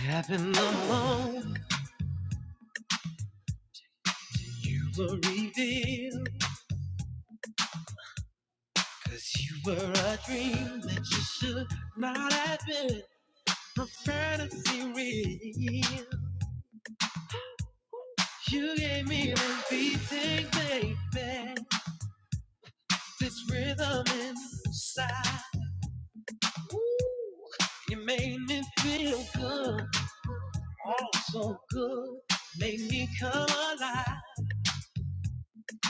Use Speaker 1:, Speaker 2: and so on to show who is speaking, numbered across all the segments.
Speaker 1: Having the long reveal, cause you were a dream that you should not have been. A fantasy real. You gave me this beating, baby. This rhythm inside. Ooh, you made me feel good. Oh, so good. Made me come alive.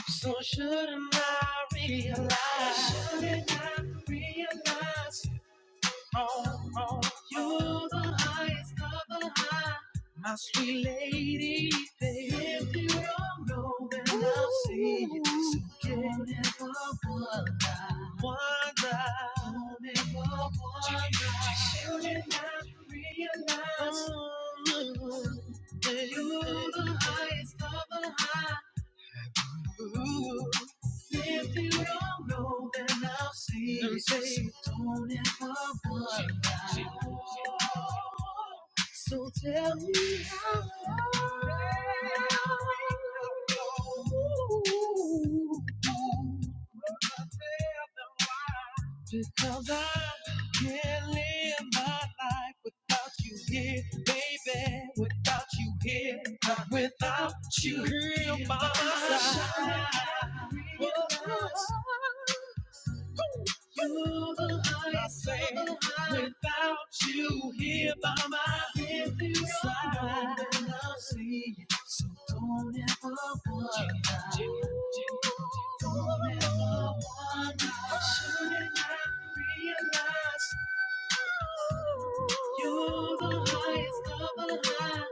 Speaker 1: So shouldn't I realize? Shouldn't I realize? You're the highest of the high, my sweet lady. babe. If you don't know, then I'll see you. So don't ever wonder, wonder. Don't ever wonder. You did not realize Mm. that you're the highest of the high. Ooh. If you don't know, then I'll see. So don't ever worry. So tell me how. long. Ooh. Because I can't live my life without you here, baby. Without you here, not without you here by my side. You're I say, without you here by my side, I'll see, you. so don't ever wonder, don't ever wonder, should I realize you're the highest of the high?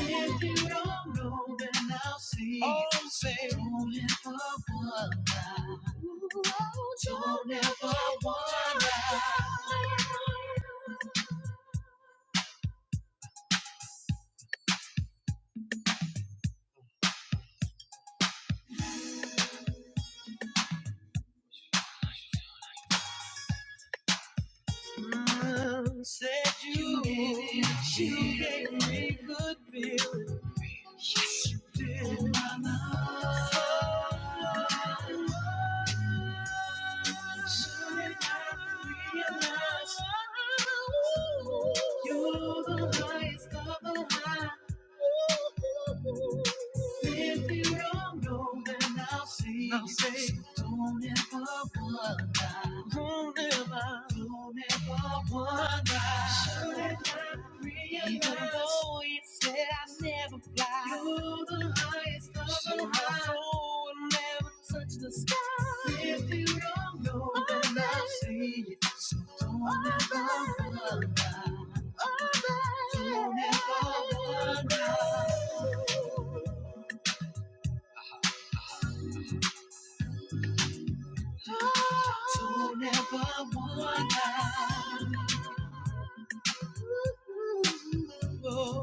Speaker 1: If you don't know, then I'll see. Oh, say, don't ever wonder. Don't ever wonder. Mm, Said you, you gave, you gave me good feeling. Yes, you did. Oh, My love. Soon I realized you're the highest of the high. If you don't know, then I'll see. I'll say, so don't ever wonder. Don't ever, don't ever wonder. Should I realize? Even though it said I never fly. You're the highest of the Sure, high. my soul will never touch the sky. If you don't know, then I'll see. So don't ever wonder. Oh baby, don't ever wonder. Don't ever wonder. Oh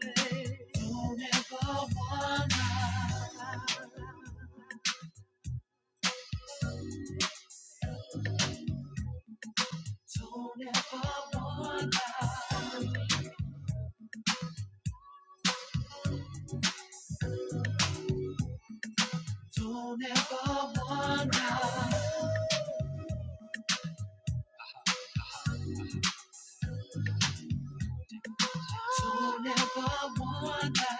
Speaker 1: baby, don't ever wonder. Don't ever wonder. Don't ever wonder. Don't ever wonder.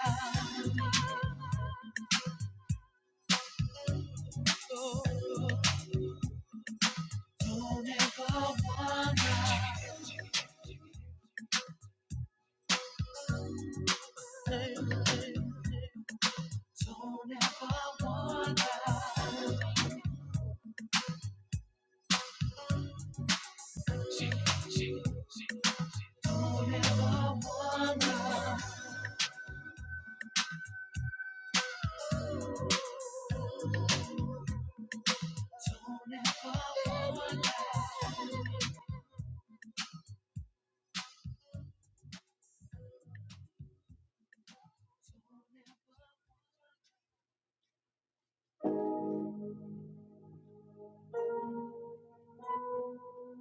Speaker 1: Don't ever wonder. Don't ever wonder.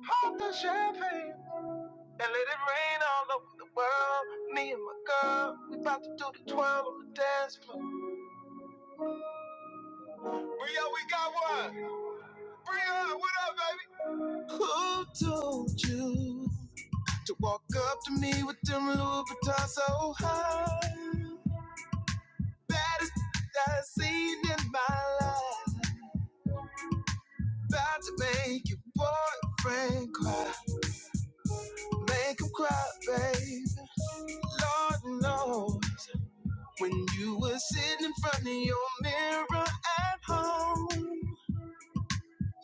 Speaker 1: Pop the champagne and let it rain all over the world. Me and my girl, we about to do the twirl on the dance floor. Bria, we got one. Bria, what up? Who told you to walk up to me with them Louboutins so high? Baddest I've seen in my life. About to make your boyfriend cry, make him cry, baby. Lord knows. When you were sitting in front of your mirror at home,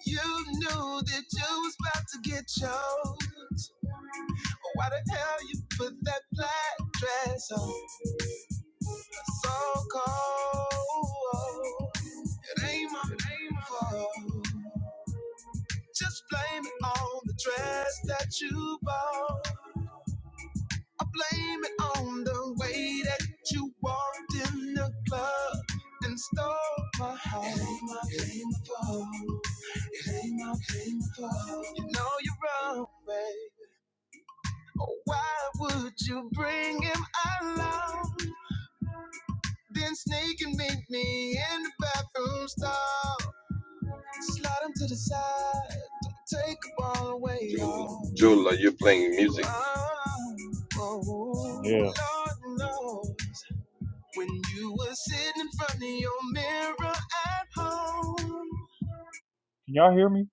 Speaker 1: you knew that you was about to get choked. Why the hell you put that black dress on so cold? It ain't my fault. Just blame it on the dress that you bought. I blame it on the way that you walked in the club and stole my heart. It ain't my, it ain't my fault. It ain't my, it ain't my fault. You know you're wrong, babe. Oh, why would you bring him along? Then sneak and meet me in the bathroom stall. Slide him to the side. Don't take him all away, y'all.
Speaker 2: Joel, are you playing music?
Speaker 1: Oh, oh, Yeah. Lord, no. When you were sitting in front of your mirror at home, Can y'all hear me?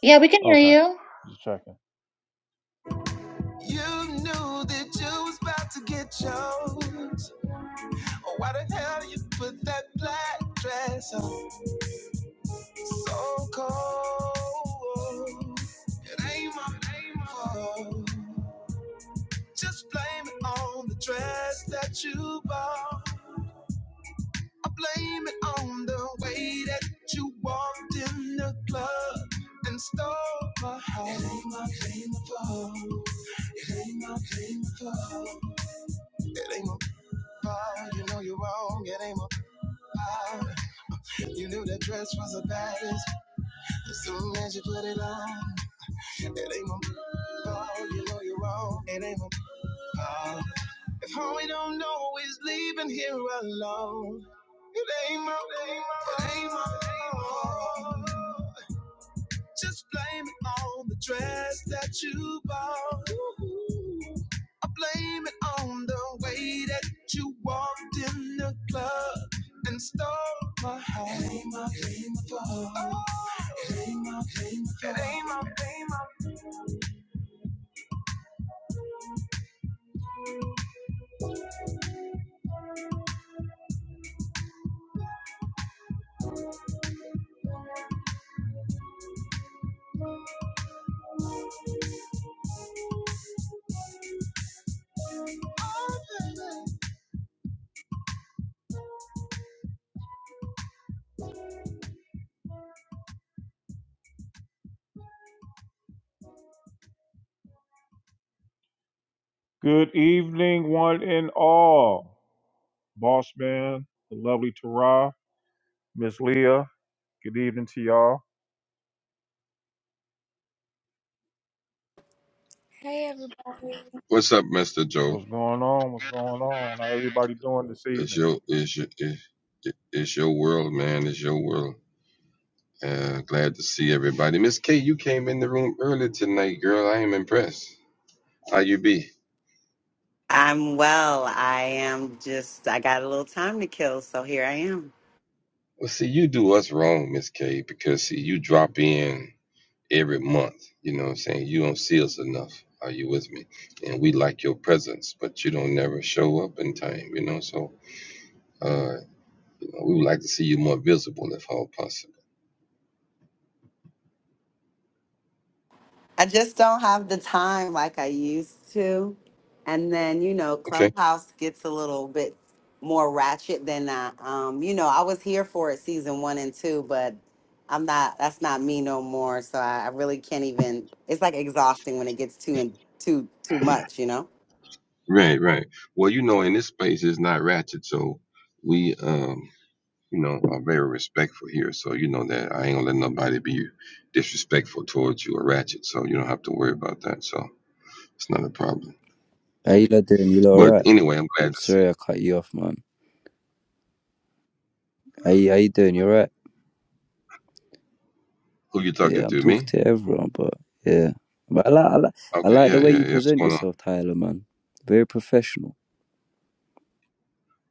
Speaker 3: Yeah, we can hear
Speaker 1: Okay,
Speaker 3: you.
Speaker 1: just checking. you knew that you was about to get chose. Oh, why the hell you put that black dress on so cold? It ain't my ain't my fault. Just blame it on the dress that you bought. I blame it on the way that you walked in the club and stole my heart. It ain't my blame at It ain't my blame at It ain't my fault. You know you're wrong. It ain't my fault. You knew that dress was a baddest as soon as you put it on. It ain't my fault. You know you're wrong. It ain't my fault. If all we don't know is leaving here alone, it ain't my, it ain't my, it ain't my fault. Just blame it on the dress that you bought. Ooh. I blame it on the way that you walked in the club and stole my heart. It ain't my, it ain't my fault. Oh. It ain't my, it ain't my fault. It ain't my, it ain't my Good evening, one and all. Boss man, the lovely Tara, Miss Leah. Good evening to y'all.
Speaker 4: Hey everybody.
Speaker 2: What's up, Mister Joel?
Speaker 1: What's going on? What's going on? How everybody doing this
Speaker 2: It's
Speaker 1: evening?
Speaker 2: your it's your it- it's your world, man. It's your world. Uh, glad to see everybody. Miss K, you came in the room early tonight, girl. I am impressed. How you be?
Speaker 5: I'm well. I am just, I got a little time to kill, so here I am.
Speaker 2: Well, see, you do us wrong, Miss K, because see, you drop in every month. You know what I'm saying? You don't see us enough. Are you with me? And we like your presence, but you don't never show up in time. You know, so uh, you know, we would like to see you more visible if all possible.
Speaker 5: I just don't have the time like I used to. And then, you know,
Speaker 2: Okay.
Speaker 5: Clubhouse gets a little bit more ratchet than I, um, you know, I was here for it season one and two, but I'm not, that's not me no more. So I, I really can't even, it's like exhausting when it gets too and too, too much, you know?
Speaker 2: Right, right. Well, you know, in this space it's not ratchet, so we um, you know, are very respectful here. So you know that I ain't gonna let nobody be disrespectful towards you or ratchet, so you don't have to worry about that. So it's not a problem.
Speaker 6: How you lot doing? You lot
Speaker 2: But
Speaker 6: alright?
Speaker 2: anyway, I'm glad to see
Speaker 6: Sorry I cut you off, man. How you, how you doing? You alright?
Speaker 2: who you
Speaker 6: Yeah,
Speaker 2: talking
Speaker 6: I'm
Speaker 2: to.
Speaker 6: talking
Speaker 2: Me?
Speaker 6: to everyone, but yeah. But I like, I like I
Speaker 2: Okay,
Speaker 6: like the
Speaker 2: yeah,
Speaker 6: way
Speaker 2: yeah,
Speaker 6: you
Speaker 2: yeah. What's
Speaker 6: present
Speaker 2: going on?
Speaker 6: yourself, Tyler, man. Very professional.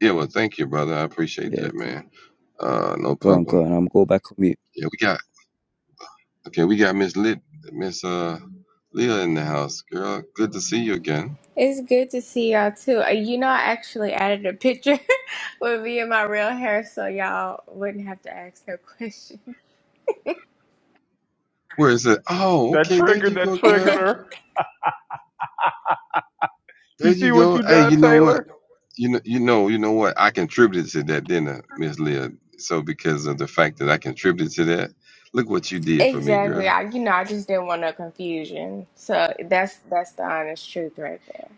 Speaker 2: Yeah, well thank you, brother. I appreciate
Speaker 6: Yeah,
Speaker 2: that, man. Uh no
Speaker 6: go on, go
Speaker 2: problem.
Speaker 6: on. I'm go back on mute.
Speaker 2: Yeah, we got okay, we got Miss Lit Miss uh Leah in the house, girl. Good to see you again.
Speaker 4: It's good to see y'all too. Uh, You know, I actually added a picture with me and my real hair so y'all wouldn't have to ask no questions.
Speaker 2: Where is it? Oh,
Speaker 1: That
Speaker 2: okay, there
Speaker 1: triggered.
Speaker 2: you
Speaker 1: That
Speaker 2: go, girl.
Speaker 1: triggered her.
Speaker 2: There
Speaker 1: You
Speaker 2: you
Speaker 1: see what
Speaker 2: go.
Speaker 1: you
Speaker 2: Hey,
Speaker 1: done,
Speaker 2: you know what?
Speaker 1: Taylor?
Speaker 2: You know, you know, you know what? I contributed to that dinner, Miss Leah. So because of the fact that I contributed to that, look what you did for me,
Speaker 4: Exactly.
Speaker 2: girl.
Speaker 4: I, you know, I just didn't want no confusion. So that's that's the honest truth right there.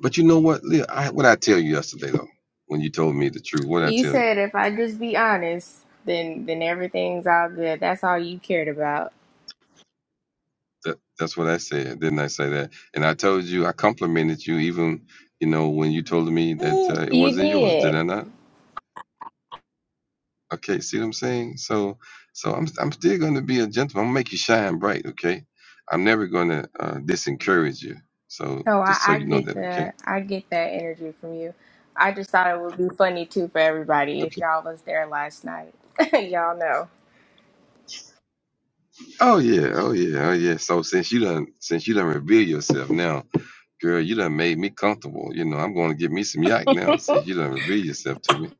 Speaker 2: But you know what, Leah? I, what I tell you yesterday though, when you told me the truth, what I
Speaker 4: You
Speaker 2: tell you?
Speaker 4: said if I just be honest, then then everything's all good. That's all you cared about.
Speaker 2: That, that's what I said, didn't I say that? And I told you, I complimented you, even you know when you told me that
Speaker 4: Mm.
Speaker 2: uh, it
Speaker 4: You
Speaker 2: wasn't yours, did
Speaker 4: did.
Speaker 2: I not? Okay, see what I'm saying? So, so I'm I'm still going to be a gentleman. I'm gonna make you shine bright. Okay, I'm never going to uh, disencourage you. So
Speaker 4: No, I,
Speaker 2: just so
Speaker 4: I
Speaker 2: you know
Speaker 4: get
Speaker 2: that. Okay.
Speaker 4: the I get that energy from you. I just thought it would be funny too for everybody if
Speaker 2: Okay.
Speaker 4: y'all was there last night. y'all know.
Speaker 2: Oh yeah. Oh yeah. Oh yeah. So since you done since you done reveal yourself now, girl, you done made me comfortable. You know, I'm going to get me some yak now since you done reveal yourself to me.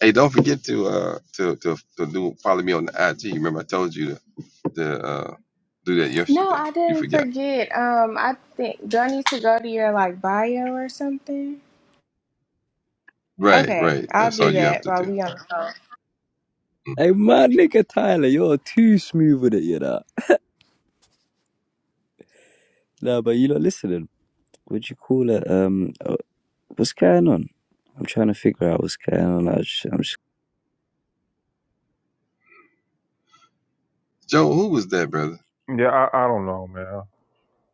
Speaker 2: Hey, don't forget to uh to to to do follow me on the IG. Remember I told you to, to uh do that
Speaker 4: No,
Speaker 2: yesterday.
Speaker 4: I
Speaker 2: You
Speaker 4: didn't
Speaker 2: forgot.
Speaker 4: forget. Um, I think do I need to go to your like bio or something?
Speaker 2: Right.
Speaker 4: Okay,
Speaker 2: Right.
Speaker 4: I'll
Speaker 2: That's all
Speaker 4: do
Speaker 2: you have
Speaker 4: that
Speaker 2: to
Speaker 4: while
Speaker 2: do.
Speaker 4: we on the phone.
Speaker 6: Hey, man, nigga, Tyler, you're too smooth with it, you know. Nah, but you lot listening. What do you call it? Um, uh, what's going on? I'm trying to figure out what's going on. I just, I'm
Speaker 2: Joe, who was that, brother?
Speaker 1: Yeah, I, I don't know, man.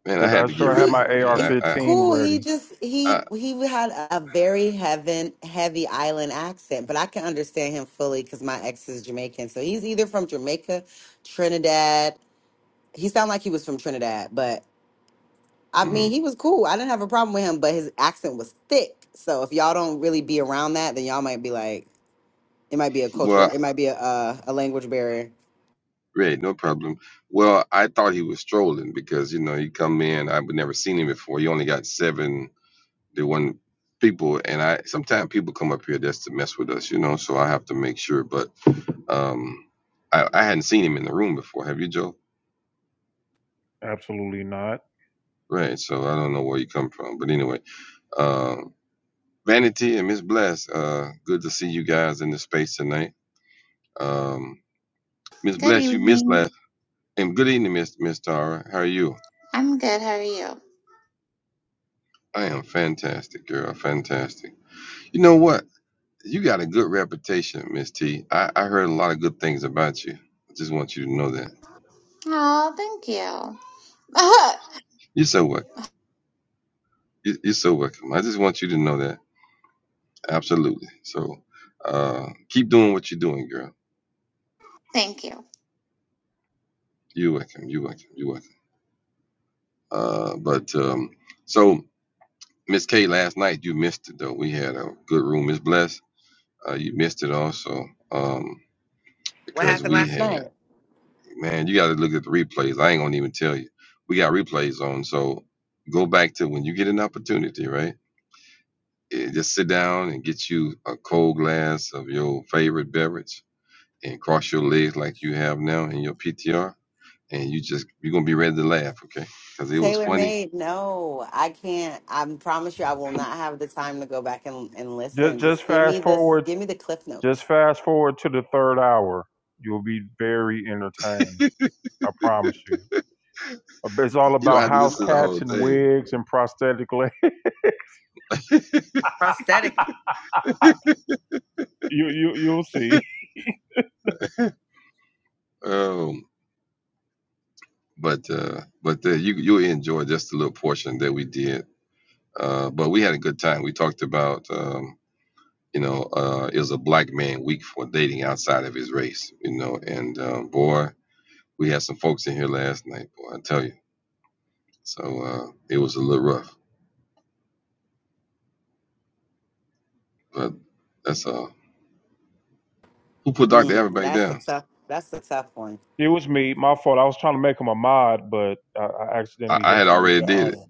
Speaker 2: Man, I
Speaker 1: Cause I
Speaker 2: had to get
Speaker 1: sure
Speaker 2: rid
Speaker 1: had
Speaker 2: of
Speaker 5: He
Speaker 1: my
Speaker 2: him,
Speaker 5: he's
Speaker 2: man. I, I,
Speaker 1: AR-15
Speaker 5: cool. He
Speaker 1: ready.
Speaker 5: just
Speaker 2: I
Speaker 5: he he had a very heaven heavy island accent, but I can understand him fully because my ex is Jamaican. So he's either from Jamaica, Trinidad. He sounded like he was from Trinidad, but I mean
Speaker 2: mm.
Speaker 5: he was cool. I didn't have a problem with him, but his accent was thick. So if y'all don't really be around that, then y'all might be like, it might be a culture,
Speaker 2: well,
Speaker 5: it might be a uh, a language barrier.
Speaker 2: right, no problem. Well, I thought he was strolling because you know he come in. I've never seen him before. He only got seven, the one people, and I sometimes people come up here just to mess with us, you know. So I have to make sure. But um, I, I hadn't seen him in the room before. Have you, Joe?
Speaker 1: Absolutely not.
Speaker 2: Right. So I don't know where you come from, but anyway, um, Vanity and Miss Bless, uh, good to see you guys in the space tonight. Um, Miss
Speaker 3: Good
Speaker 2: Bless, you missed last.
Speaker 3: evening.
Speaker 2: And good evening, Miss Miss Tara. How are you?
Speaker 3: I'm you.
Speaker 2: I am fantastic, girl. Fantastic. You know what? You got a good reputation, Miss T. I, I heard a lot of good things about you. I just want you to know that.
Speaker 3: Oh, thank you.
Speaker 2: You're so welcome. You're so welcome. I just want you to know that. Absolutely. So uh, keep doing what you're doing, girl.
Speaker 3: Thank you.
Speaker 2: You're welcome. You're welcome. You're welcome. Uh, but um, so Miss K, last night you missed it though. We had a good room. Miss Bless, uh, you missed it also um,
Speaker 5: What
Speaker 2: because
Speaker 5: happened
Speaker 2: we
Speaker 5: last
Speaker 2: had.
Speaker 5: night?
Speaker 2: man, you got to look at the replays. I ain't gonna even tell you. We got replays on, so go back to when you get an opportunity, right? Eh, Just sit down and get you a cold glass of your favorite beverage and cross your legs like you have now in your PTR, and you just you're gonna be ready to laugh, okay? Because it was
Speaker 5: Tailor
Speaker 2: funny.
Speaker 5: made. No, I can't. I promise you, I will not have the time to go back and, and
Speaker 1: Just
Speaker 5: listen.
Speaker 1: just
Speaker 5: Just give me
Speaker 1: fast
Speaker 5: the
Speaker 1: forward.
Speaker 5: give me the cliff
Speaker 1: Just
Speaker 5: notes.
Speaker 1: fast forward to the third hour. You'll be very entertained. I promise you. It's all
Speaker 2: You don't
Speaker 1: about
Speaker 2: have to
Speaker 1: house
Speaker 2: listen to the
Speaker 1: cats
Speaker 2: whole
Speaker 1: and wigs and prosthetic legs.
Speaker 5: Prosthetic.
Speaker 2: thing.
Speaker 1: You you you'll see.
Speaker 2: Um, but uh, but uh, you you enjoy just a little portion that we did. Uh, but we had a good time. We talked about. um, you know, uh, is a black man weak for dating outside of his race, you know. And uh, boy, we had some folks in here last night, boy, I tell you. So uh, it was a little rough, but that's uh, who put Dr. Abbott
Speaker 5: Mm,
Speaker 2: back
Speaker 5: that's the
Speaker 2: down?
Speaker 5: tough. That's the tough one.
Speaker 1: It was me. My fault. I was trying to make him a mod, but I, I
Speaker 2: I,
Speaker 1: accidentally
Speaker 2: I
Speaker 1: hit
Speaker 2: had
Speaker 1: the move
Speaker 2: already
Speaker 1: the
Speaker 2: did it.
Speaker 1: audio.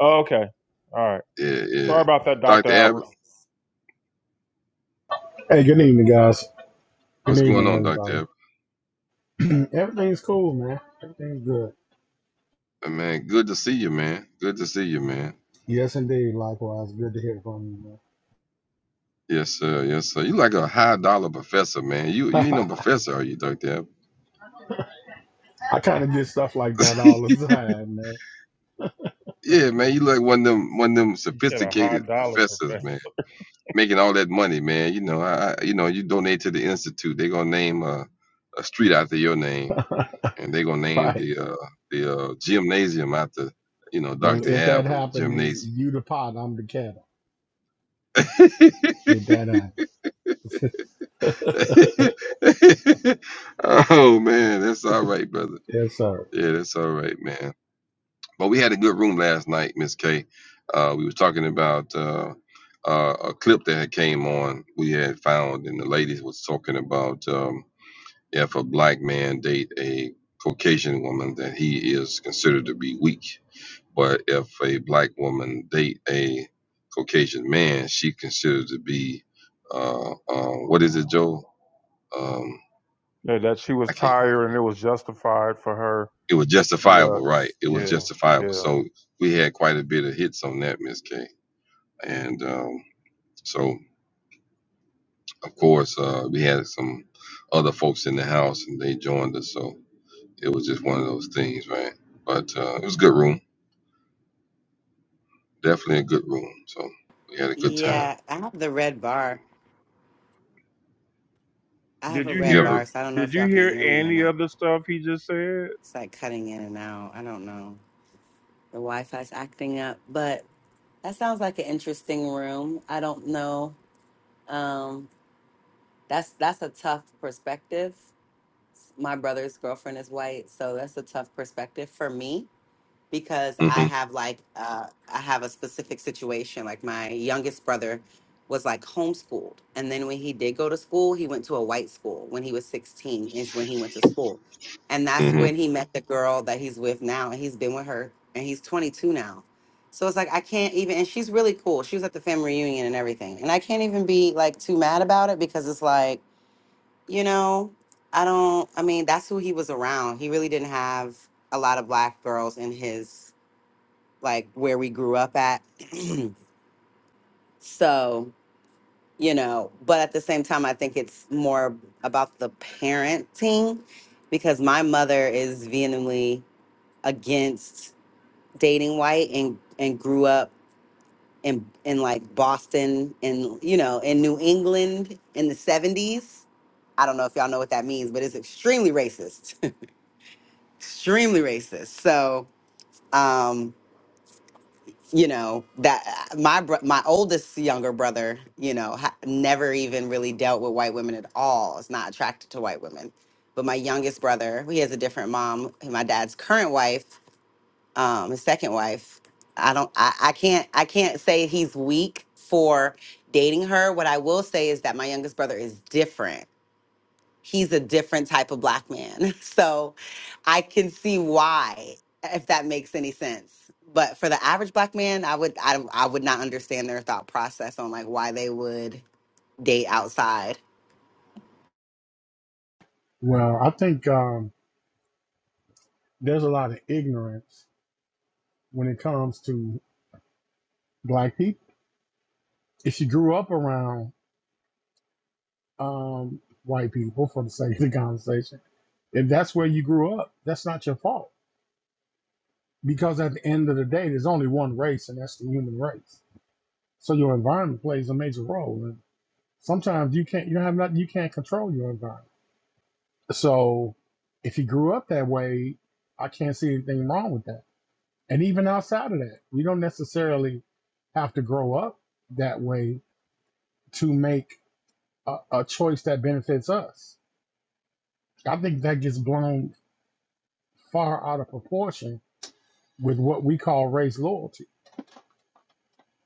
Speaker 1: Oh, okay. All right.
Speaker 2: Yeah,
Speaker 1: Sorry
Speaker 2: yeah.
Speaker 1: about that, Doctor
Speaker 2: Dr. Abbott,
Speaker 1: Albert.
Speaker 7: Hey, good evening, guys. Good
Speaker 2: what's going
Speaker 7: evening,
Speaker 2: on, Dr.
Speaker 7: everybody.
Speaker 2: Abbott?
Speaker 7: Everything's cool, man. Everything's good.
Speaker 2: Uh, Man, good to see you, man. Good to see you, man.
Speaker 7: Yes, indeed. Likewise, good to hear from you,
Speaker 2: Yes, sir. Yes, sir. You like a high dollar professor, man. You you
Speaker 7: man.
Speaker 2: ain't no professor, are you, Dr.
Speaker 7: I kind of get stuff like
Speaker 2: Abbott?
Speaker 7: that all the time, man.
Speaker 2: yeah, man. You like one of them one of them
Speaker 1: He said a high
Speaker 2: sophisticated
Speaker 1: dollar
Speaker 2: professors,
Speaker 1: professor.
Speaker 2: man. making all that money, man. You know, I, I you know, you donate to the institute, they're gonna name a, a street after your name, and they're gonna name
Speaker 7: Right.
Speaker 2: the uh, the uh, gymnasium after you know
Speaker 7: Well,
Speaker 2: Dr.
Speaker 7: if that
Speaker 2: Abbott
Speaker 7: happened,
Speaker 2: gymnasium.
Speaker 7: then you the pot, I'm the kettle. If that happens,
Speaker 2: oh man, that's all right, brother.
Speaker 7: yes, sir.
Speaker 2: Yeah, that's all right, man. But we had a good room last night, Miss K. Uh, we was talking about uh, uh, a clip that had came on. We had found, and the ladies was talking about. Um, if a black man date a Caucasian woman, then he is considered to be weak. But if a black woman date a Caucasian man, she considered to be uh, uh, what is it, Joe? Um,
Speaker 1: Yeah, that she was
Speaker 2: I can't.
Speaker 1: tired and it was justified for her
Speaker 2: It was
Speaker 1: to. Uh,
Speaker 2: justifiable, right? It was
Speaker 1: yeah,
Speaker 2: justifiable.
Speaker 1: yeah.
Speaker 2: So we had quite a bit of hits on that, Miss K. And um, so, of course, uh, we had some other folks in the house, and they joined us. So it was just one of those things, right? But uh, it was a good room definitely a good room. So we had a good time.
Speaker 5: Yeah, I have the red bar. I have
Speaker 1: Did
Speaker 5: a
Speaker 1: you
Speaker 2: You
Speaker 5: red
Speaker 1: hear?
Speaker 5: bar,
Speaker 2: ever?
Speaker 5: so I don't know if
Speaker 1: Did you
Speaker 5: y'all can
Speaker 1: hear
Speaker 5: hear me or
Speaker 1: any
Speaker 5: not.
Speaker 1: of the stuff he just said?
Speaker 5: It's like cutting in and out. I don't know. The Wi-Fi's acting up, but that sounds like an interesting room. I don't know. Um, that's that's a tough perspective. my brother's girlfriend is white, so that's a tough perspective for me because I
Speaker 2: hmm
Speaker 5: have like uh, I have a specific situation. Like my youngest brother was like homeschooled, and then when he did go to school, he went to a white school. When he was sixteen, is when he went to school, and that's
Speaker 2: hmm
Speaker 5: when he met the girl that he's with now, and he's been with her, and he's twenty two now. So it's like I can't even, and she's really cool. She was at the family reunion and everything, and I can't even be like too mad about it because it's like you know, I don't, I mean, that's who he was around. He really didn't have a lot of black girls in his, like, where we grew up at. so, you know, but at the same time, I think it's more about the parenting because my mother is vehemently against dating white and, and grew up in, in like Boston and, you know, in New England in the 70s. I don't know if y'all know what that means, but it's extremely racist. extremely racist. So, um, you know that uh, my bro- my oldest younger brother, you know, ha- never even really dealt with white women at all. Is not attracted to white women. But my youngest brother, he has a different mom. My dad's current wife, um, his second wife. I don't. I, I can't. I can't say he's weak for dating her. What I will say is that my youngest brother is different he's a different type of black man. So I can see why, if that makes any sense. But for the average black man, I would I, I would not understand their thought process on like why they would date outside.
Speaker 7: Well, I think um, there's a lot of ignorance when it comes to black people. If you grew up around um, white people, for the sake of the conversation, if that's where you grew up, that's not your fault because at the end of the day, there's only one race, and that's the human race. So your environment plays a major role, and sometimes you can't you don't have nothing you can't control your environment. So if he grew up that way, I can't see anything wrong with that. And even outside of that, you don't necessarily have to grow up that way to make a, a choice that benefits us. I think that gets blown far out of proportion with what we call race loyalty.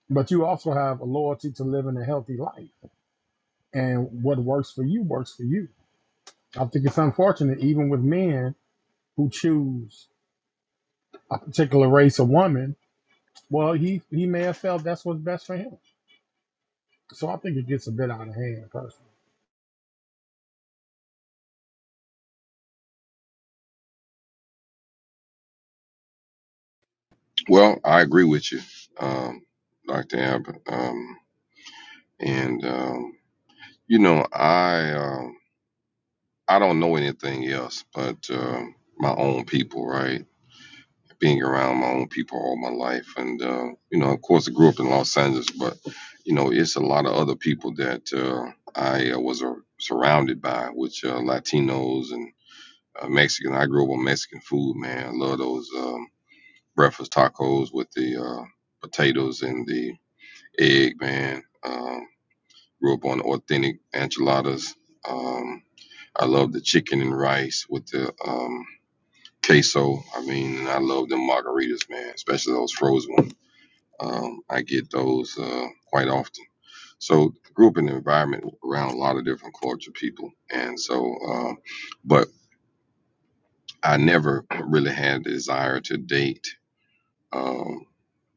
Speaker 7: But you also have a loyalty to living a healthy life and what works for you works for you. I think it's unfortunate, even with men who choose a particular race or woman. Well, he he may have felt that's what's best for him. So I think it gets a bit out of hand, personally.
Speaker 2: Well, I agree with you, um, Doctor Ab. Um, and um, you know, I um, I don't know anything else but um my own people, right? Being around my own people all my life, and uh, you know, of course, I grew up in Los Angeles, but you know, it's a lot of other people that uh, I uh, was uh, surrounded by, which uh, Latinos and uh, Mexican. I grew up on Mexican food, man. I love those. Um, breakfast tacos with the uh, potatoes and the egg, man. Um, grew up on authentic enchiladas. Um, I love the chicken and rice with the um, queso. I mean, and I love the margaritas, man, especially those frozen ones. Um, I get those uh, quite often. So, grew up in an environment around a lot of different culture people, and so, um, but I never really had a desire to date. Um,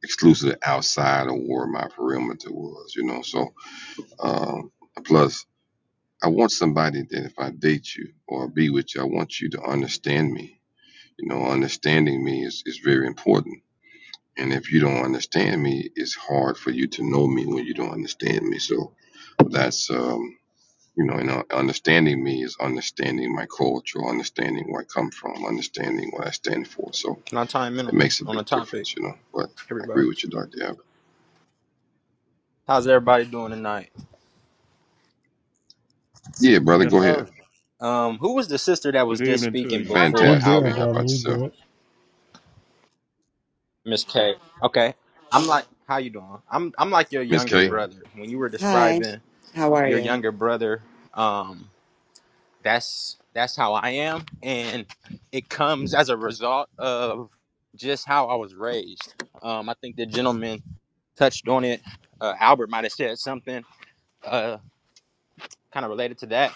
Speaker 2: Exclusively outside of where my perimeter was, you know. So, um, plus, I want somebody that if I date you or be with you, I want you to understand me. You know, understanding me is, is very important. And if you don't understand me, it's hard for you to know me when you don't understand me. So that's, um, you know, and uh, understanding me is understanding my culture, understanding where I come from, understanding what I stand for. So
Speaker 8: Can I chime in
Speaker 2: it
Speaker 8: on the
Speaker 2: makes a
Speaker 8: on the
Speaker 2: big
Speaker 8: topic,
Speaker 2: difference, you know. But I agree
Speaker 8: everybody?
Speaker 2: with you, Dr. Abbott.
Speaker 8: How's everybody doing tonight?
Speaker 2: Yeah, brother,
Speaker 1: Yes,
Speaker 2: go ahead.
Speaker 1: sir.
Speaker 8: Um, who was the sister that
Speaker 1: Good
Speaker 8: was just
Speaker 1: evening to
Speaker 8: speaking
Speaker 1: you.
Speaker 8: before
Speaker 7: We're
Speaker 2: Fantastic, man.
Speaker 7: good,
Speaker 2: How
Speaker 8: Albert?
Speaker 7: brother.
Speaker 2: about
Speaker 7: We're
Speaker 2: yourself?
Speaker 7: good.
Speaker 8: Miss K. Okay. I'm like, how you doing? I'm I'm like your
Speaker 2: Miss
Speaker 8: younger
Speaker 2: K?
Speaker 1: Yeah.
Speaker 8: brother. When you were
Speaker 5: Hi,
Speaker 8: describing
Speaker 5: how are
Speaker 8: your
Speaker 5: you?
Speaker 8: younger brother, um, that's that's how I am, and it comes as a result of just how I was raised. Um, I think the gentleman touched on it. Uh, Albert might have said something uh, kind of related to that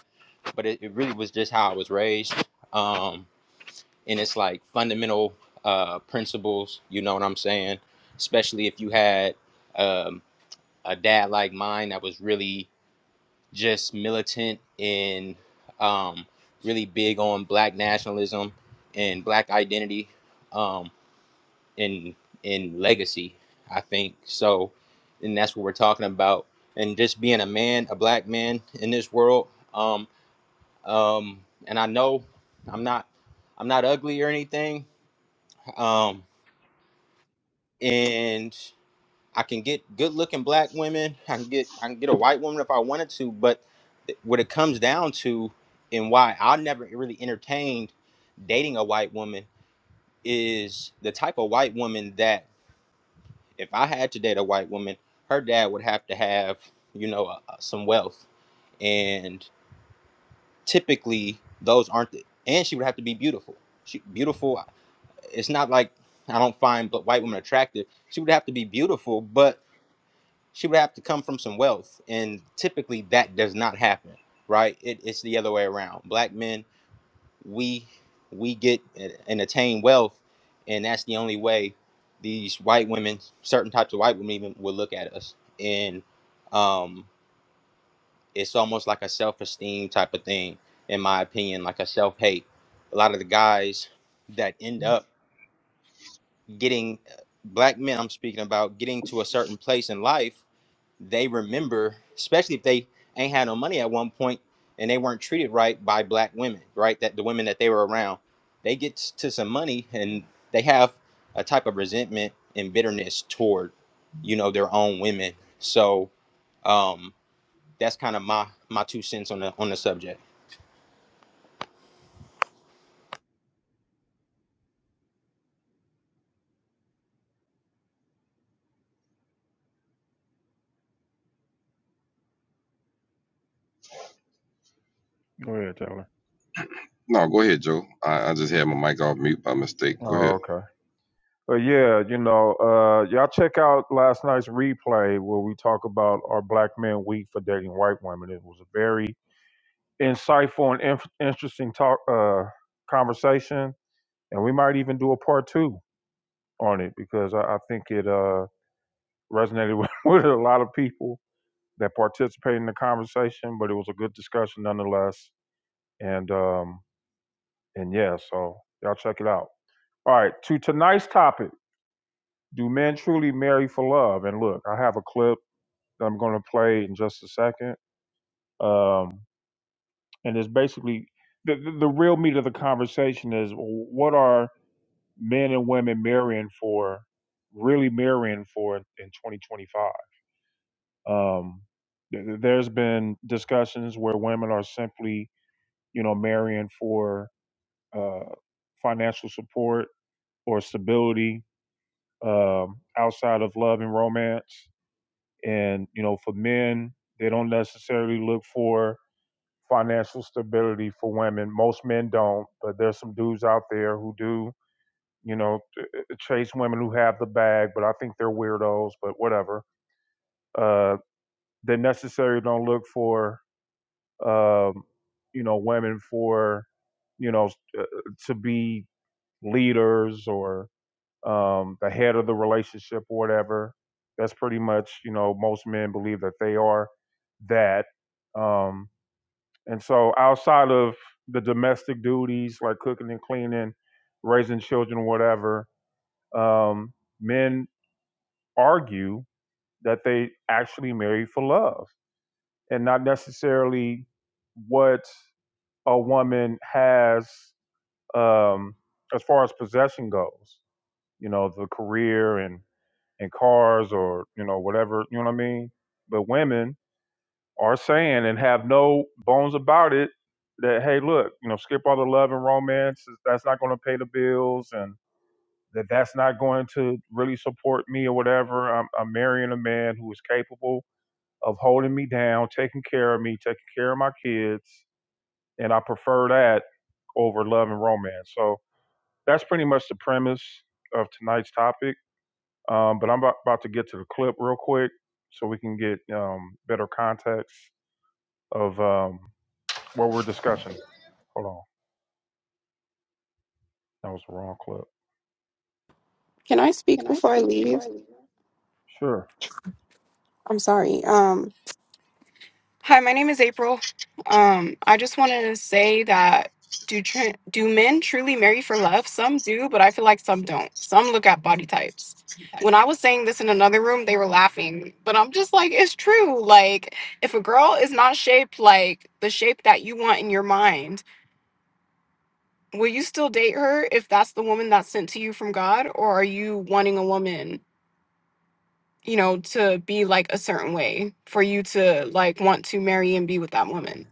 Speaker 8: but it, it really was just how I was raised. Um, and it's like fundamental uh, principles, you know what I'm saying? Especially if you had um, a dad like mine that was really just militant and um, really big on black nationalism and black identity um, and, and legacy, I think. So, and that's what we're talking about. And just being a man, a black man in this world. um, um, and I know I'm not I'm not ugly or anything. Um, and I can get good looking black women. I can get I can get a white woman if I wanted to. But what it comes down to, and why I never really entertained dating a white woman, is the type of white woman that if I had to date a white woman, her dad would have to have you know uh, uh, some wealth, and typically those aren't. The, and she would have to be beautiful. She beautiful it's not like I don't find but white women attractive. She would have to be beautiful, but she would have to come from some wealth, and typically that does not happen, right? It, it's the other way around. Black men, we we get eh, and attain wealth, and that's the only way these white women, certain types of white women, even will look at us, and um, it's almost like a self-esteem type of thing, in my opinion, like a self-hate. A lot of the guys that end up getting uh, black men i'm speaking about getting to a certain place in life they remember especially if they ain't had no money at one point and they weren't treated right by black women right that the women that they were around they get to some money and they have a type of resentment and bitterness toward you know their own women so um that's kind of my my two cents on the on the subject
Speaker 1: Go ahead, Taylor.
Speaker 2: No, go ahead, Joe. I, I just had my mic off mute by mistake. Go
Speaker 1: Oh,
Speaker 2: ahead.
Speaker 1: okay. But yeah, you know, uh, y'all check out last night's replay where we talk about our black men week for dating white women. It was a very insightful and inf- interesting talk uh, conversation, and we might even do a part two on it because I, I think it. Uh, resonated with, with a lot of people that participated in the conversation, but it was a good discussion nonetheless. And um, and yeah, so y'all check it out. All right, to tonight's topic: Do men truly marry for love? And look, I have a clip that I'm going to play in just a second, um, and it's basically the, the the real meat of the conversation is what are men and women marrying for, really marrying for in 2025. Um, th- there's been discussions where women are simply, you know, marrying for uh, financial support or stability um, outside of love and romance. And, you know, for men, they don't necessarily look for financial stability for women. Most men don't, but there's some dudes out there who do, you know, t- t- chase women who have the bag, but I think they're weirdos, but whatever. Uh, they necessarily don't look for um, you know, women for, you know, uh, to be leaders or um, the head of the relationship or whatever. That's pretty much, you know, most men believe that they are that. Um, and so outside of the domestic duties like cooking and cleaning, raising children, whatever, um, men argue that they actually marry for love and not necessarily what a woman has um, as far as possession goes. You know, the career and and cars or you know whatever. You know what I mean? But women are saying and have no bones about it that hey, look, you know, skip all the love and romance. That's not going to pay the bills and that that's not going to really support me or whatever. I'm, I'm marrying a man who is capable of holding me down, taking care of me, taking care of my kids and I prefer that over love and romance. So that's pretty much the premise of tonight's topic. Um, but I'm about, to get to the clip real quick so we can get um, better context of um, what we're discussing. Hold on, that was the wrong clip.
Speaker 9: Can I speak before I leave?
Speaker 1: Sure.
Speaker 9: I'm sorry. Um, hi, my name is April. Um, I just wanted to say that do tr- do men truly marry for love? Some do, but I feel like some don't. Some look at body types. When I was saying this in another room, they were laughing, but I'm just like, it's true. Like, if a girl is not shaped like the shape that you want in your mind, will you still date her if that's the woman that's sent to you from God, or are you wanting a woman? you know, to be like a certain way for you to like want to marry and be with that woman?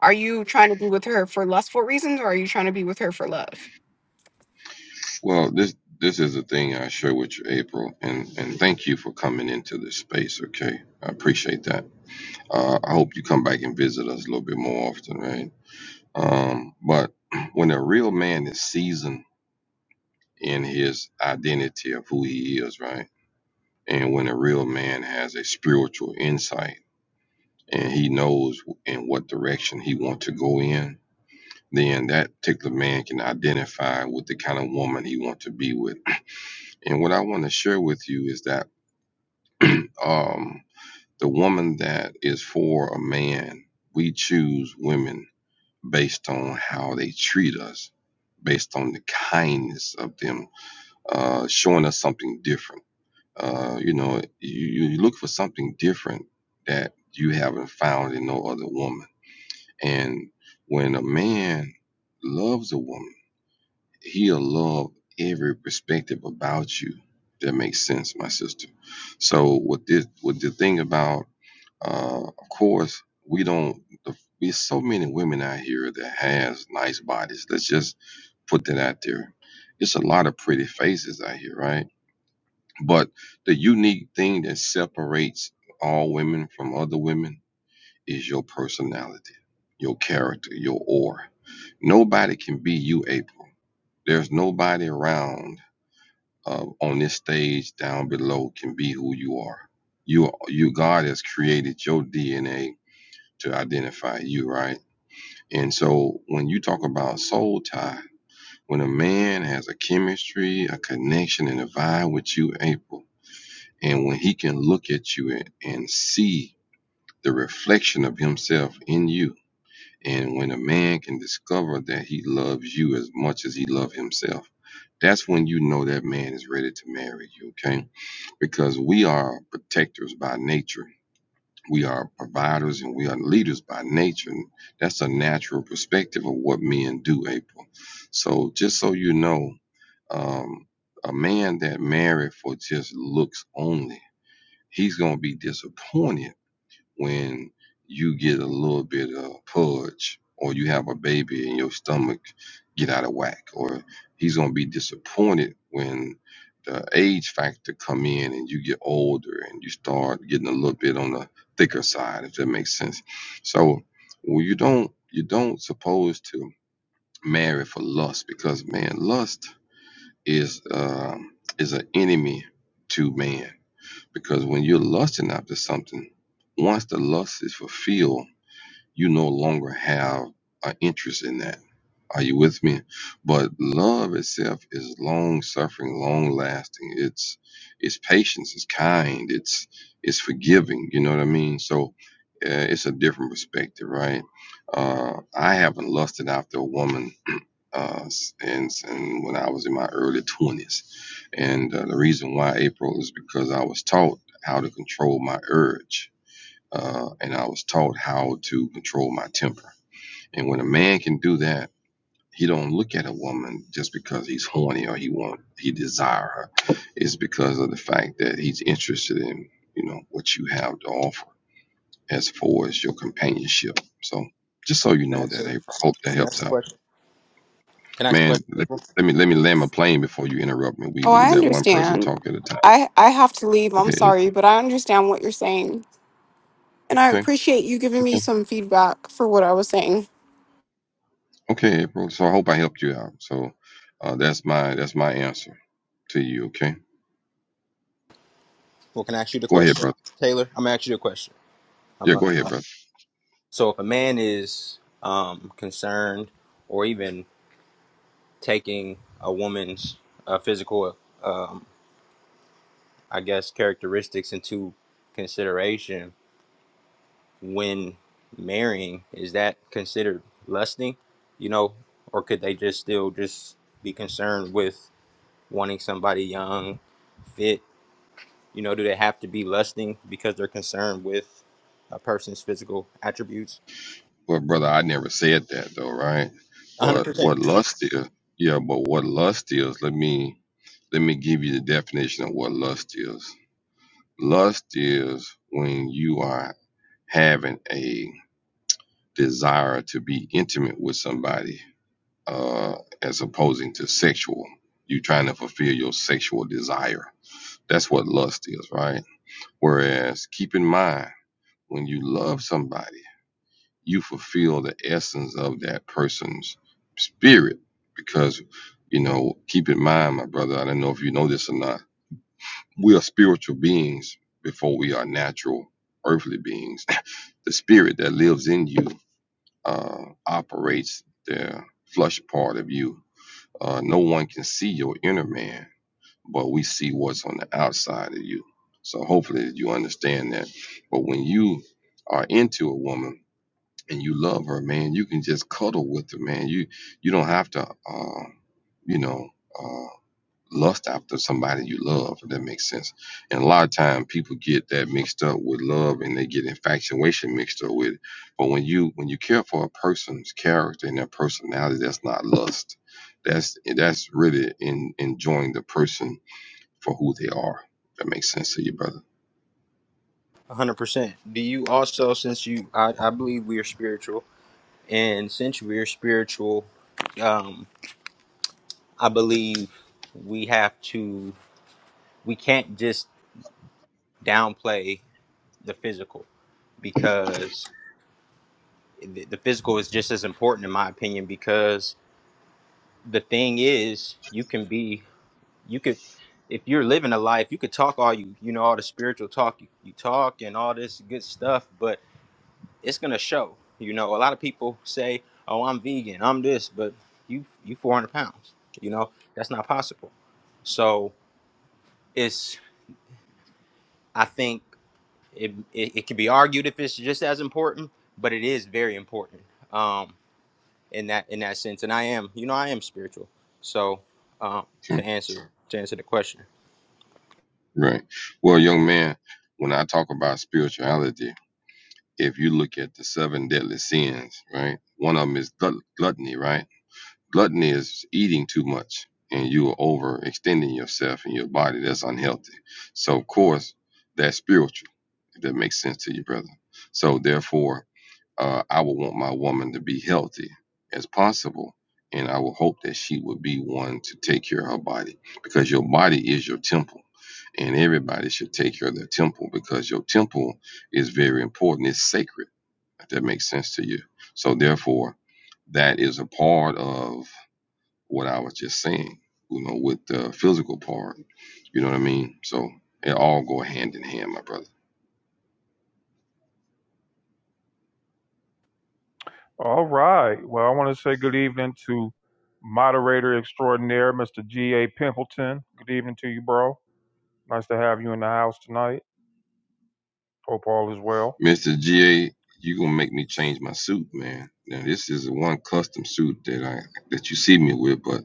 Speaker 9: Are you trying to be with her for lustful reasons or are you trying to be with her for love?
Speaker 2: Well, this this is the thing I share with you, April, and, and thank you for coming into this space, okay? I appreciate that. Uh, I hope you come back and visit us a little bit more often, right? Um, but when a real man is seasoned in his identity of who he is, right? And when a real man has a spiritual insight and he knows in what direction he wants to go in, then that particular man can identify with the kind of woman he wants to be with. And what I want to share with you is that um, the woman that is for a man, we choose women based on how they treat us, based on the kindness of them uh, showing us something different. Uh, you know, you, you look for something different that you haven't found in no other woman. And when a man loves a woman, he'll love every perspective about you. If that makes sense, my sister. So with this, with the thing about, uh, of course, we don't. The, there's so many women out here that has nice bodies. Let's just put that out there. It's a lot of pretty faces out here, right? But the unique thing that separates all women from other women is your personality, your character, your aura. Nobody can be you, April. There's nobody around uh, on this stage down below can be who you are. You are you God has created your DNA to identify you, right? And so when you talk about soul tie, when a man has a chemistry, a connection, and a vibe with you, April, and when he can look at you and, and see the reflection of himself in you, and when a man can discover that he loves you as much as he loves himself, that's when you know that man is ready to marry you, okay? Because we are protectors by nature. We are providers and we are leaders by nature. And that's a natural perspective of what men do, April. So just so you know, um, a man that married for just looks only, he's gonna be disappointed when you get a little bit of pudge or you have a baby and your stomach get out of whack or he's going to be disappointed when the age factor come in and you get older and you start getting a little bit on the thicker side if that makes sense so well, you don't you don't supposed to marry for lust because man lust is um is an enemy to man because when you're lusting after something, once the lust is fulfilled, you no longer have an interest in that. Are you with me? But love itself is long suffering, long lasting. It's it's patience, it's kind, it's it's forgiving. You know what I mean? So uh, it's a different perspective, right? Uh, I haven't lusted after a woman uh, and, and when I was in my early 20s. And uh, the reason why April is because I was taught how to control my urge, uh, and I was taught how to control my temper. And when a man can do that, he don't look at a woman just because he's horny or he want he desire her. It's because of the fact that he's interested in you know what you have to offer as far as your companionship. So just so you know that April,
Speaker 8: can
Speaker 2: I hope that helps out.
Speaker 8: i ask a question
Speaker 2: Man, let,
Speaker 8: april
Speaker 2: let me let me land my plane before you interrupt me. We,
Speaker 9: Oh,
Speaker 2: we
Speaker 9: I
Speaker 2: let one person
Speaker 9: understand.
Speaker 2: talk at a time.
Speaker 9: I I have to leave. I'm
Speaker 2: Okay, April.
Speaker 9: sorry, but I understand what you're saying. And I
Speaker 2: okay,
Speaker 9: appreciate you giving me
Speaker 2: okay,
Speaker 9: some feedback for what I was saying.
Speaker 2: okay, April. So I hope I helped you out. So uh, that's my that's my answer to you. Okay,
Speaker 8: well can i ask you the
Speaker 2: go ahead,
Speaker 8: question
Speaker 2: brother.
Speaker 8: taylor i'm gonna ask you the question i'm
Speaker 2: Yeah, go
Speaker 8: a,
Speaker 2: ahead, brother.
Speaker 8: So if a man is um, concerned or even taking a woman's uh, physical, um, I guess, characteristics into consideration when marrying, is that considered lusting? You know, or could they just still just be concerned with wanting somebody young, fit? You know, do they have to be lusting because they're concerned with a person's physical attributes?
Speaker 2: Well, brother, I never said that though, right? But
Speaker 8: 100%.
Speaker 2: what lust is? Yeah, but what lust is? Let me let me give you the definition of what lust is. Lust is when you are having a desire to be intimate with somebody uh, as opposing to sexual. You trying to fulfill your sexual desire. That's what lust is, right? Whereas, keep in mind, when you love somebody, you fulfill the essence of that person's spirit. Because, you know, keep in mind, my brother, I don't know if you know this or not, we are spiritual beings before we are natural earthly beings. the spirit that lives in you uh, operates the flesh part of you Uh, no one can see your inner man, but we see what's on the outside of you. So hopefully you understand that. But when you are into a woman and you love her, man, you can just cuddle with her, man. You you don't have to, uh, you know. uh, lust after somebody you love, if that makes sense. And a lot of time people get that mixed up with love and they get infatuation mixed up with it. But when you when you care for a person's character and their personality, that's not lust. That's that's really in enjoying the person for who they are. If that makes sense to you, brother.
Speaker 8: one hundred percent. Do you also, since you, I, I believe we are spiritual, and since we are spiritual, um, I believe we have to, we can't just downplay the physical because the, the physical is just as important, in my opinion. Because the thing is, you can be, you could, if you're living a life, you could talk all you, you know, all the spiritual talk you, you talk and all this good stuff, but it's gonna show. You know, a lot of people say, "Oh, I'm vegan, I'm this," but you you 400 pounds. You know, that's not possible. So it's I think it it, it can be argued if it's just as important, but it is very important um, in that in that sense. And I am, you know, I am spiritual. So um, to
Speaker 2: Okay?
Speaker 8: answer to answer the question,
Speaker 2: Right. Well, young man, when I talk about spirituality, if you look at the seven deadly sins, right? One of them is glut- gluttony, right? Gluttony is eating too much and you are overextending yourself and your body. That's unhealthy. So, of course, that's spiritual, if that makes sense to you, brother. So, therefore, uh, I would want my woman to be healthy as possible. And I would hope that she would be one to take care of her body because your body is your temple. And everybody should take care of their temple because your temple is very important. It's sacred, if that makes sense to you. So, therefore, that is a part of what I was just saying, you know, with the physical part. You know what I mean? So it all go hand in hand, my brother.
Speaker 1: All right. Well, I want to say good evening to moderator extraordinaire, Mr. G.A. Pimpleton. Good evening to you, bro. Nice to have you in the house tonight. Hope all is well.
Speaker 2: Mr. GA, you gonna make me change my suit, man. Now this is one custom suit that I that you see me with, but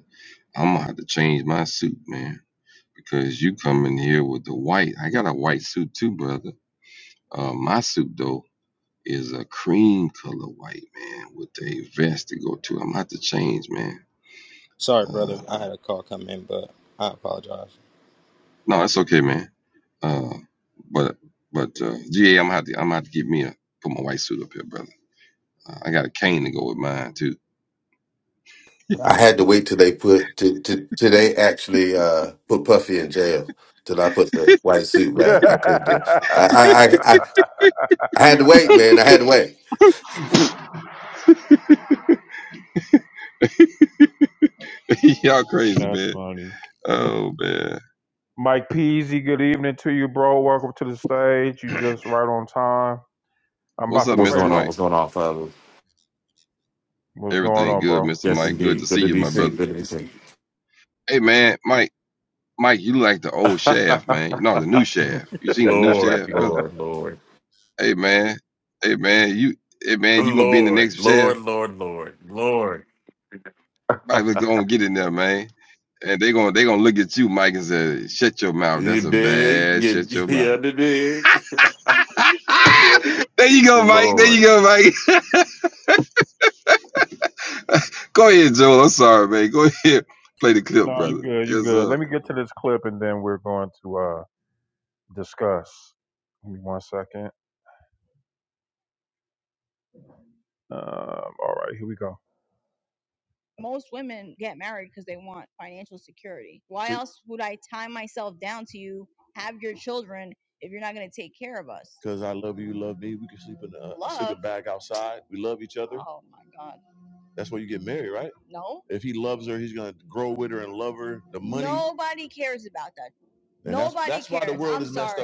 Speaker 2: I'm gonna have to change my suit, man, because you come in here with the white. I got a white suit too, brother. Uh, my suit though is a cream color white, man, with a vest to go to. I'm gonna have to change, man.
Speaker 8: sorry,
Speaker 2: Uh,
Speaker 8: brother, I had a call come in, but I apologize.
Speaker 2: No, it's okay, man. Uh, but but uh, GA, I'm gonna have to I'm gonna have to get me a put my white suit up here, brother. Uh, I got a cane to go with mine too.
Speaker 10: I had to wait till they put to, to, till they actually uh, put Puffy in jail. Till I put the white suit back, I couldn't do. I, I I I I had to wait, man. I had to wait.
Speaker 2: Y'all crazy,
Speaker 1: That's
Speaker 2: man.
Speaker 1: funny.
Speaker 2: Oh man.
Speaker 1: Mike Peasy, good evening to you, bro. Welcome to the stage. You just right on time. I'm
Speaker 2: What's
Speaker 1: about to
Speaker 2: up,
Speaker 11: What's
Speaker 1: play
Speaker 2: Mr.
Speaker 11: going
Speaker 1: this.
Speaker 11: on?
Speaker 2: Mike?
Speaker 11: What's going on, Father?
Speaker 1: What's going
Speaker 2: Everything
Speaker 1: on,
Speaker 2: good,
Speaker 1: bro?
Speaker 2: Mr.
Speaker 11: Yes,
Speaker 2: Mike. Good to
Speaker 11: indeed. Good
Speaker 2: see
Speaker 11: to
Speaker 2: you,
Speaker 11: be
Speaker 2: my brother.
Speaker 11: seen. Good to be seen.
Speaker 2: Hey man, Mike, Mike, you like the old shaft, man. No, the new shaft. You seen the new
Speaker 11: Lord,
Speaker 2: shaft, brother?
Speaker 11: Lord, Lord,
Speaker 2: Hey man. Hey man, you hey man, you gonna be in the next
Speaker 11: Lord, Lord,
Speaker 2: shaft?
Speaker 11: Lord, Lord, Lord.
Speaker 2: Might as well go and get in there, man. And they gonna they gonna look at you, Mike, and say, "Shut your mouth.
Speaker 11: you
Speaker 2: That's a
Speaker 11: dig?
Speaker 2: bad.
Speaker 11: You,
Speaker 2: Shut your
Speaker 11: yeah,
Speaker 2: mouth."
Speaker 11: you dig?
Speaker 2: Ah! there you go, Mike. There you
Speaker 11: Lord.
Speaker 2: go, Mike. go ahead, Joe. I'm sorry, man. Go ahead, play the clip,
Speaker 1: no, you
Speaker 2: brother.
Speaker 1: good. You
Speaker 2: It's,
Speaker 1: good.
Speaker 2: uh,
Speaker 1: Let me get to this clip and then we're going to uh discuss. Give me one second. Um, all right, here we go. Because I love you, you love me. We can sleep in the uh, bag outside. We love each other. That's why you get married, right? If he loves her, he's gonna grow with her and love her. The money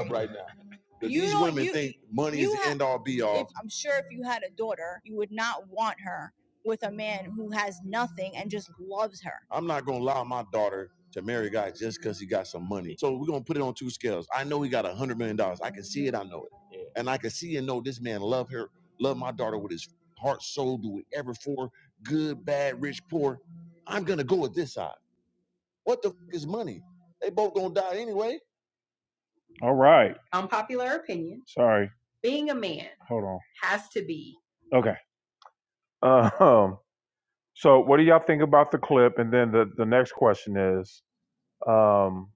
Speaker 1: right now, The money and all be all. I'm not gonna allow my daughter to marry a guy just because he got some money. So we're gonna put it on two scales. I know he got a hundred million dollars. I can see it. I know it. Yeah. And I can see and know this man love her, love my daughter with his heart, soul, do whatever for good, bad, rich, poor. I'm gonna go with this side. What the f- is money? They both gonna die anyway. All right. Sorry. Hold on. Okay. Uh, Um. So, what do y'all think about the clip? And then the the next question is. Um,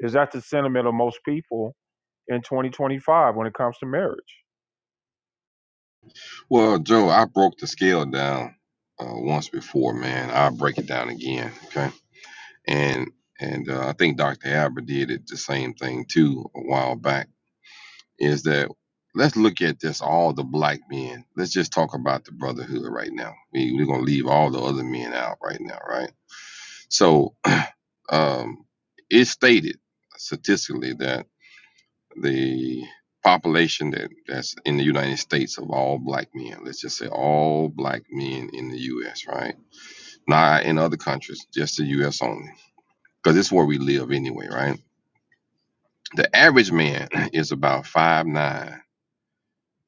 Speaker 1: is that the sentiment of most people in 2025 when it comes to marriage?
Speaker 2: well, Joe, I broke the scale down uh, once before, man. I'll break it down again, okay? And and uh, I think Dr. Albert did it the same thing too a while back is that let's look at this all the black men. Let's just talk about the brotherhood right now. We, we're gonna leave all the other men out right now, right? So um, it's stated statistically that the population that, that's in the United States of all black men, let's just say all black men in the US, right? Not in other countries, just the US only. Because it's where we live anyway, right? The average man is about five nine.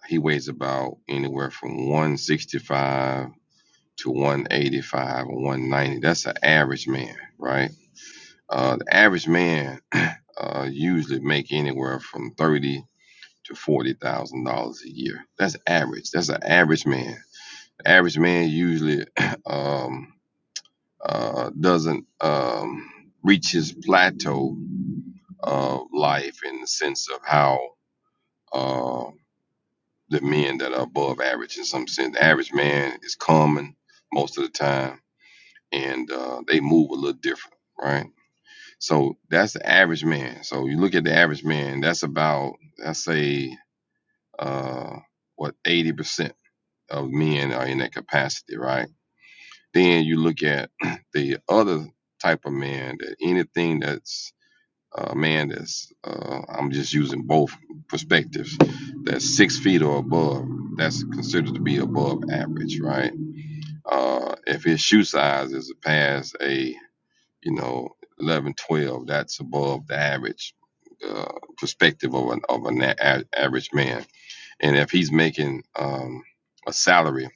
Speaker 2: He weighs about anywhere from 165 to 185 or 190. That's an average man, right? Uh, the average man uh, usually make anywhere from thirty to forty thousand dollars a year. That's average. That's an average man. The Average man usually um, uh, doesn't um, reach his plateau of life in the sense of how. uh, the men that are above average in some sense. The average man is common most of the time, and uh, they move a little different, right? So that's the average man. So you look at the average man. That's about let's say uh, what eighty percent of men are in that capacity, right? Then you look at the other type of man that anything that's uh, man that's uh, I'm just using both perspectives that's six feet or above that's considered to be above average right uh, if his shoe size is past a you know 11, 12, that's above the average uh, perspective of an of an a- average man and if he's making um, a salary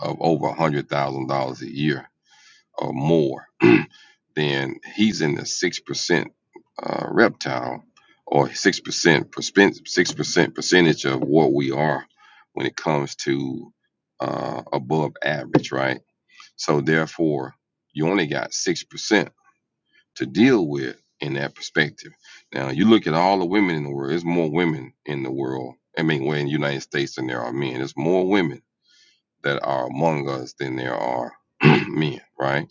Speaker 2: of over a hundred thousand dollars a year or more then he's in the six percent uh, reptile or six percent six percent percentage of what we are when it comes to uh, above average, right? So therefore, you only got six percent to deal with in that perspective. Now you look at all the women in the world. There's more women in the world. I mean, well, in the United States than there are men. There's more women that are among us than there are men, right?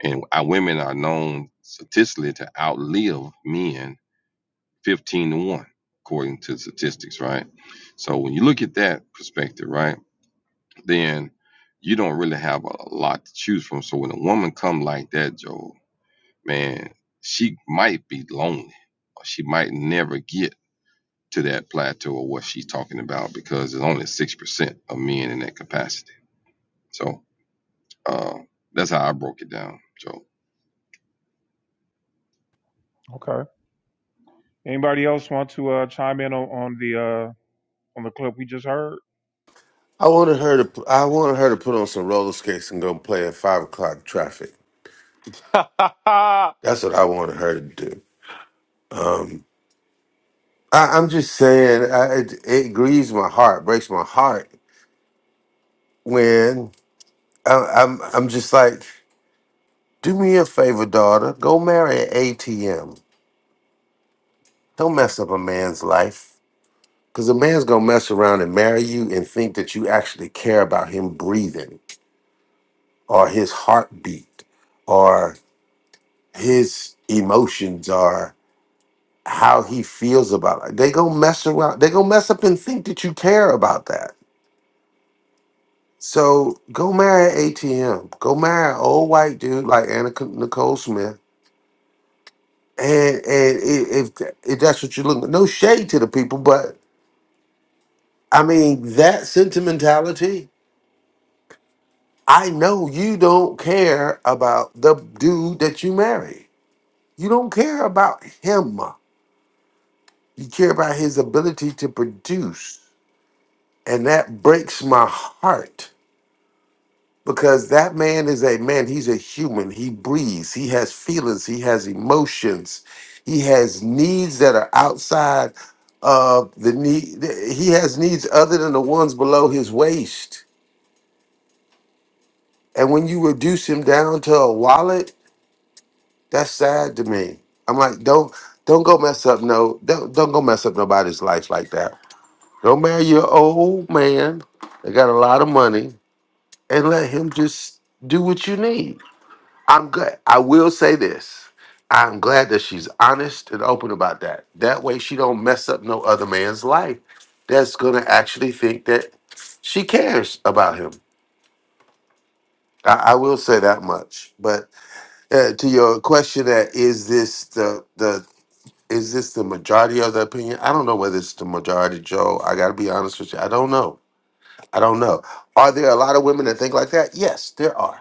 Speaker 2: And our women are known statistically to outlive men 15 to 1, according to statistics, right? So when you look at that perspective, right, then you don't really have a lot to choose from. So when a woman come like that, Joel, man, she might be lonely. Or she might never get to that plateau of what she's talking about because there's only 6% of men in that capacity. So uh, that's how I broke it down, Joel.
Speaker 1: Okay. Anybody else want to uh, chime in on, on the uh, on the clip we just heard?
Speaker 10: I wanted her to. p- I wanted her to put on some roller skates and go play at five o'clock traffic.
Speaker 11: yeah, I
Speaker 10: That's what I wanted her to do. Um, I, I'm just saying, I, it, it grieves my heart, breaks my heart when I, I'm. I'm just like, do me a favor, daughter. Go marry an ATM. Don't mess up a man's life. Because a man's gonna mess around and marry you and think that you actually care about him breathing or his heartbeat or his emotions or how he feels about it. They gonna mess around. They gonna mess up and think that you care about that. So go marry an ATM. Go marry an old white dude like Anna C- Nicole Smith. And and i- if if that's what you're looking, no shade to the people, but I mean that sentimentality. I know you don't care about the dude that you marry. You don't care about him. You care about his ability to produce. And that breaks my heart because that man is a man. He's a human. He breathes. He has feelings. He has emotions. He has needs that are outside of the need. He has needs other than the ones below his waist. And when you reduce him down to a wallet, That's sad to me. I'm like, don't don't go mess up no don't don't go mess up nobody's life like that. Don't marry your old man that got a lot of money and let him just do what you need. I'm glad I will say this. I'm glad that she's honest and open about that. That way she don't mess up no other man's life that's gonna actually think that she cares about him. I, I will say that much. But uh, to your question that is this the the Is this the majority of the opinion? I don't know whether it's the majority, Joe. I got to be honest with you. I don't know. I don't know. Are there a lot of women that think like that? Yes, there are.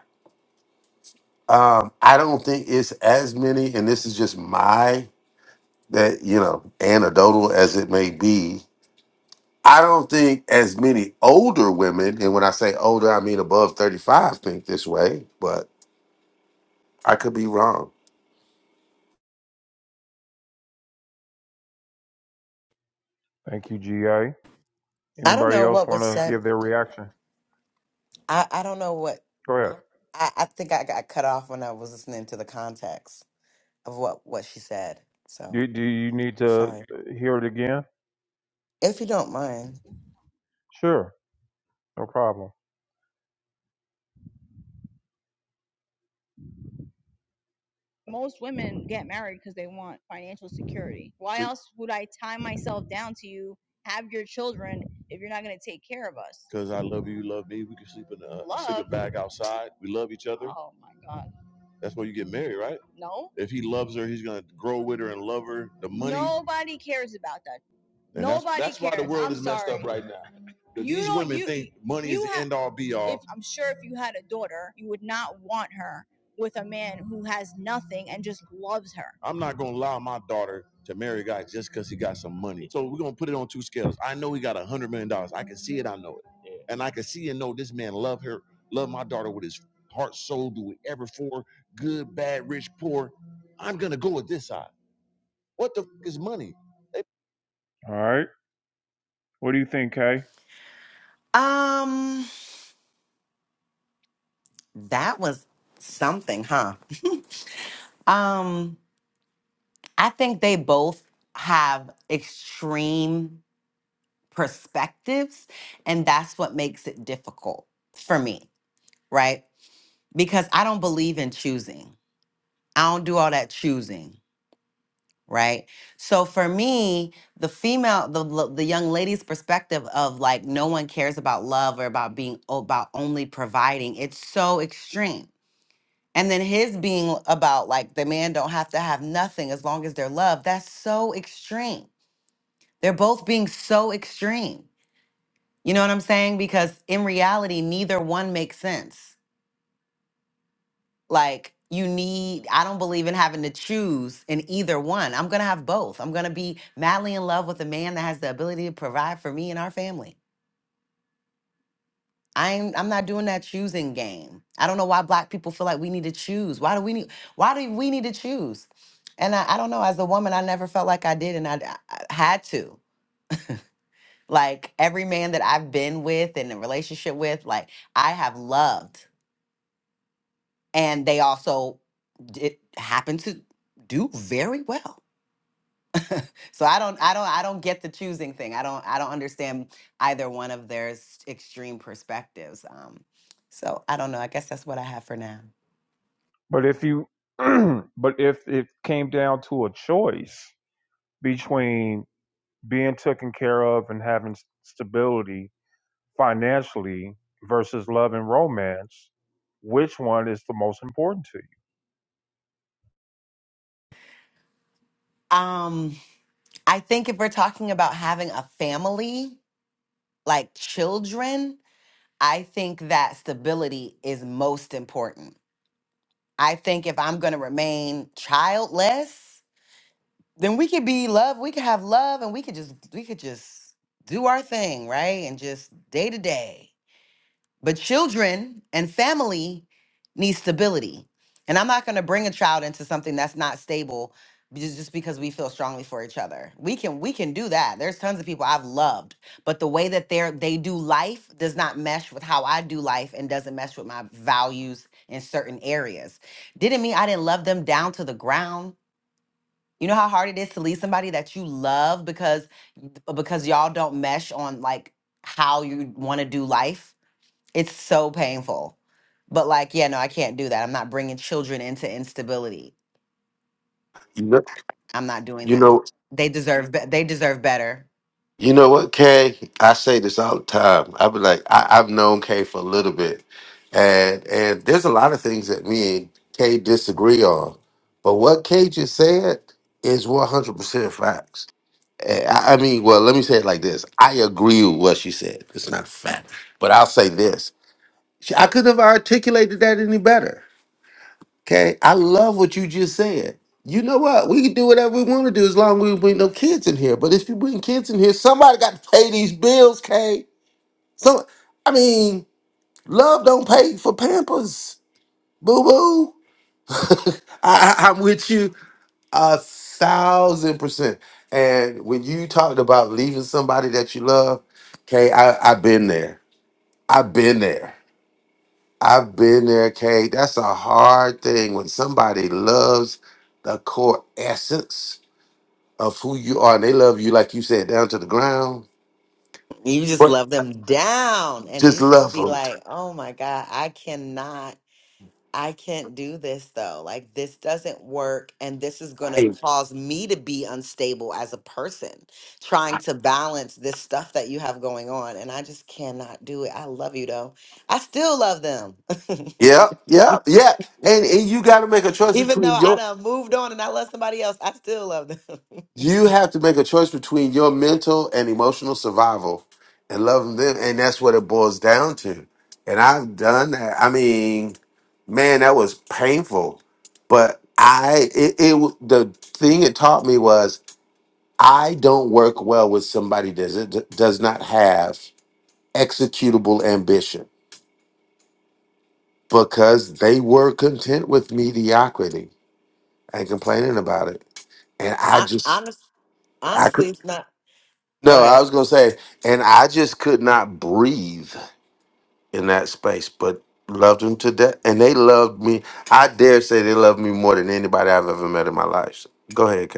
Speaker 10: Um, I don't think it's as many, and this is just my that you know anecdotal as it may be. I don't think as many older women, and when I say older, I mean above thirty-five, think this way. But I could be wrong.
Speaker 1: Thank you, GA.
Speaker 5: I don't
Speaker 1: Anybody
Speaker 5: know
Speaker 1: else
Speaker 5: what
Speaker 1: want
Speaker 5: was
Speaker 1: to
Speaker 5: said.
Speaker 1: give their reaction?
Speaker 5: I, I don't know what
Speaker 1: Go ahead.
Speaker 5: I, I think I got cut off when I was listening to the context of what what she said. So
Speaker 1: Do, do you need to
Speaker 5: sorry.
Speaker 1: uh, hear it again?
Speaker 5: If you don't mind.
Speaker 1: Sure, no problem. Because I love you, you love me. We can sleep in the uh, bag outside. We love each other. That's why you get married, right? If he loves her, he's gonna grow with her and love her. The m- right now, money and all be all. I'm not gonna allow my daughter to marry a guy just because he got some money. So we're gonna put it on two scales. I know he got a hundred million dollars. I can see it. I know it, Yeah. and I can see and know this man love her, love my daughter with his heart, soul, do whatever for good, bad, rich, poor. I'm gonna go with this side. What the f- is money? They All right. What do you think, Kay?
Speaker 5: Um, that was something, huh? Um, I think they both have extreme perspectives, and that's what makes it difficult for me, right? Because I don't believe in choosing. I don't do all that choosing, right? So for me, the female, the l- the young lady's perspective of like no one cares about love or about being about only providing, it's so extreme. And then his being about like the man don't have to have nothing as long as they're loved, that's so extreme They're both being so extreme. You know what I'm saying? Because in reality, neither one makes sense. Like, you need, I don't believe in having to choose in either one. I'm going to have both. I'm going to be madly in love with a man that has the ability to provide for me and our family. I ain't, I'm not doing that choosing game. I don't know why black people feel like we need to choose. Why do we need, why do we need to choose? And I, I don't know, as a woman, I never felt like I did and I, I had to. Like every man that I've been with and in a relationship with, like I have loved. And they also it happened to do very well. So I don't I don't I don't get the choosing thing. I don't I don't understand either one of their s- extreme perspectives. Um so I don't know. I guess that's what I have for now.
Speaker 1: But if you, but if it came down to a choice, between being taken care of and having stability financially versus love and romance, which one is the most important to you?
Speaker 5: Um I think if we're talking about having a family, like children, I think that stability is most important I think if I'm gonna remain childless, then we could be love. We could have love, and we could just we could just do our thing, right? And just day to day. But children and family need stability. And I'm not going to bring a child into something that's not stable be- just because we feel strongly for each other. We can we can do that. There's tons of people I've loved, but the way that they are they do life does not mesh with how I do life and doesn't mesh with my values in certain areas. Didn't mean I didn't love them down to the ground. You know how hard it is to leave somebody that you love because because y'all don't mesh on like how you want to do life? It's so painful. But like, yeah, no, I can't do that. I'm not bringing children into instability.
Speaker 10: You know,
Speaker 5: I'm not doing
Speaker 10: you
Speaker 5: that.
Speaker 10: know
Speaker 5: They deserve be- they deserve better.
Speaker 10: You know what, Kay? I say this all the time. I be like, I, I've known Kay for a little bit, and and there's a lot of things that me and Kay disagree on, but what Kay just said is 100 percent facts. And I, I mean, well, let me say it like this: I agree with what she said. It's not a fact, but I'll say this: She- I couldn't have articulated that any better. Okay, I love what you just said. You know what? We can do whatever we want to do as long as we bring no kids in here. But if you bring kids in here, somebody got to pay these bills, Kay. So, I mean, love don't pay for Pampers, boo boo. I, I- I'm with you a thousand percent. And when you talked about leaving somebody that you love, Kay, I, I've been there. I've been there. I've been there, Kate. That's a hard thing when somebody loves the core essence of who you are, and they love you like you said, down to the ground.
Speaker 5: You just
Speaker 10: But
Speaker 5: love them down and
Speaker 10: just
Speaker 5: you just
Speaker 10: love
Speaker 5: be
Speaker 10: them.
Speaker 5: like, "Oh my god, I cannot I can't do this though. Like this doesn't work and this is going to
Speaker 10: Right.
Speaker 5: cause me to be unstable as a person trying to balance this stuff that you have going on and I just cannot do it. I love you though. I still love them.
Speaker 10: Yeah, yeah, yeah. And and you got to make a choice
Speaker 5: Even
Speaker 10: between
Speaker 5: though I
Speaker 10: your.
Speaker 5: done moved on and I love somebody else, I still love them.
Speaker 10: You have to make a choice between your mental and emotional survival, and loving them, and that's what it boils down to. And I've done that. I mean, man, that was painful. But I, it, it w- the thing it taught me was I don't work well with somebody that does does not have executable ambition because they were content with mediocrity and complaining about it, and I
Speaker 5: I
Speaker 10: just,
Speaker 5: honest,
Speaker 10: I could.
Speaker 5: honestly, it's not. Go
Speaker 10: No, I
Speaker 5: ahead.
Speaker 10: was gonna say, and I just could not breathe in that space, but loved them to death. And they loved me. I dare say they loved me more than anybody I've ever met in my life. So, go ahead,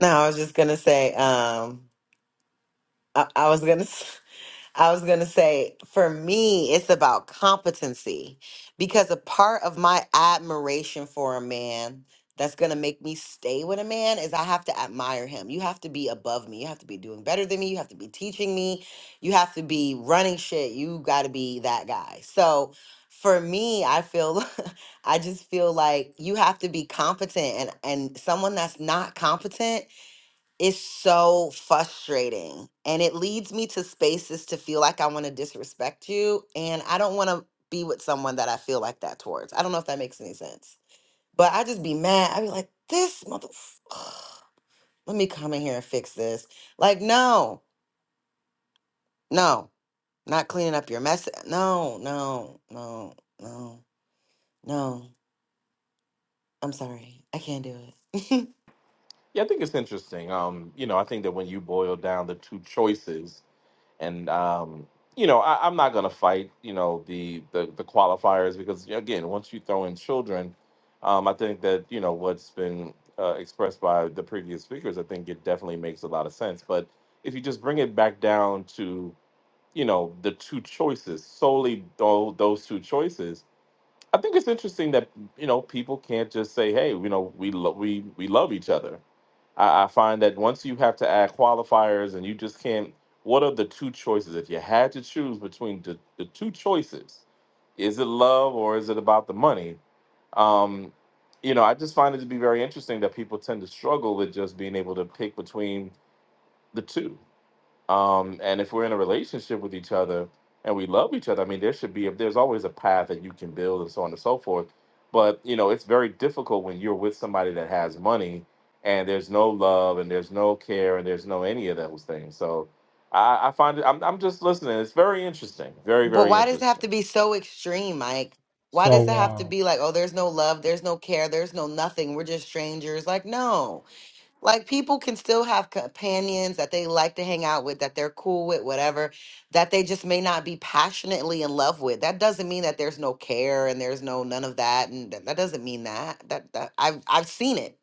Speaker 5: No, I was just gonna say. Um, I, I was gonna. I was going to say, for me, it's about competency because a part of my admiration for a man that's going to make me stay with a man is I have to admire him. You have to be above me. You have to be doing better than me. You have to be teaching me. You have to be running shit. You got to be that guy. So for me, I feel, I just feel like you have to be competent and, and someone that's not competent it's so frustrating. And it leads me to spaces to feel like I want to disrespect you. And I don't want to be with someone that I feel like that towards. I don't know if that makes any sense. But I just be mad. i be like, this mother, let me come in here and fix this. Like, no, no, not cleaning up your mess. No, no, no, no, no. I'm sorry. I can't do it.
Speaker 11: think it's interesting. Um, you know, I think that when you boil down the two choices and um, you know I, I'm not gonna fight you know the the, the qualifiers because yeah, again once you throw in children, um, I think that you know what's been uh, expressed by the previous speakers, I think it definitely makes a lot of sense. But if you just bring it back down to you know the two choices solely though those two choices I think it's interesting that you know people can't just say, "Hey, you know, we lo- we we love each other." I, I find that once you have to add qualifiers, and you just can't. What are the two choices? If you had to choose between the, the two choices, is it love or is it about the money? Um, you know, I just find it to be very interesting that people tend to struggle with just being able to pick between the two um, and if we're in a relationship with each other and we love each other, I mean, there should be there's always a path that you can build and so on and so forth. But you know, it's very difficult when you're with somebody that has money and there's no love and there's no care and there's no any of those things. So I, I find it. I'm, I'm just listening. It's very interesting. Very
Speaker 5: But
Speaker 11: very
Speaker 5: why does it have
Speaker 11: interesting.
Speaker 5: to be so extreme, Mike? Why does it
Speaker 7: So,
Speaker 5: have to
Speaker 7: uh,
Speaker 5: be like, oh, there's no love, there's no care, there's no nothing, we're just strangers? Like, no. Like, people can still have companions that they like to hang out with, that they're cool with, whatever, that they just may not be passionately in love with. That doesn't mean that there's no care and there's no none of that. And that that doesn't mean that. That, that I've, I've seen it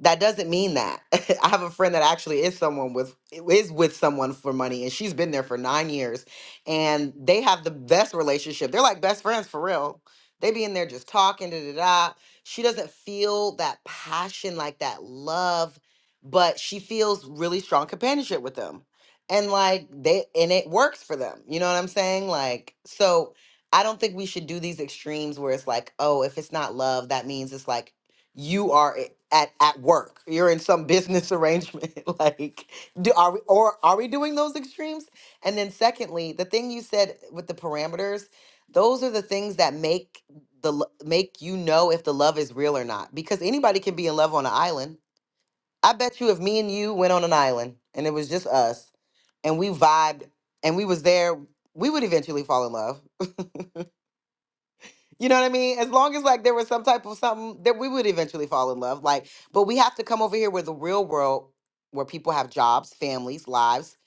Speaker 5: that doesn't mean that. I have a friend that actually is someone with is with someone for money and she's been there for 9 years and they have the best relationship. They're like best friends for real. They be in there just talking da da da. She doesn't feel that passion like that love, but she feels really strong companionship with them. And like they and it works for them. You know what I'm saying? Like so I don't think we should do these extremes where it's like, oh, if it's not love, that means it's like you are at at work you're in some business arrangement like do are we or are we doing those extremes and then secondly the thing you said with the parameters those are the things that make the lo- make you know if the love is real or not because anybody can be in love on an island i bet you if me and you went on an island and it was just us and we vibed and we was there we would eventually fall in love you know what I mean? As long as like there was some type of something that we would eventually fall in love. Like, but we have to come over here where the real world, where people have jobs, families, lives,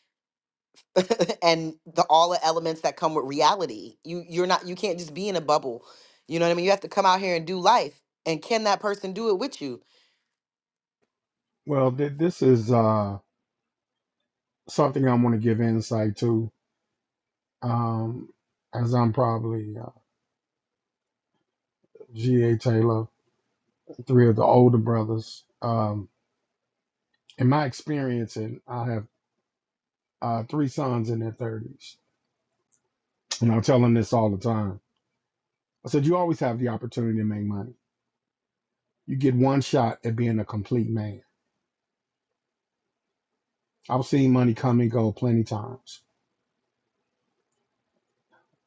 Speaker 5: and the all the elements that come with reality. You you're not you can't just be in a bubble. You know what I mean? You have to come out here and do life. And can that person do it with you?
Speaker 7: well, th- this is uh, something I want to give insight to, um, as I'm probably uh, G.A. Taylor, three of the older brothers. Um, in my experience, and I have uh, three sons in their 30s And I tell them this all the time. I said, you always have the opportunity to make money. You get one shot at being a complete man. I've seen money come and go plenty times.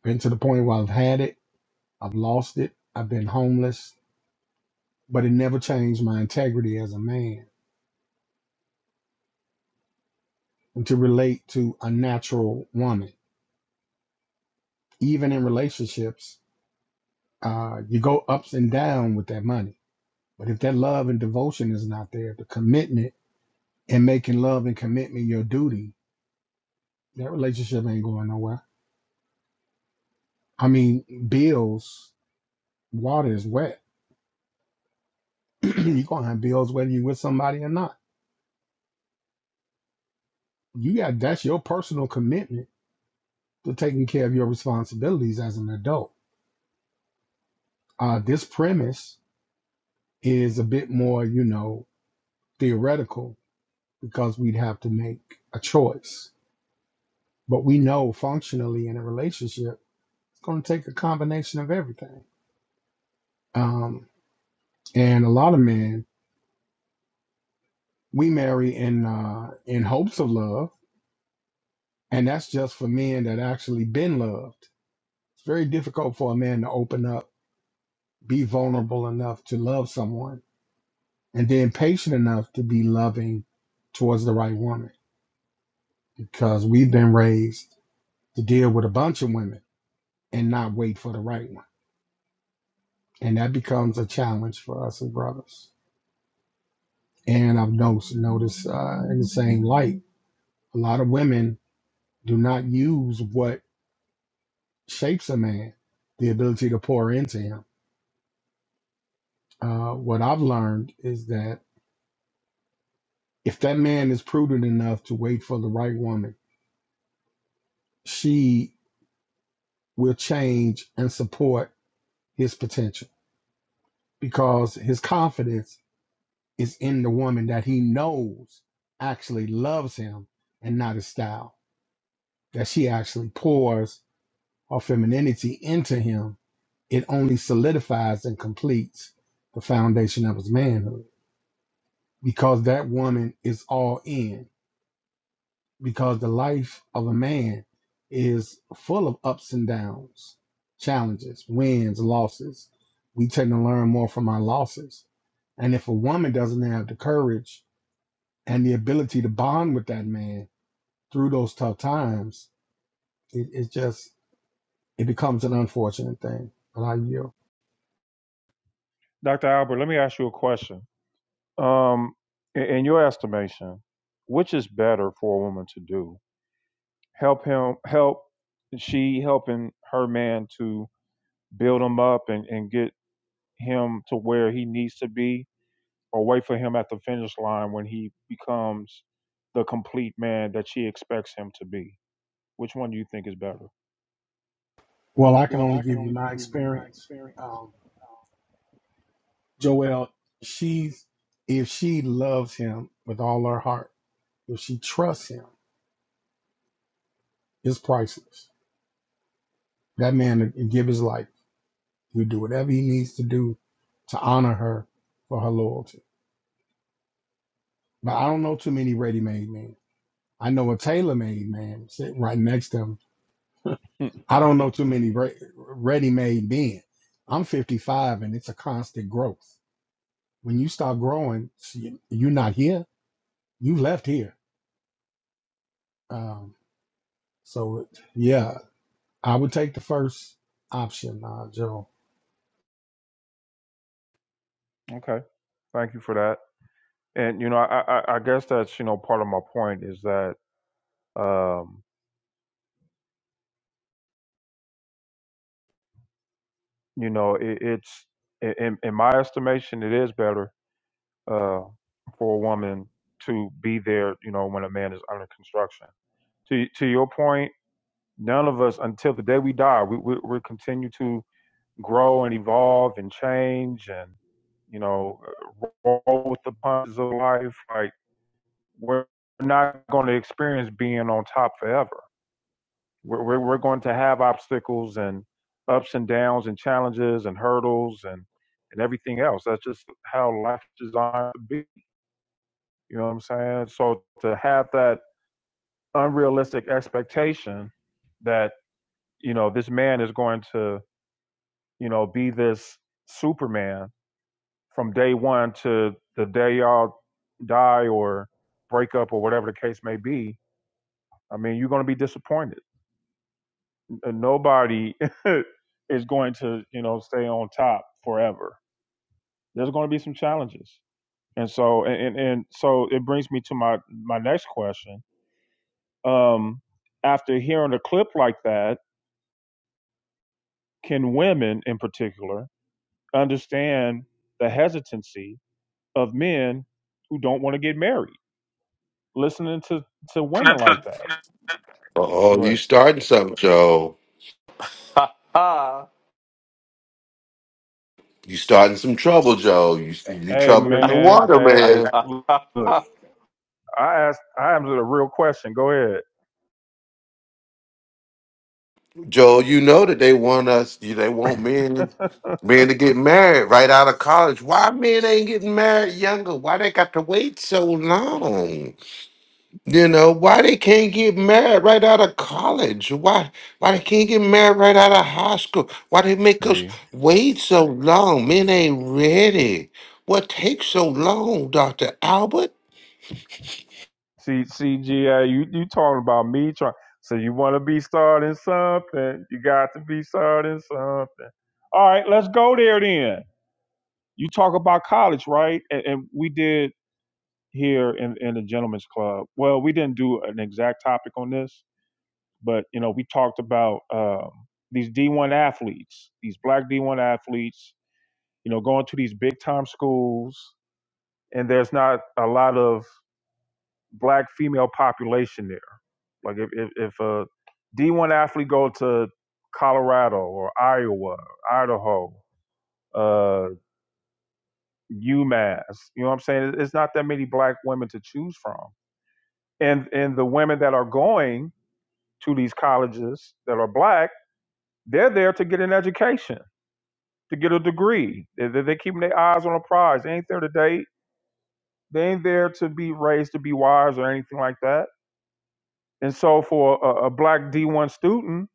Speaker 7: Been to the point where I've had it, I've lost it, I've been homeless, but it never changed my integrity as a man and to relate to a natural woman. Even in relationships, uh, you go ups and down with that money. But if that love and devotion is not there, the commitment and making love and commitment your duty, that relationship ain't going nowhere I mean, bills, water is wet. You're gonna have bills whether you're with somebody or not. You got that's your personal commitment to taking care of your responsibilities as an adult. Uh, this premise is a bit more, you know, theoretical because we'd have to make a choice. But we know functionally in a relationship, it's gonna take a combination of everything. Um, and a lot of men we marry in uh, in hopes of love, and that's just for men that actually been loved It's very difficult for a man to open up, be vulnerable enough to love someone, and then patient enough to be loving towards the right woman because we've been raised to deal with a bunch of women and not wait for the right one. And that becomes a challenge for us as brothers. And I've noticed, noticed uh, in the same light, a lot of women do not use what shapes a man, the ability to pour into him. Uh, what I've learned is that If that man is prudent enough to wait for the right woman, she will change and support his potential because his confidence is in the woman that he knows actually loves him and not his style. That she actually pours her femininity into him, it only solidifies and completes the foundation of his manhood because that woman is all in. because the life of a man is full of ups and downs, challenges, wins, losses. We tend to learn more from our losses. And if a woman doesn't have the courage and the ability to bond with that man through those tough times, it, it's just, it becomes an unfortunate thing. And I yield.
Speaker 1: Dr. Albert, let me ask you a question. Um, in, in your estimation, which is better for a woman to do? Help him, help she helping her man to build him up and, and get him to where he needs to be or wait for him at the finish line when he becomes the complete man that she expects him to be? Which one do you think is better?
Speaker 7: Well, I can only give you my experience. Um, Joelle, she's, if she loves him with all her heart, if she trusts him, it's priceless That man would give his life. He would do whatever he needs to do to honor her for her loyalty. But I don't know too many ready made men. I know a tailor made man sitting right next to him. I don't know too many ready made men. I'm 55 and it's a constant growth. When you stop growing, see, you're not here, you left here. Um, so, yeah, I would take the first option, uh, Joe.
Speaker 1: okay, thank you for that. And you know, I, I, I guess that's you know part of my point is that um, you know it, it's in, in my estimation it is better uh, for a woman to be there you know when a man is under construction. To to your point, none of us until the day we die we we, we continue to grow and evolve and change and you know uh, roll with the punches of life like we're not going to experience being on top forever we're, we're, we're going to have obstacles and ups and downs and challenges and hurdles and and everything else that's just how life is designed to be you know what i'm saying so to have that unrealistic expectation that you know this man is going to you know be this superman from day one to the day y'all die or break up or whatever the case may be, I mean, you're going to be disappointed. N- Nobody is going to, you know, stay on top forever. There's going to be some challenges. And so, and and so it brings me to my, my next question. Um, after hearing a clip like that, can women in particular understand the hesitancy of men who don't want to get married? Listening to, to women
Speaker 10: Kay.
Speaker 1: like that.
Speaker 10: Oh, you
Speaker 1: What?
Speaker 10: starting something, Joe. You starting some trouble, Joe. You you
Speaker 1: Hey
Speaker 10: trouble in the
Speaker 1: man,
Speaker 10: water, man.
Speaker 1: hey, look, I asked, I asked a real question. Go ahead.
Speaker 10: Joe, you know that they want us. You They want men men to get married right out of college. Why men ain't getting married younger? Why they got to wait so long? You know why they can't get married right out of college? Why why they can't get married right out of high school? Why they make us
Speaker 1: see,
Speaker 10: wait so long? Men ain't ready. What takes so long, Doctor Albert?
Speaker 1: see, CGA, you you talking about me trying? So you want to be starting something? You got to be starting something. All right, let's go there then. You talk about college, right? And, and we did here in, in the Gentlemen's Club. Well, we didn't do an exact topic on this, but you know, we talked about um, these D1 athletes, these black D1 athletes you know, going to these big time schools, and there's not a lot of black female population there. Like if if, if a D one athlete go to Colorado or Iowa, Idaho, uh, UMass, you know what I'm saying? It's not that many black women to choose from, and and the women that are going to these colleges that are black, they're there to get an education, to get a degree. They, they- they're keeping their eyes on a prize. They ain't there to date. They ain't there to be raised to be wise or anything like that. And so for a, a black D1 student,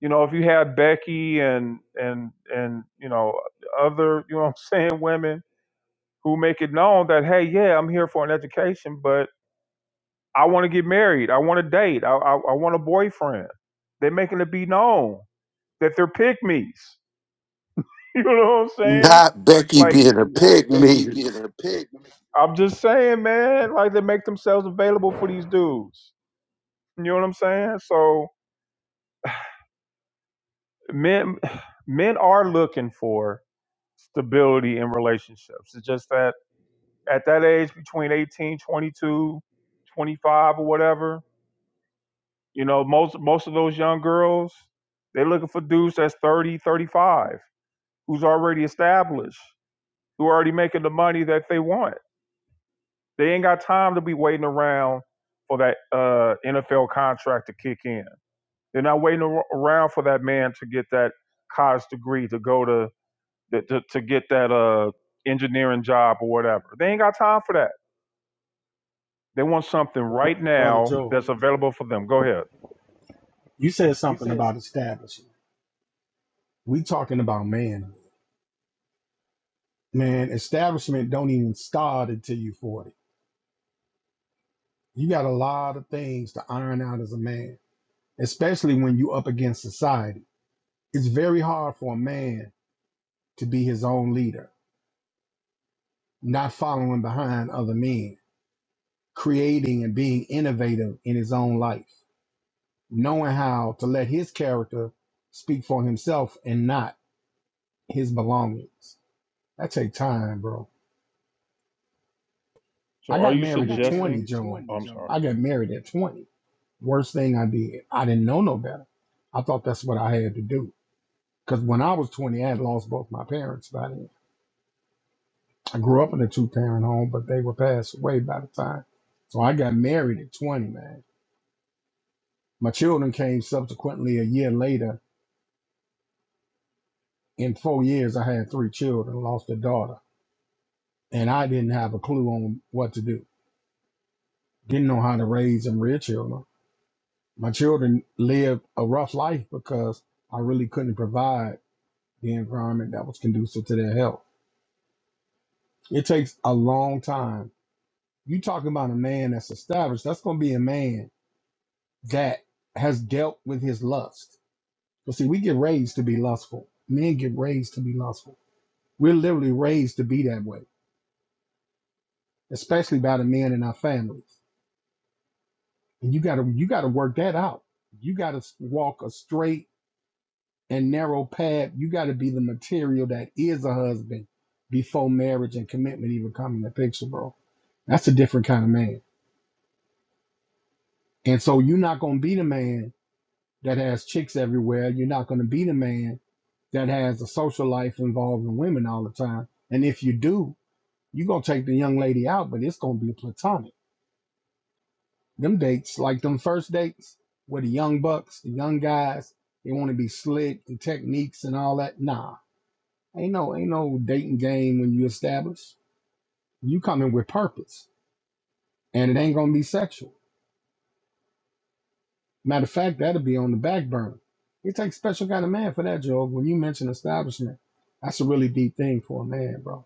Speaker 1: you know, if you had Becky and and and you know other, you know what I'm saying, women who make it known that hey, yeah, I'm here for an education, but I want to get married, I want to date, I, I I want a boyfriend. They're making it be known that they're pygmies. You know what I'm saying?
Speaker 10: Not Becky
Speaker 1: Like
Speaker 10: being a pig me.
Speaker 1: I'm just saying, man, like they make themselves available for these dudes. You know what I'm saying? So men men are looking for stability in relationships it's just that at that age between 18, 22, 25, or whatever you know most most of those young girls they're looking for dudes that's 30, 35, who's already established who are already making the money that they want they ain't got time to be waiting around for that uh, nfl contract to kick in they're not waiting ar- around for that man to get that college degree to go to that, to, to get that uh, engineering job or whatever. They ain't got time for that. They want something
Speaker 7: Br-
Speaker 1: right
Speaker 7: Brother
Speaker 1: now
Speaker 7: Joe,
Speaker 1: that's available for them. Go ahead.
Speaker 7: you said something about establishing. We talking about man. man, establishment don't even start until you 40. You got a lot of things to iron out as a man, especially when you up against society. It's very hard for a man to be his own leader, not following behind other men, creating and being innovative in his own life, knowing how to let his character speak for himself and not his belongings. That take time, bro. I
Speaker 1: So, are
Speaker 7: got
Speaker 1: you
Speaker 7: married at 20,
Speaker 1: suggesting?
Speaker 7: Joel.
Speaker 1: Oh, I'm sorry.
Speaker 7: I got married at 20 Worst thing I did, I didn't know no better. I thought that's what I had to do. Because when I was 20, I had lost both my parents by then. I grew up in a two parent home, but they were passed away by the time. So I got married at 20, man. My children came subsequently a year later. In four years, I had three children, lost a daughter, and I didn't have a clue on what to do. Didn't know how to raise and rear children. My children lived a rough life because I really couldn't provide the environment that was conducive to their health. It takes a long time. You talking about a man that's established. That's going to be a man that has dealt with his lust. But see, we get raised to be lustful. Men get raised to be lustful. We're literally raised to be that way, especially by the men in our families. And you got to you got to work that out. You got to walk a straight and narrow path. You got to be the material that is a husband before marriage and commitment even come in the picture, bro. That's a different kind of man. And so you're not going to be the man that has chicks everywhere. You're not going to be the man that has a social life involving women all the time. And if you do, you're going to take the young lady out, but it's going to be platonic. Them dates, like them first dates with the young bucks, the young guys, they want to be slick, the techniques and all that. Nah, ain't no, ain't no dating game when you establish. You come in with purpose and it ain't going to be sexual. Matter of fact, that'll be on the back burner. It takes a special kind of man for that, Job. When you mention establishment, that's a really deep thing for a man, bro.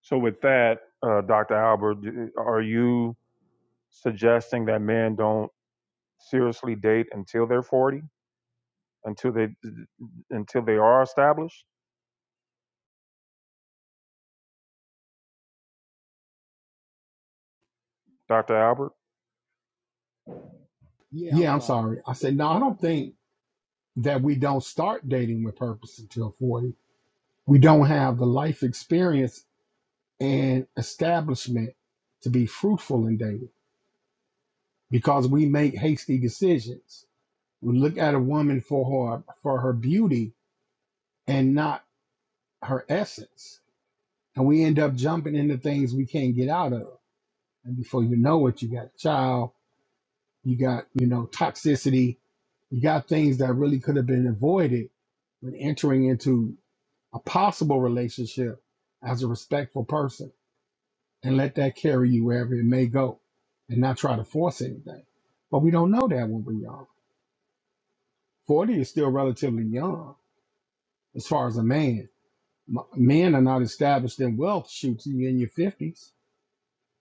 Speaker 1: So, with that, uh, Dr. Albert, are you suggesting that men don't seriously date until they're 40, until they until they are established? Dr. Albert,
Speaker 7: Yeah, I'm sorry. I said, no, I don't think that we don't start dating with purpose until 40. We don't have the life experience and establishment to be fruitful in dating because we make hasty decisions. We look at a woman for her for her beauty and not her essence. And we end up jumping into things we can't get out of And before you know it, you got a child, you got, you know, toxicity, you got things that really could have been avoided when entering into a possible relationship as a respectful person and let that carry you wherever it may go and not try to force anything. But we don't know that when we're young. 40 is still relatively young as far as a man. M- Men are not established in wealth shoots you in your 50s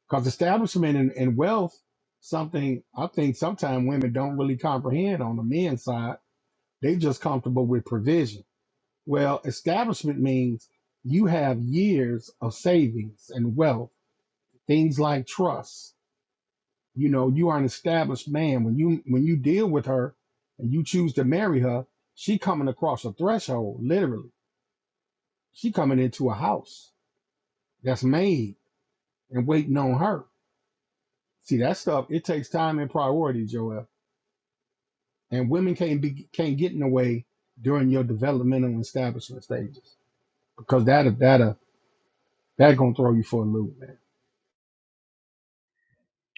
Speaker 7: Because establishment and, and wealth, something I think sometimes women don't really comprehend on the men's side. They just comfortable with provision. Well, establishment means you have years of savings and wealth, things like trust. You know, you are an established man. When you when you deal with her and you choose to marry her, she coming across a threshold, literally. She coming into a house that's made and waiting on her. See that stuff, it takes time and priority, Joel and women can't be can't get in the way during your developmental and establishment stages because that that that gonna throw you for a loop, man.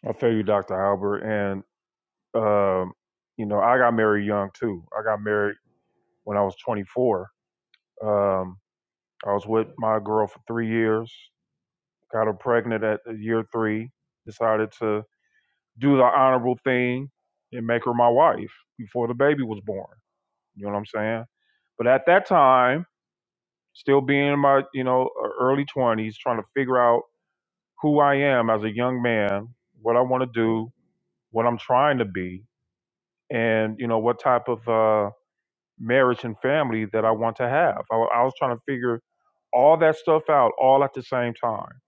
Speaker 1: I feel you, Dr. Albert. And um, you know, I got married young too. I got married when I was 24. Um, I was with my girl for three years, got her pregnant at uh, year three, decided to do the honorable thing and make her my wife before the baby was born. You know what I'm saying? But at that time, still being in my, you know, e, early 20s, trying to figure out who I am as a young man, what I want to do, what I'm trying to be, and, you know, what type of uh, marriage and family that I want to have. I, I was trying to figure all that stuff out all at the same time,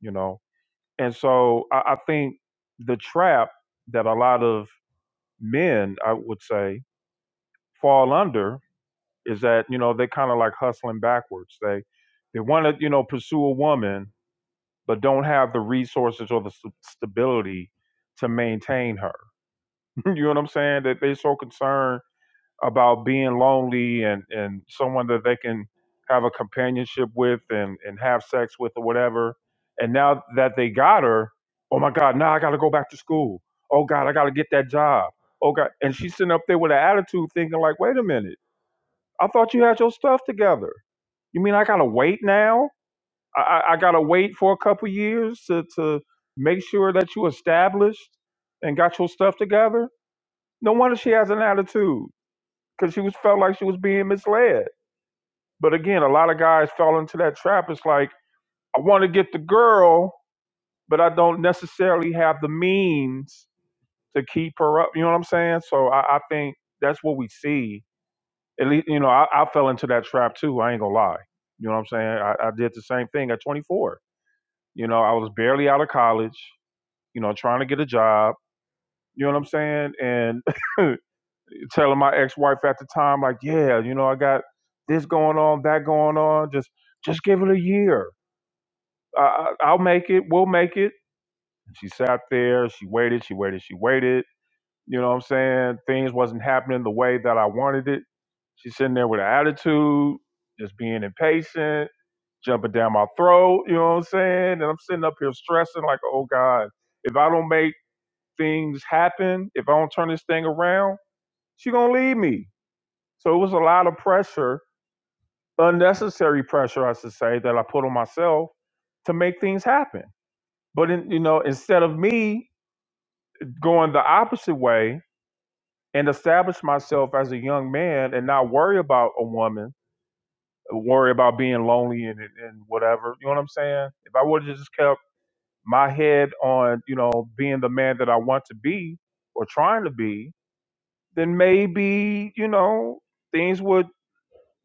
Speaker 1: you know And so I, I think the trap that a lot of men, I would say, fall under is that, you know, they kind of like hustling backwards. They they want to, you know, pursue a woman, but don't have the resources or the st- stability to maintain her. you know what I'm saying? That they're so concerned about being lonely and and someone that they can have a companionship with and and have sex with or whatever and now that they got her oh my god now i gotta go back to school oh god i gotta get that job oh god and she's sitting up there with an attitude thinking like wait a minute i thought you had your stuff together you mean i gotta wait now i i, I gotta wait for a couple years to to make sure that you established and got your stuff together no wonder she has an attitude because she was felt like she was being misled. But again, a lot of guys fell into that trap. It's like I want to get the girl, but I don't necessarily have the means to keep her up. You know what I'm saying? So I, I think that's what we see. At least you know I, I fell into that trap too. I ain't gonna lie. You know what I'm saying? I, I did the same thing at 24. You know, I was barely out of college. You know, trying to get a job. You know what I'm saying? And telling my ex-wife at the time, like, yeah, you know, I got this going on, that going on. Just, just give it a year. I, I- will make it. We'll make it. And she sat there. She waited. She waited. She waited. You know what I'm saying? Things wasn't happening the way that I wanted it. She's sitting there with an attitude, just being impatient, jumping down my throat. You know what I'm saying? And I'm sitting up here stressing, like, oh God, if I don't make things happen, if I don't turn this thing around, she gonna leave me. So it was a lot of pressure, unnecessary pressure, I should say, that I put on myself to make things happen. But in, you know, instead of me going the opposite way and establish myself as a young man and not worry about a woman, worry about being lonely and, and whatever, you know what I'm saying? If I would have just kept my head on, you know, being the man that I want to be or trying to be, then maybe, you know, things would,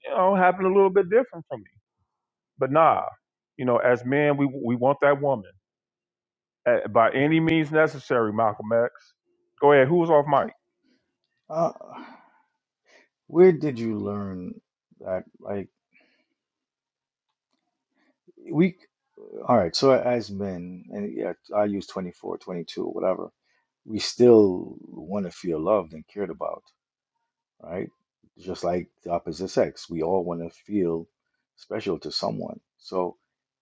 Speaker 1: you know, happen a little bit different for me. But nah, you know, as men, we we want that woman Uh by any means necessary. Malcolm X, go ahead. Who was off mic?
Speaker 12: Uh, where did you learn that? Like, we, all right, so as men, and yeah, I use 24, 22, whatever, we still want to feel loved and cared about, right? Just like the opposite sex, we all want to feel special to someone. So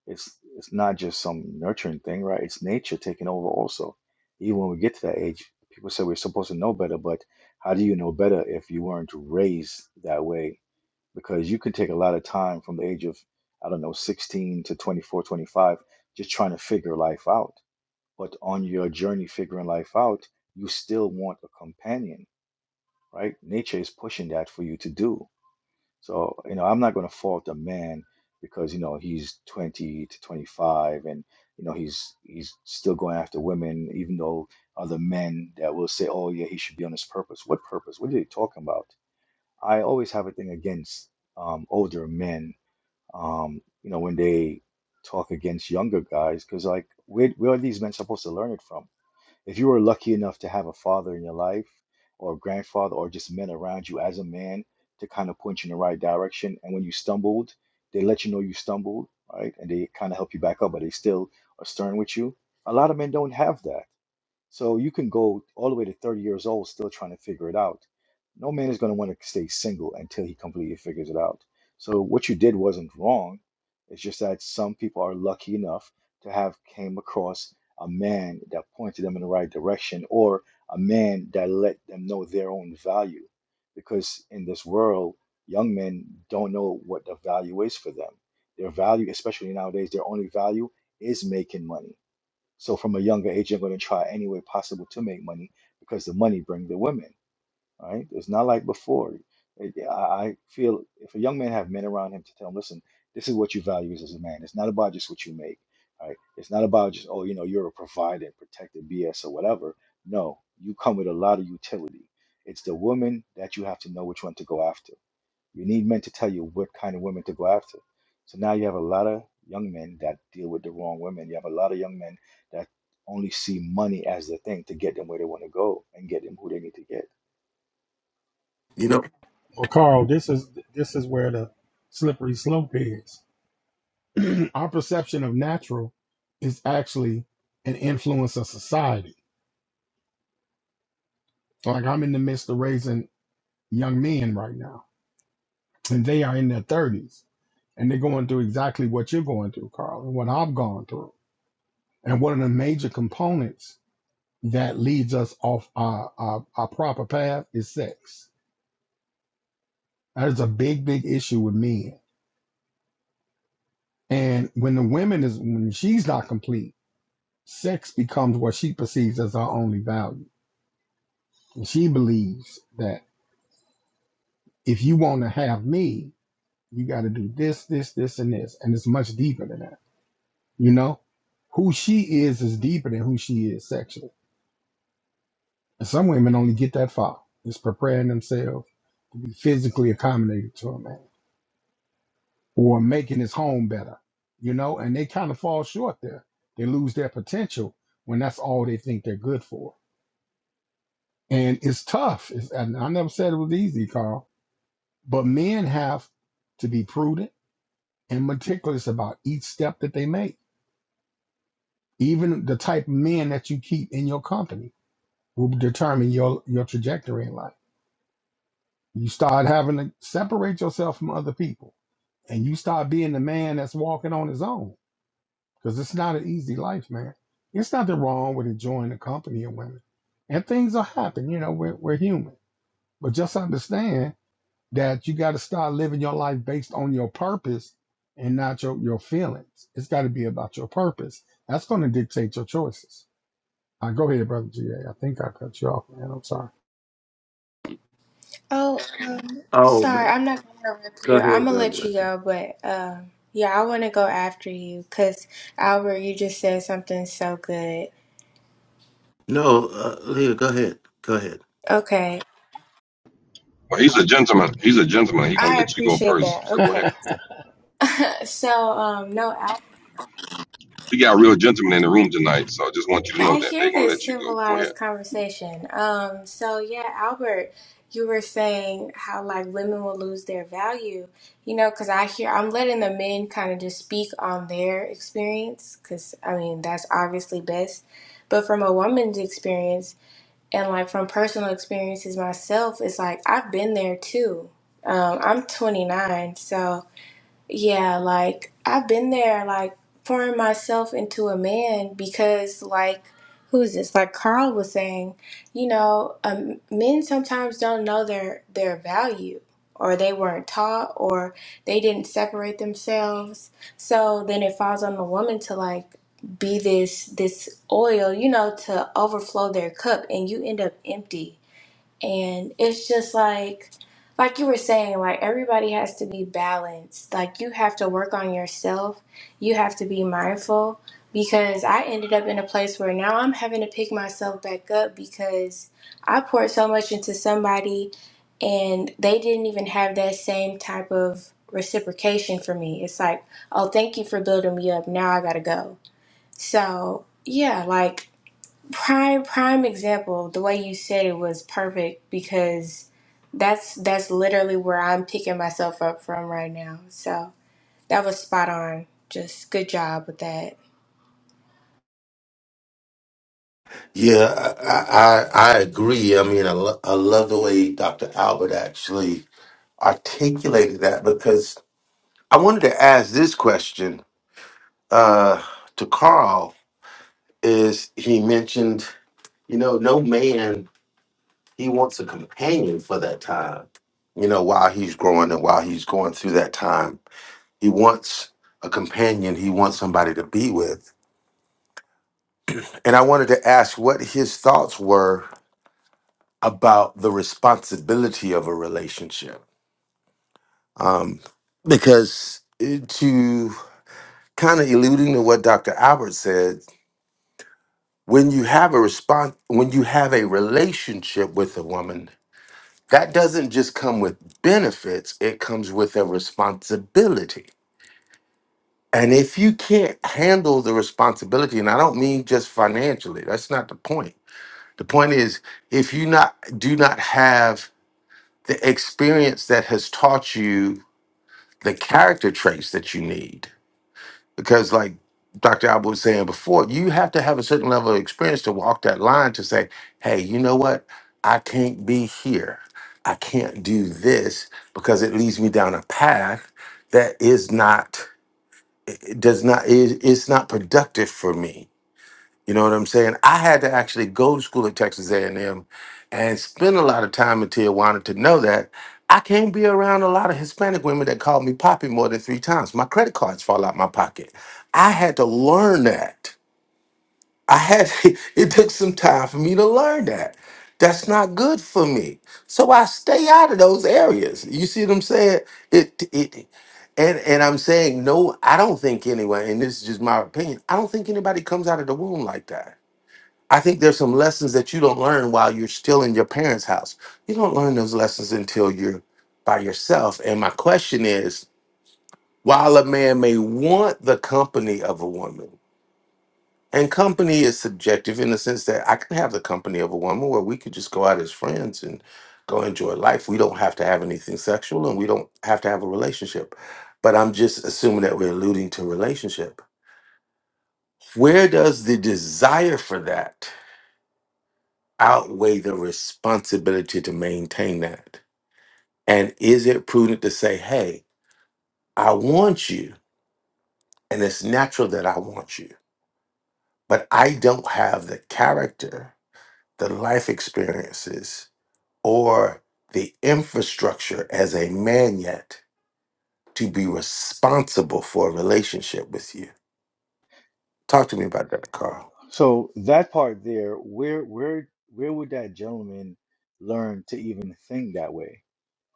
Speaker 12: it's it's not just some nurturing thing, right? It's nature taking over also. Even when we get to that age, people say we're supposed to know better, but how do you know better if you weren't raised that way? because you could take a lot of time from the age of i don't know 16 to 24 25 just trying to figure life out but on your journey figuring life out you still want a companion right nature is pushing that for you to do so you know i'm not going to fault a man because you know he's 20 to 25 and you know he's he's still going after women even though other men that will say oh yeah he should be on his purpose what purpose what are you talking about i always have a thing against um, older men um, you know, when they talk against younger guys, because like, where, where are these men supposed to learn it from? If you were lucky enough to have a father in your life, or a grandfather, or just men around you as a man to kind of point you in the right direction, and when you stumbled, they let you know you stumbled, right? And they kind of help you back up, but they still are stern with you. A lot of men don't have that. So you can go all the way to 30 years old still trying to figure it out. No man is going to want to stay single until he completely figures it out. So what you did wasn't wrong. It's just that some people are lucky enough to have came across a man that pointed them in the right direction or a man that let them know their own value. Because in this world, young men don't know what the value is for them. Their value, especially nowadays, their only value is making money so from a younger age, you're going to try any way possible to make money because the money bring the women, right? It's not like before. It- I I feel if a young man have men around him to tell him, listen, this is what you value as a man. It's not about just what you make, right? It's not about just, oh, you know, you're a provider, protector, BS or whatever. No, you come with a lot of utility. It's the woman that you have to know which one to go after you need men to tell you what kind of women to go after. So now you have a lot of young men that deal with the wrong women. You have a lot of young men that only see money as the thing to get them where they want to go and get them who they need to get.
Speaker 10: You know.
Speaker 7: Well, Carl, this is this is where the slippery slope is. Our perception of natural is actually an influence of society. Like I'm in the midst of raising young men right now, and they are in their thirties, and they're going through exactly what you're going through, Carl, and what I've gone through. And one of the major components that leads us off our, our, our proper path is sex. That is a big, big issue with men. And when the women is when she's not complete, sex becomes what she perceives as her only value. And she believes that if you want to have me, you got to do this, this, this, and this. And it's much deeper than that. You know, who she is is deeper than who she is sexually. And some women only get that far. It's preparing themselves to be physically accommodated to a man. or making his home better, you know, and they kind of fall short there. They lose their potential when that's all they think they're good for. And it's tough. It's, and I never said it was easy, Carl, but men have to be prudent and meticulous about each step that they make. Even the type of men that you keep in your company will determine your, your trajectory in life. You start having to separate yourself from other people and you start being the man that's walking on his own because it's not an easy life, man. It's nothing wrong with enjoying the company of women, and things will happen. You know, we're we're human, but just understand that you got to start living your life based on your purpose and not your your feelings. It's got to be about your purpose. That's going to dictate your choices. Uh, go ahead, brother GA. I think I cut you off, man. I'm sorry,
Speaker 4: Oh, um,
Speaker 10: Oh
Speaker 4: sorry,
Speaker 10: man.
Speaker 4: I'm not gonna interrupt
Speaker 10: Go
Speaker 4: you. I'm
Speaker 10: ahead, go
Speaker 4: gonna let you
Speaker 10: ahead.
Speaker 4: go, but um, yeah, I want to go after you because Albert, you just said something so good.
Speaker 10: No, uh, Leah, go ahead. Go ahead.
Speaker 4: Okay,
Speaker 2: Well, he's a gentleman. He's a gentleman. He's gonna
Speaker 4: I
Speaker 2: let you go
Speaker 4: appreciate that.
Speaker 2: first. So go
Speaker 4: Okay.
Speaker 2: ahead.
Speaker 4: So, um, no, I,
Speaker 2: We got real gentlemen in the room tonight, so I just want you to know
Speaker 4: I
Speaker 2: that they're
Speaker 4: hear
Speaker 2: gonna let
Speaker 4: this
Speaker 2: you go. Go ahead.
Speaker 4: civilized conversation. Um, so yeah, Albert, you were saying how like women will lose their value, you know, because I hear I'm letting the men kind of just speak on their experience, because I mean that's obviously best. But from a woman's experience and like from personal experiences myself, it's like I've been there too. Um, I'm 29, so. Yeah, like I've been there, like pouring myself into a man because, like, who is this? Like Carl was saying, you know, um, men sometimes don't know their their value, or they weren't taught, or they didn't separate themselves. So then it falls on the woman to like be this this oil, you know, to overflow their cup, and you end up empty and it's just like, like you were saying, like everybody has to be balanced. Like you have to work on yourself. You have to be mindful because I ended up in a place where now I'm having to pick myself back up because I poured so much into somebody and they didn't even have that same type of reciprocation for me. It's like, oh, thank you for building me up. Now I gotta go. So, yeah, like prime prime example the way you said it was perfect because that's that's literally where i'm picking myself up from right now so that was spot on just good job with that
Speaker 10: Yeah, I, I I I agree. I mean, I, lo- I love the way Dr. Albert actually articulated that because I wanted to ask this question uh, to Carl. Is he mentioned? You know, no man he wants a companion for that time. You know, while he's growing and while he's going through that time. He wants a companion, he wants somebody to be with. And I wanted to ask what his thoughts were about the responsibility of a relationship. Um, because it- to kind of alluding to what Dr. Albert said, when you have a response, when you have a relationship with a woman, that doesn't just come with benefits, it comes with a responsibility. And if you can't handle the responsibility, and I don't mean just financially, that's not the point The point is, if you not do not have the experience that has taught you the character traits that you need, because like Dr. Alba was saying before, you have to have a certain level of experience to walk that line to say, hey, you know what? I can't be here. I can't do this because it leads me down a path that is not it it does not is it's not productive for me you know what I'm saying? I had to actually go to school at Texas A&M and M and spend a lot of time in Tijuana to know that I can't be around a lot of Hispanic women that call me poppy more than three times. My credit cards fall out my pocket. I had to learn that. I had it took some time for me to learn that. That's not good for me. So I stay out of those areas. You see what I'm saying? It it and and I'm saying no, I don't think anyway, and this is just my opinion. I don't think anybody comes out of the womb like that. I think there's some lessons that you don't learn while you're still in your parents' house. You don't learn those lessons until you're by yourself. And my question is while a man may want the company of a woman, and company is subjective in the sense that I can have the company of a woman where we could just go out as friends and go enjoy life. We don't have to have anything sexual and we don't have to have a relationship. But I'm just assuming that we're alluding to relationship. Where does the desire for that? outweigh the responsibility to maintain that? And is it prudent to say, hey, I want you, and it's natural that I want you, but I don't have the character, the life experiences, or the infrastructure as a man yet to be responsible for a relationship with you? Talk to me about that, Carl.
Speaker 12: So that part there, where where where would that gentleman learn to even think that way?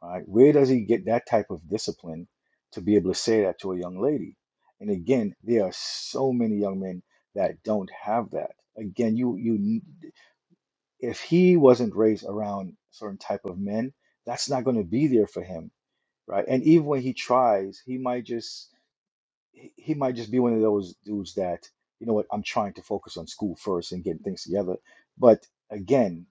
Speaker 12: Right? Where does he get that type of discipline to be able to say that to a young lady? And again, there are so many young men that don't have that. Again, you you. if he wasn't raised around certain type of men, that's not going to be there for him, right? And even when he tries, he might just he he might just be one of those dudes that, you know what, I'm trying to focus on school first and getting things together. But again,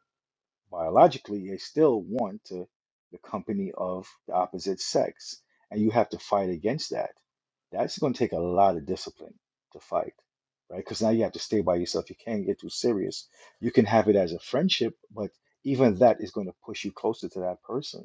Speaker 12: biologically, they still want to the company of the opposite sex, and you have to fight against that. That's going to take a lot of discipline to fight, right? Because now you have to stay by yourself. You can't get too serious. You can have it as a friendship, but even that is going to push you closer to that person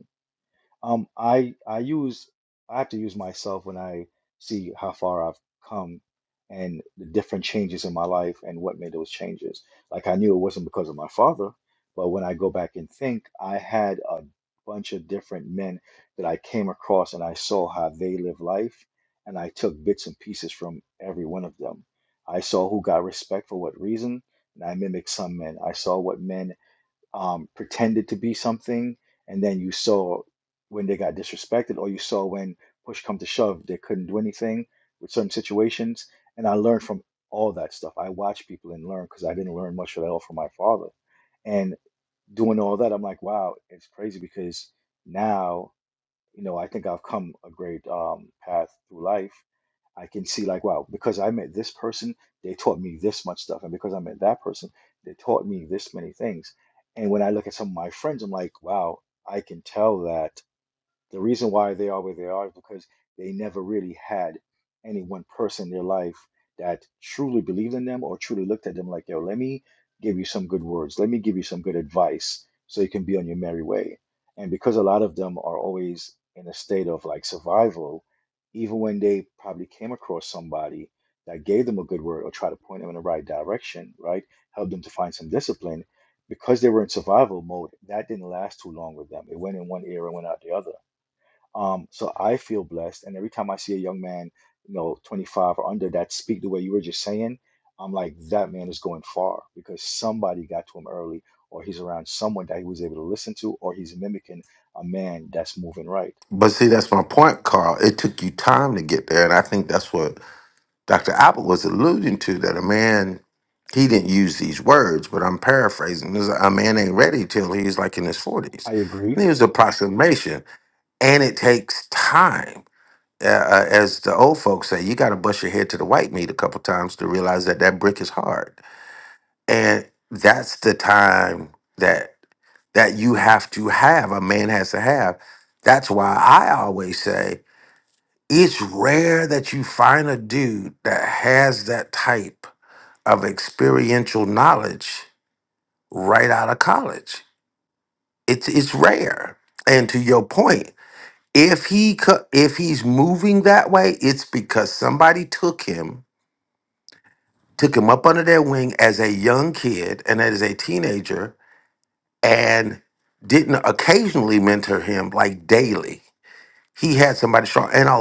Speaker 12: um, I I use I have to use myself when I see how far I've come and the different changes in my life and what made those changes. Like I knew it wasn't because of my father, but when I go back and think, I had a bunch of different men that I came across and I saw how they live life and I took bits and pieces from every one of them. I saw who got respect for what reason and I mimicked some men. I saw what men um, pretended to be something, and then you saw when they got disrespected, or you saw when push come to shove, they couldn't do anything with certain situations. And I learned from all that stuff. I watched people and learned because I didn't learn much at all from my father. And doing all that, I'm like, wow, it's crazy because now, you know, I think I've come a great um, path through life I can see like, wow, because I met this person, they taught me this much stuff. And because I met that person, they taught me this many things. And when I look at some of my friends, I'm like, wow, I can tell that the reason why they are where they are is because they never really had any one person in their life that truly believed in them or truly looked at them like, yo, let me give you some good words. Let me give you some good advice so you can be on your merry way. And because a lot of them are always in a state of like survival, even when they probably came across somebody that gave them a good word or tried to point them in the right direction, right? Help them to find some discipline because they were in survival mode, that didn't last too long with them. It went in one ear and went out the other. Um, so I feel blessed, and every time I see a young man, you know, 25 or under that speak the way you were just saying, I'm like, that man is going far because somebody got to him early, or he's around someone that he was able to listen to, or he's mimicking a man that's moving right.
Speaker 10: But see, that's my point, Carl. It took you time to get there, and I think that's what Dr. Apple was alluding to that a man, he didn't use these words, but I'm paraphrasing. Is a man ain't ready till he's like in his 40s.
Speaker 12: I agree.
Speaker 10: And he was a approximation. And it takes time. Uh, uh, as the old folks say, you got to bust your head to the white meat a couple times to realize that that brick is hard. And that's the time that that you have to have, a man has to have. That's why I always say it's rare that you find a dude that has that type of experiential knowledge right out of college. It's it's rare. And to your point, if he co- if he's moving that way, it's because somebody took him, took him up under their wing as a young kid and as a teenager, and didn't occasionally mentor him like daily. He had somebody strong, and I,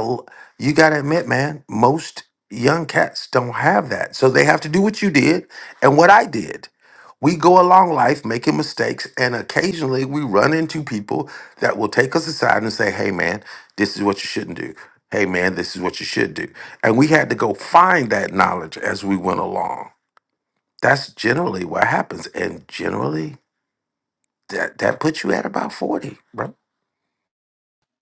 Speaker 10: you gotta admit, man, most young cats don't have that, so they have to do what you did and what I did. We go along life making mistakes, and occasionally we run into people that will take us aside and say, "Hey, man, this is what you shouldn't do." Hey, man, this is what you should do. And we had to go find that knowledge as we went along. That's generally what happens, and generally that that puts you at about forty, bro.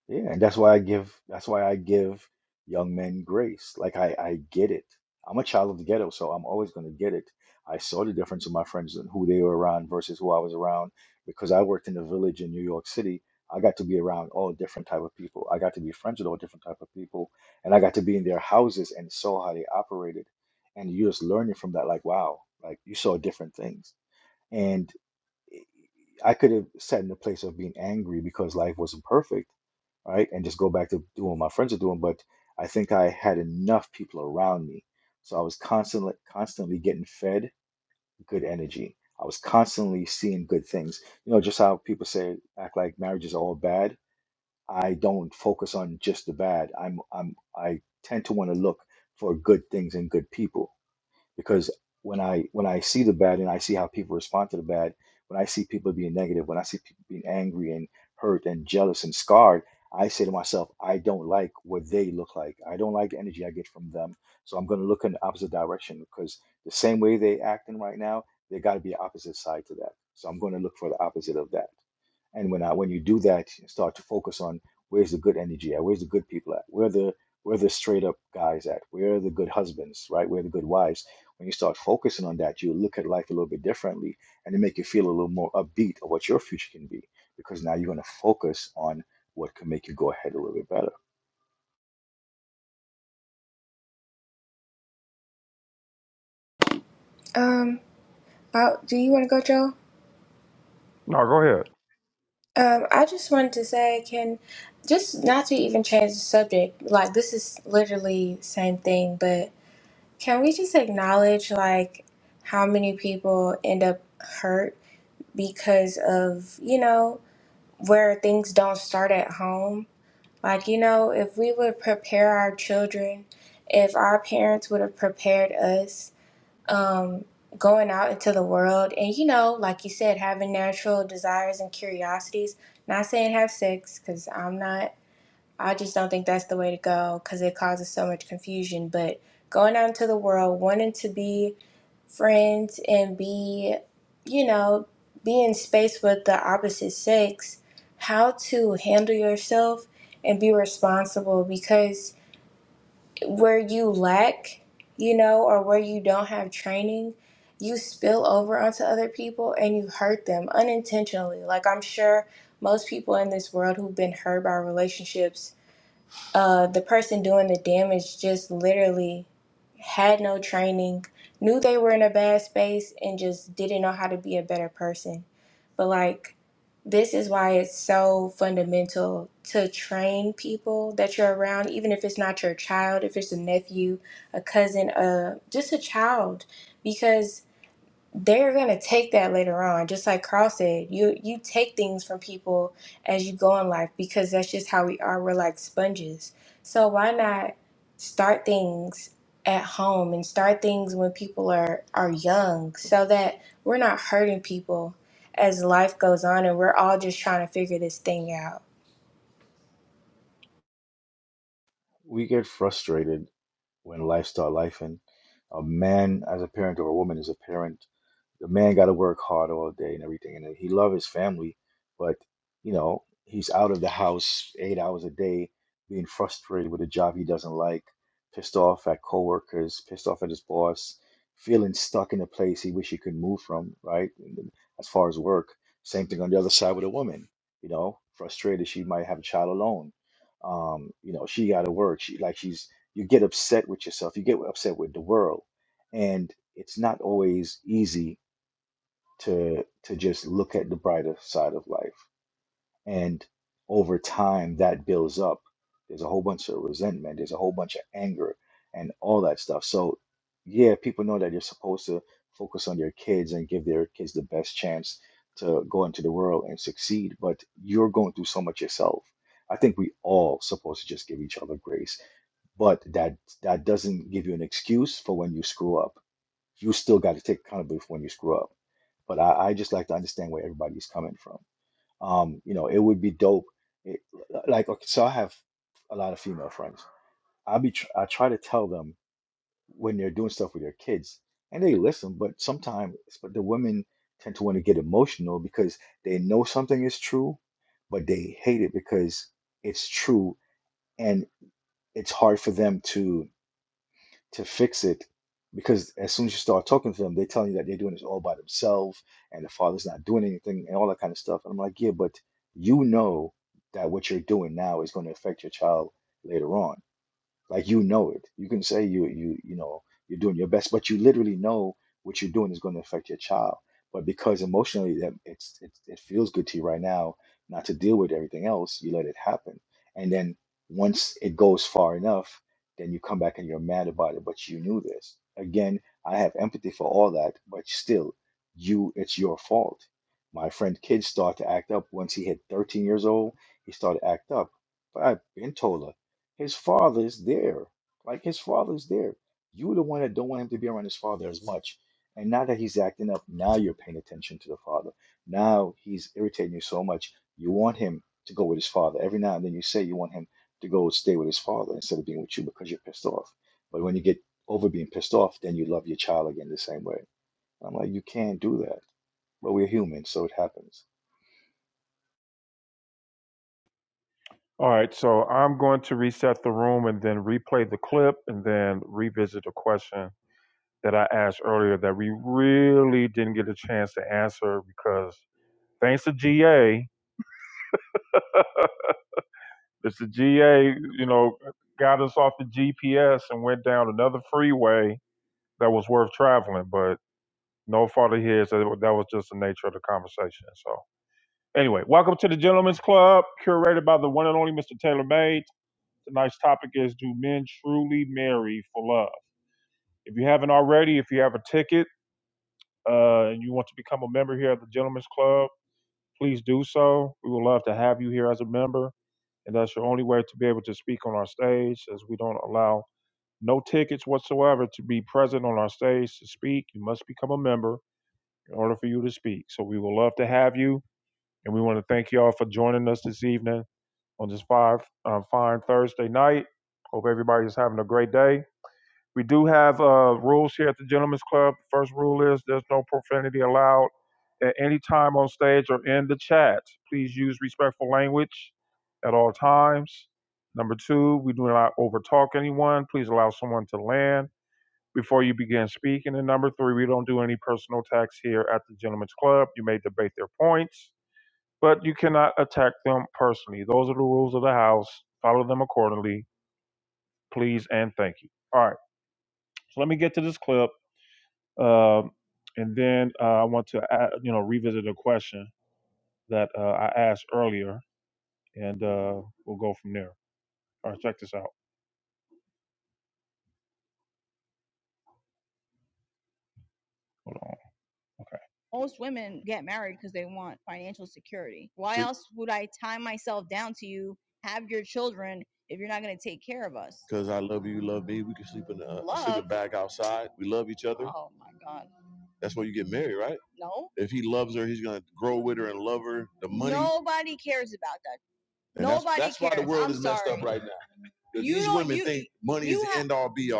Speaker 12: Yeah, and that's why I give that's why I give young men grace. Like I I get it. I'm a child of the ghetto, so I'm always going to get it. I saw the difference in my friends and who they were around versus who I was around because I worked in the village in New York City. I got to be around all different type of people. I got to be friends with all different type of people, and I got to be in their houses and saw how they operated. And you're just learning from that, like, wow, like you saw different things. and. I could have sat in the place of being angry because life wasn't perfect, right? And just go back to doing what my friends are doing. But I think I had enough people around me. So I was constantly constantly getting fed good energy. I was constantly seeing good things. You know, just how people say act like marriage is all bad. I don't focus on just the bad. I'm I'm I tend to want to look for good things and good people because when I when I see the bad and I see how people respond to the bad, when I see people being negative, when I see people being angry and hurt and jealous and scarred, I say to myself, I don't like what they look like. I don't like the energy I get from them. So I'm going to look in the opposite direction because the same way they acting right now, there got to be an opposite side to that. So I'm going to look for the opposite of that. And when I when you do that, you start to focus on where's the good energy at, where's the good people at, where the where the straight up guys at, where are the good husbands, right? Where are the good wives when you start focusing on that, you look at life a little bit differently and it make you feel a little more upbeat of what your future can be because now you're going to focus on what can make you go ahead a little bit better.
Speaker 4: um about do you want to go joe
Speaker 1: No, go ahead.
Speaker 4: um i just wanted to say can just not to even change the subject like this is literally same thing but can we just acknowledge like how many people end up hurt because of you know where things don't start at home. Like, you know, if we would prepare our children, if our parents would have prepared us um, going out into the world, and, you know, like you said, having natural desires and curiosities, not saying have sex, because I'm not. I just don't think that's the way to go because it causes so much confusion. But going out into the world, wanting to be friends and be, you know, be in space with the opposite sex, how to handle yourself and be responsible because where you lack, you know, or where you don't have training, you spill over onto other people and you hurt them unintentionally. Like, I'm sure most people in this world who've been hurt by relationships uh, the person doing the damage just literally had no training, knew they were in a bad space, and just didn't know how to be a better person. But, like, this is why it's so fundamental to train people that you're around, even if it's not your child, if it's a nephew, a cousin, uh, just a child, because they're gonna take that later on. Just like Carl said, you you take things from people as you go in life because that's just how we are. We're like sponges. So why not start things at home and start things when people are are young so that we're not hurting people as life goes on and we're all just trying to figure this thing out.
Speaker 12: We get frustrated when life start life and a man as a parent or a woman as a parent the man got to work hard all day and everything, and he love his family, but you know he's out of the house eight hours a day, being frustrated with a job he doesn't like, pissed off at coworkers, pissed off at his boss, feeling stuck in a place he wish he could move from. Right, And then as far as work, same thing on the other side with a woman. You know, frustrated she might have a child alone. Um, you know, she got to work. She like she's you get upset with yourself. You get upset with the world, and it's not always easy to to just look at the brighter side of life and over time that builds up there's a whole bunch of resentment there's a whole bunch of anger and all that stuff so yeah people know that you're supposed to focus on your kids and give their kids the best chance to go into the world and succeed but you're going through so much yourself i think we all supposed to just give each other grace but that that doesn't give you an excuse for when you screw up you still got to take accountability for when you screw up. But I, I just like to understand where everybody's coming from. Um, you know, it would be dope. It, like, okay, so I have a lot of female friends. I be tr I try to tell them when they're doing stuff with their kids, and they listen. But sometimes, but the women tend to want to get emotional because they know something is true, but they hate it because it's true, and it's hard for them to to fix it because as soon as you start talking to them, they're telling you that they're doing this all by themselves and the father's not doing anything and all that kind of stuff. And I'm like, yeah, but you know that what you're doing now is going to affect your child later on like you know it. You can say you you you know you're doing your best, but you literally know what you're doing is going to affect your child. But because emotionally that it's it, it feels good to you right now not to deal with everything else, you let it happen. And then once it goes far enough, then you come back and you're mad about it, but you knew this. Again, I have empathy for all that, but still, you it's your fault. My friend kid started to act up once he hit 13 years old. He started to act up. But I've been told her his father's there. Like his father's there. You're the one that don't want him to be around his father as much. And now that he's acting up, now you're paying attention to the father. Now he's irritating you so much. You want him to go with his father. Every now and then you say you want him to go stay with his father instead of being with you because you're pissed off. But when you get over being pissed off, then you love your child again the same way. I'm like, you can't do that. But we're human, so it happens.
Speaker 1: All right, so I'm going to reset the room and then replay the clip and then revisit a question that I asked earlier that we really didn't get a chance to answer because thanks to GA, Mr. GA, you know, got us off the GPS and went down another freeway that was worth traveling. but. No father here. So that was just the nature of the conversation. So anyway, welcome to the Gentlemen's Club, curated by the one and only Mr. Taylor Made. Tonight's topic is Do Men Truly Marry for Love? If you haven't already, if you have a ticket uh, and you want to become a member here at the Gentlemen's Club, please do so. We would love to have you here as a member. And that's your only way to be able to speak on our stage, as we don't allow no tickets whatsoever to be present on our stage to speak. You must become a member in order for you to speak. So we would love to have you. And we want to thank y'all for joining us this evening on this fine, uh, fine Thursday night. Hope everybody is having a great day. We do have uh, rules here at the Gentlemen's Club. First rule is there's no profanity allowed at any time on stage or in the chat. Please use respectful language at all times. Number two, we do not overtalk anyone. Please allow someone to land before you begin speaking. And number three, we don't do any personal attacks here at the Gentlemen's Club. You may debate their points but you cannot attack them personally. Those are the rules of the house. Follow them accordingly, please and thank you. All right, so let me get to this clip, um, and then uh, I want to add, you know revisit a question that uh, I asked earlier, and uh, we'll go from there. All right, check this out. Hold on. Okay. Because I love you, you love me. We can sleep in the uh, bag outside. We love each other. That's why you get married, right? If he loves her, he's gonna grow with her and love her. The money right now, the money and all be all.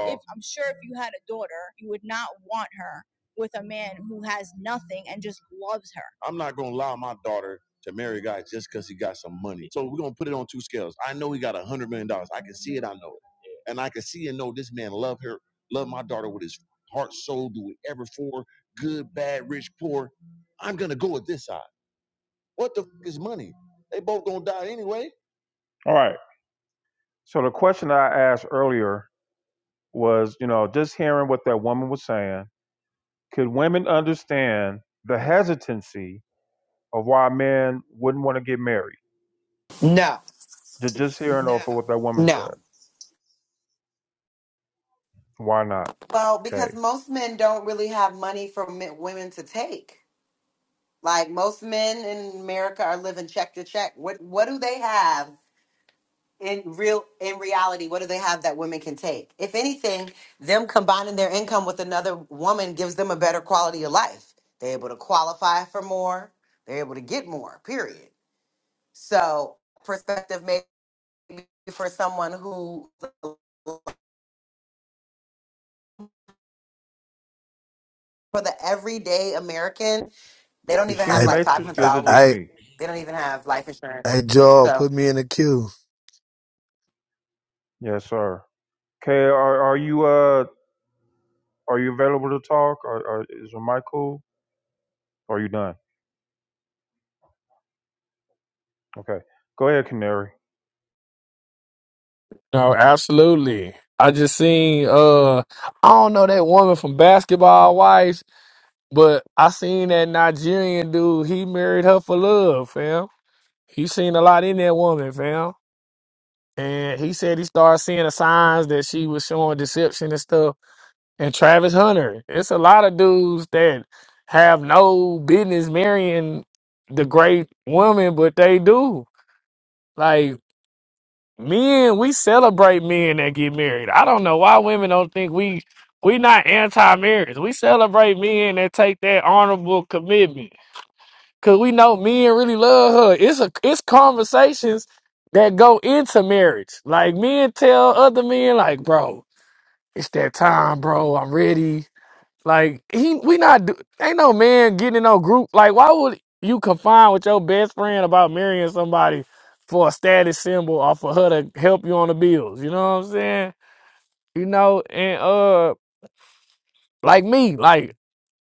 Speaker 1: I'm not gonna allow my daughter to marry a guy just because he got some money. So we're gonna put it on two scales. I know he got a hundred million dollars. I can see it. I know it, and I can see and know this man love her, love my daughter with his heart, soul, do whatever for good, bad, rich, poor. I'm gonna go with this side. What the f- is money? They both gonna die anyway. All right. So the question I asked earlier was, you know, just hearing what that woman was saying, could women understand the hesitancy of why men wouldn't want to get married?
Speaker 5: No,
Speaker 1: Ju- Just hearing off of Now, what that woman said.
Speaker 5: no.
Speaker 1: Why not?
Speaker 5: Well,
Speaker 1: Okay.
Speaker 5: because most men don't really have money for men, women to take. Like most men in America are living check to check. What what do they have in real in reality what do they have that women can take if anything them combining their income with another woman gives them a better quality of life they're able to qualify for more they're able to get more period so perspective maybe for someone who for the everyday american they don't
Speaker 1: Is
Speaker 5: even
Speaker 1: she in
Speaker 5: have
Speaker 1: the
Speaker 13: I,
Speaker 5: like
Speaker 1: matrix? Or
Speaker 13: I,
Speaker 1: is it
Speaker 5: $500
Speaker 1: just
Speaker 13: I,
Speaker 1: me?
Speaker 5: they don't even have life
Speaker 13: I,
Speaker 5: insurance
Speaker 13: Joel,
Speaker 5: so
Speaker 13: put me in the queue.
Speaker 1: Yes, sir. Okay. Are are you uh are you available to talk? Or, or is your mic cool? Or are you done? Okay. Go ahead, Canary.
Speaker 13: No, absolutely. I just seen uh I don't know that woman from basketball wives, but I seen that Nigerian dude, he married her for love, fam. He seen a lot in that woman, fam. And he said he started seeing the signs that she was showing deception and stuff. And Travis Hunter. It's a lot of dudes that have no business marrying the great woman, but they do. Like. Men, we celebrate men that get married. I don't know why women don't think we we not anti-marriage. We celebrate men that take that honorable commitment because we know men really love her. It's a it's conversations that go into marriage. Like men tell other men, like, bro, it's that time, bro. I'm ready. Like he, we not do- ain't no man getting in no group. Like why would you confine with your best friend about marrying somebody for a status symbol or for her to help you on the bills? You know what I'm saying? You know, and uh, like me, like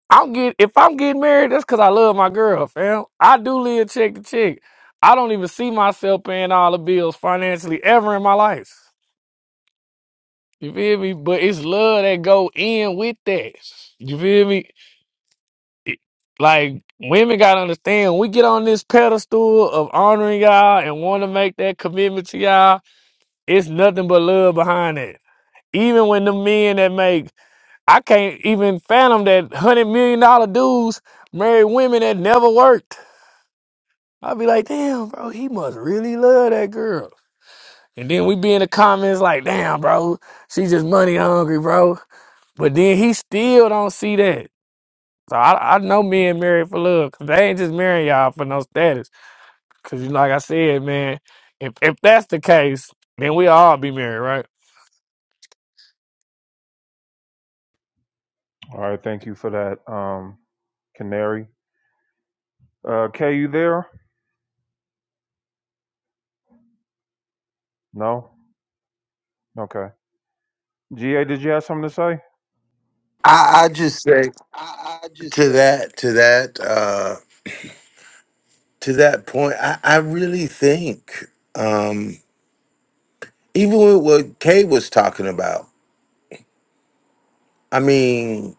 Speaker 13: I'm get if I'm getting married, that's because I love my girl, fam. I do live check to check. I don't even see myself paying all the bills financially ever in my life. You feel me? But it's love that go in with that. You feel me? it- like women gotta understand when we get on this pedestal of honoring y'all and want to make that commitment to y'all, it's nothing but love behind it. Even when the men that make I can't even fathom that hundred million dollar dudes marry women that never worked. I'd be like, damn, bro, he must really love that girl. And then we be in the comments like, damn, bro, she just money hungry, bro. But then he still don't see that. So I, I know men married for love 'cause they ain't just marrying y'all for no status. Cause you like I said, man, if if that's the case, then we all be married, right?
Speaker 1: All right. Thank you for that, um, Canary. Uh, Kay, you there? No. Okay. Ga, did you have something to say?
Speaker 10: I, I just say
Speaker 1: I, I just
Speaker 10: to
Speaker 1: say
Speaker 10: that to that. uh, to that point, I, I really think, um, even with what Kay was talking about, I mean,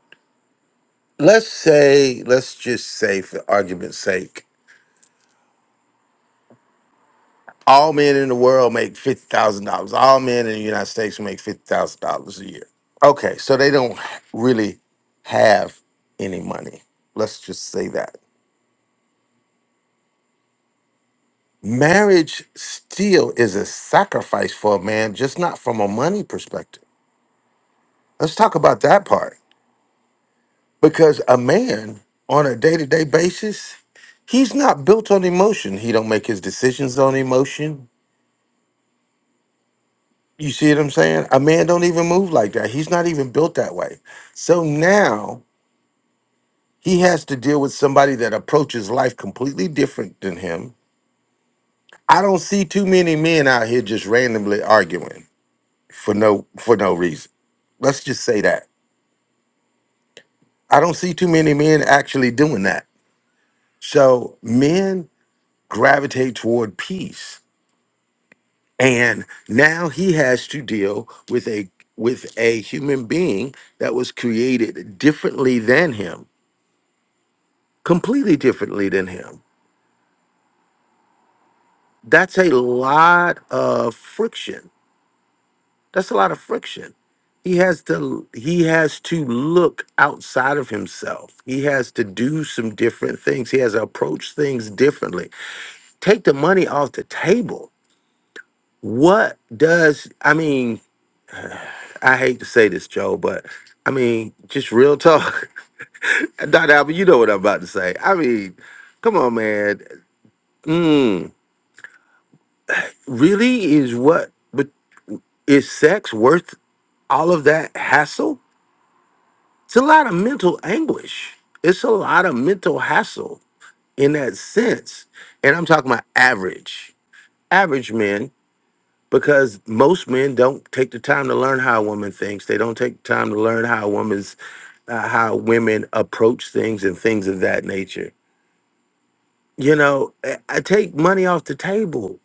Speaker 10: let's say, let's just say for argument's sake, all men in the world make $50,000. All men in the United States make $50,000 a year. Okay, so they don't really have any money. Let's just say that. Marriage still is a sacrifice for a man, just not from a money perspective. Let's talk about that part because a man on a day-to-day basis he's not built on emotion he don't make his decisions on emotion you see what i'm saying a man don't even move like that he's not even built that way so now he has to deal with somebody that approaches life completely different than him i don't see too many men out here just randomly arguing for no for no reason let's just say that i don't see too many men actually doing that so men gravitate toward peace and now he has to deal with a with a human being that was created differently than him completely differently than him that's a lot of friction that's a lot of friction he has to he has to look outside of himself he has to do some different things he has to approach things differently take the money off the table what does i mean i hate to say this joe but I mean, just real talk. Dr. Albert, you know what I'm about to say. I mean, come on, man. Mm, really is what, but is sex worth all of that hassle? It's a lot of mental anguish. It's a lot of mental hassle in that sense. And I'm talking about average, average men, because most men don't take the time to learn how a woman thinks. They don't take the time to learn how a woman's, uh, how women approach things and things of that nature you know, I I take money off the table.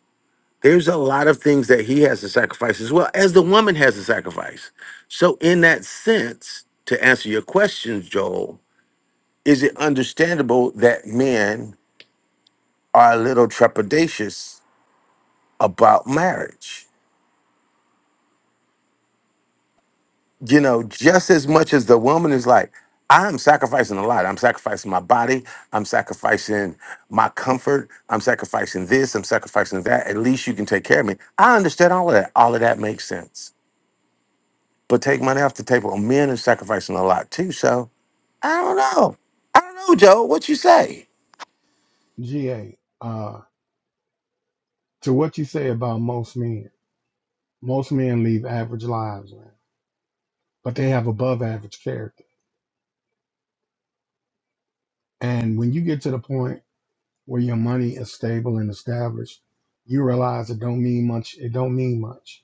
Speaker 10: There's a lot of things that he has to sacrifice as well as the woman has to sacrifice. So, in that sense, to answer your question, Joel, is it understandable that men are a little trepidatious about marriage? you know, just as much as the woman is like, I'm sacrificing a lot. I'm sacrificing my body. I'm sacrificing my comfort. I'm sacrificing this. I'm sacrificing that. At least you can take care of me. I understand all of that. All of that makes sense. But take money off the table. Men are sacrificing a lot too. So I don't know. I don't know, Joe. What you say?
Speaker 7: GA. Uh, to what you say about most men, most men leave average lives, man, but they have above average character. And when you get to the point where your money is stable and established, you realize it don't mean much. It don't mean much.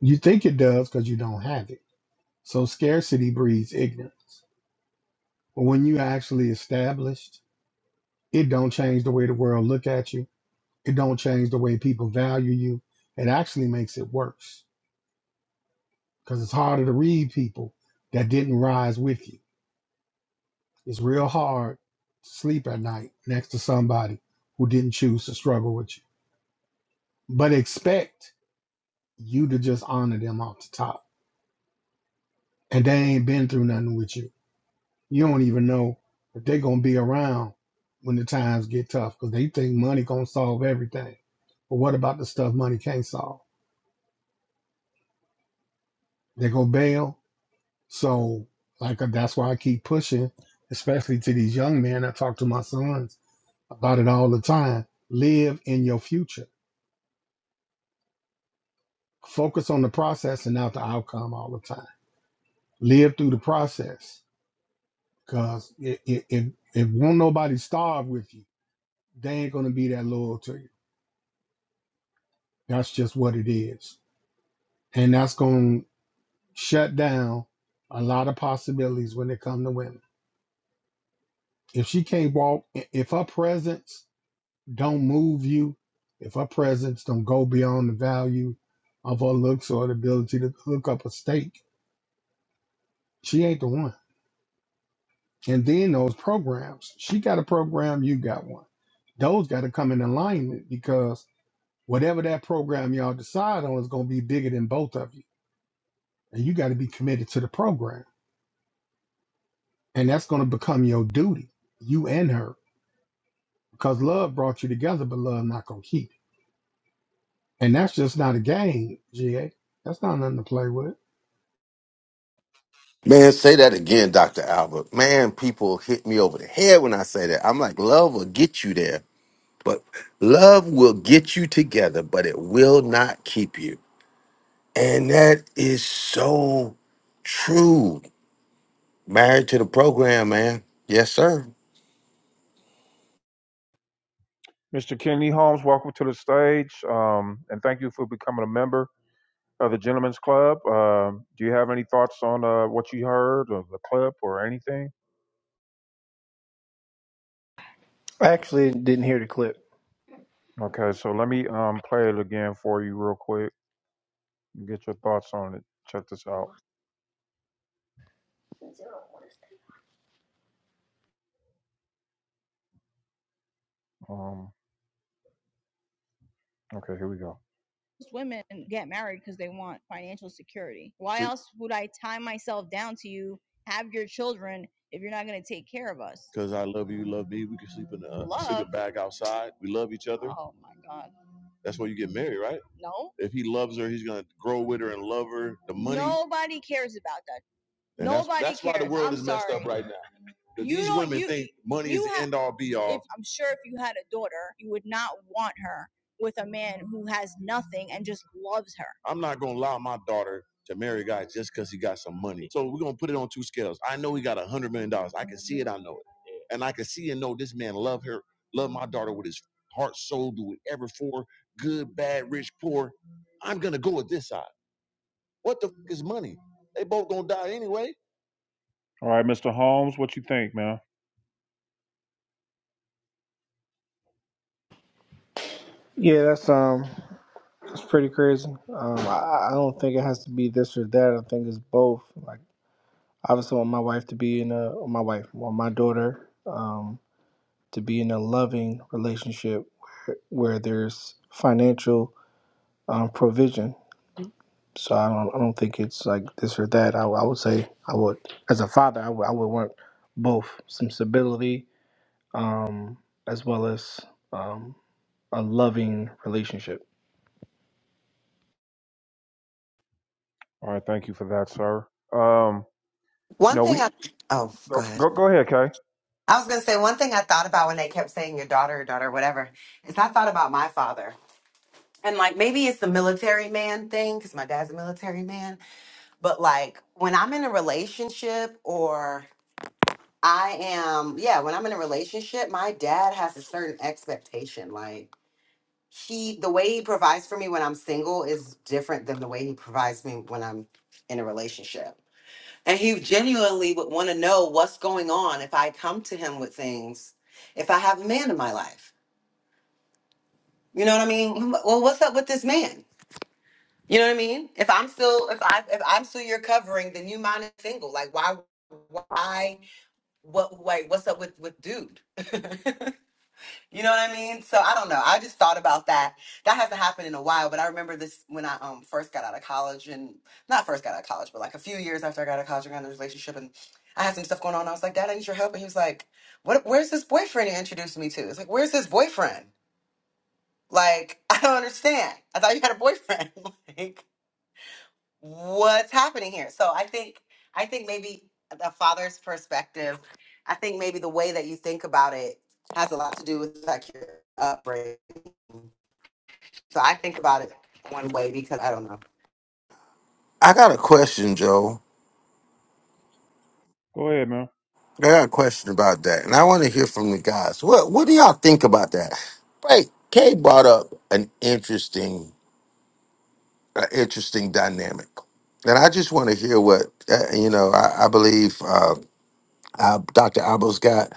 Speaker 7: You think it does because you don't have it. So scarcity breeds ignorance. But when you actually established, it don't change the way the world look at you. It don't change the way people value you. It actually makes it worse because it's harder to read people that didn't rise with you. It's real hard to sleep at night next to somebody who didn't choose to struggle with you. But expect you to just honor them off the top. And they ain't been through nothing with you. You don't even know if they're gonna be around when the times get tough because they think money gonna solve everything. But what about the stuff money can't solve? They go bail. So like uh, that's why I keep pushing, especially to these young men. I talk to my sons about it all the time. Live in your future. Focus on the process and not the outcome all the time. Live through the process Cause i- i- if if won't nobody starve with you, they ain't gonna be that loyal to you. That's just what it is, and that's gonna shut down a lot of possibilities when it come to women. If she can't walk, i- if her presence don't move you, if her presence don't go beyond the value of her looks or the ability to hook up a steak, she ain't the one. And then those programs, she got a program, you got one. Those got to come in alignment because Whatever that program y'all decide on is going to be bigger than both of you. And you got to be committed to the program. And that's going to become your duty, you and her, because love brought you together, but love not going to keep you. And that's just not a game, GA. That's not nothing to play with.
Speaker 10: Man, say that again, Dr. Albert. Man, people hit me over the head when I say that. I'm like, love will get you there But love will get you together, but it will not keep you. And that is so true. Married to the program, man. Yes, sir.
Speaker 1: Mr. Kenny Holmes, welcome to the stage, um, and thank you for becoming a member. of the Gentlemen's Club. Um, do you have any thoughts on uh, what you heard or the clip or anything?
Speaker 14: I actually didn't hear the clip.
Speaker 1: Okay, so let me um, play it again for you real quick. and Get your thoughts on it. Check this out. Um, okay, here we go. Because I love you, you love me. We can sleep in the uh, bag outside. We love each other. That's why you get married, right? If he loves her, he's gonna grow with her and love her. The money right now, The money and all be all. I'm not gonna allow my daughter to marry a guy just because he got some money. So we're gonna put it on two scales. I know he got a hundred million dollars. I can see it. I know it, and I can see and know this man love her, love my daughter with his heart, soul, do whatever for good, bad, rich, poor. I'm gonna go with this side. What the f- is money? They both gonna die anyway. All right, Mr. Holmes, what you think, man?
Speaker 14: Yeah, that's um, that's pretty crazy. Um, I, I don't think it has to be this or that. I think it's both. Like, obviously, I want my wife to be in a my wife, I want my daughter, um, to be in a loving relationship where, where there's financial um, provision. So I don't, I don't think it's like this or that. I, I would say I would, as a father, I would, I would want both some stability, um, as well as um, a loving relationship.
Speaker 1: All right, thank you for that, sir. Um,
Speaker 5: one
Speaker 1: no,
Speaker 5: thing
Speaker 1: we
Speaker 5: i oh go
Speaker 1: go
Speaker 5: ahead
Speaker 1: go, go ahead, Kay.
Speaker 5: I was going to say one thing I thought about when they kept saying your daughter, your daughter, whatever, is I thought about my father. And like maybe it's the military man thing because my dad's a military man. But like when I'm in a relationship or I am, yeah, when I'm in a relationship, my dad has a certain expectation. Like he, the way he provides for me when I'm single is different than the way he provides me when I'm in a relationship. And he genuinely would want to know what's going on if I come to him with things, if I have a man in my life. You know what I mean? like, Well, what's up with this man? You know what I mean? If I'm still if I if I'm still your covering, then you mine is single. Like why why what wait, what's up with with dude? You know what I mean? So I don't know. I just thought about that. That hasn't happened in a while, but I remember this when I um first got out of college and not first got out of college, but like a few years after I got out of college, I got in a relationship and I had some stuff going on. I was like, Dad, I need your help. And he was like, What where's this boyfriend you introduced me to? It's like, where's this boyfriend? Like, I don't understand. I thought you had a boyfriend. like what's happening here so i think i think maybe the father's perspective i think maybe the way that you think about it has a lot to do with like your upbringing so i think about it one way because i don't know
Speaker 10: I got a question, Joe.
Speaker 1: Go ahead, man.
Speaker 10: I got a question about that. And I want to hear from the guys. What what do y'all think about that? Right. Kay brought up an interesting, uh, interesting dynamic. And I just want to hear what, uh, you know, I, I believe uh, uh, Dr. Abel's got,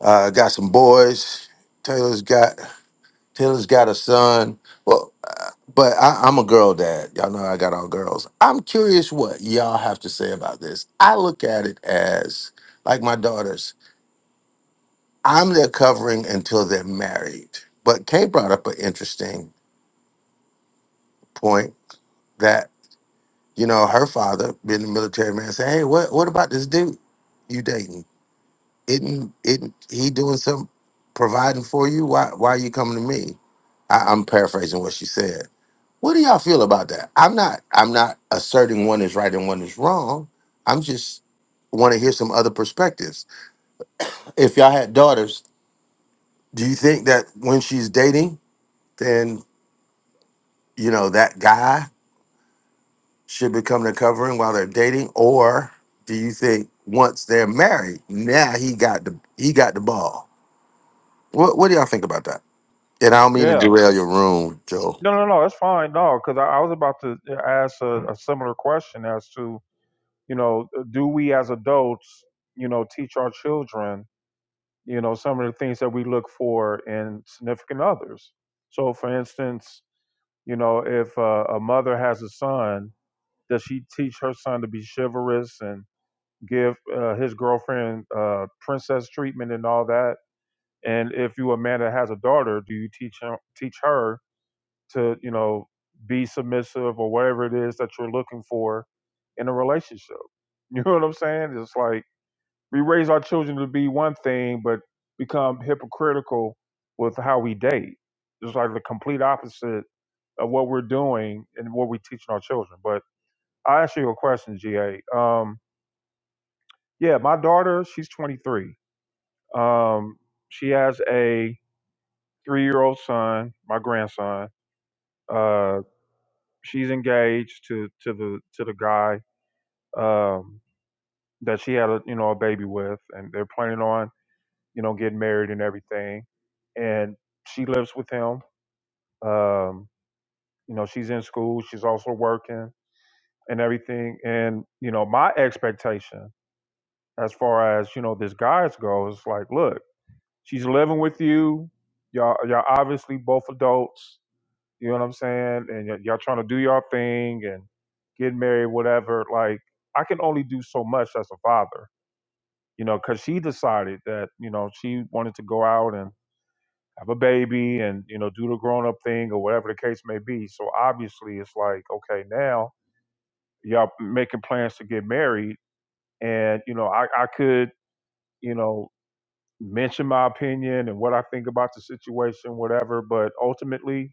Speaker 10: uh, got some boys. Taylor's got. Taylor's got a son. Well, uh, but I, I'm a girl dad. Y'all know I got all girls. I'm curious what y'all have to say about this. I look at it as like my daughters. I'm their covering until they're married. But Kay brought up an interesting point that you know her father, being a military man, said, "Hey, what what about this dude you dating?" Isn't isn't he doing some providing for you? Why why are you coming to me? I, I'm paraphrasing what she said. What do y'all feel about that? I'm not I'm not asserting one is right and one is wrong. I'm just want to hear some other perspectives. If y'all had daughters, do you think that when she's dating, then you know that guy should become the covering while they're dating, or do you think once they're married, now he got the he got the ball? What what do y'all think about that? And I don't mean to
Speaker 1: Yeah.
Speaker 10: derail your room, Joe.
Speaker 1: No, no, no. That's fine. No, because I, I was about to uh, ask a, a similar question as to you know, do we as adults, you know, teach our children, you know, some of the things that we look for in significant others. So, for instance, you know, if uh, a mother has a son, does she teach her son to be chivalrous and give uh, his girlfriend uh, princess treatment and all that? And if you a man that has a daughter, do you teach him, teach her? to you know be submissive or whatever it is that you're looking for in a relationship you know what i'm saying it's like we raise our children to be one thing but become hypocritical with how we date it's like the complete opposite of what we're doing and what we're teaching our children but i ask you a question ga um, yeah my daughter she's 23 um, she has a three-year-old son my grandson Uh, she's engaged to to the to the guy um, that she had a you know a baby with, and they're planning on you know getting married and everything. And she lives with him. Um, you know, she's in school. She's also working and everything. And you know, my expectation as far as you know this guy's goes, like, look, she's living with you. Y'all, y'all obviously both adults You know what I'm saying? And y- y'all trying to do y'all thing and get married, whatever. Like, I can only do so much as a father, you know, because she decided that, you know, she wanted to go out and have a baby and, you know, do the grown up thing or whatever the case may be. So obviously it's like, okay, now y'all making plans to get married. And, you know, I, I could, you know, mention my opinion and what I think about the situation, whatever. But ultimately,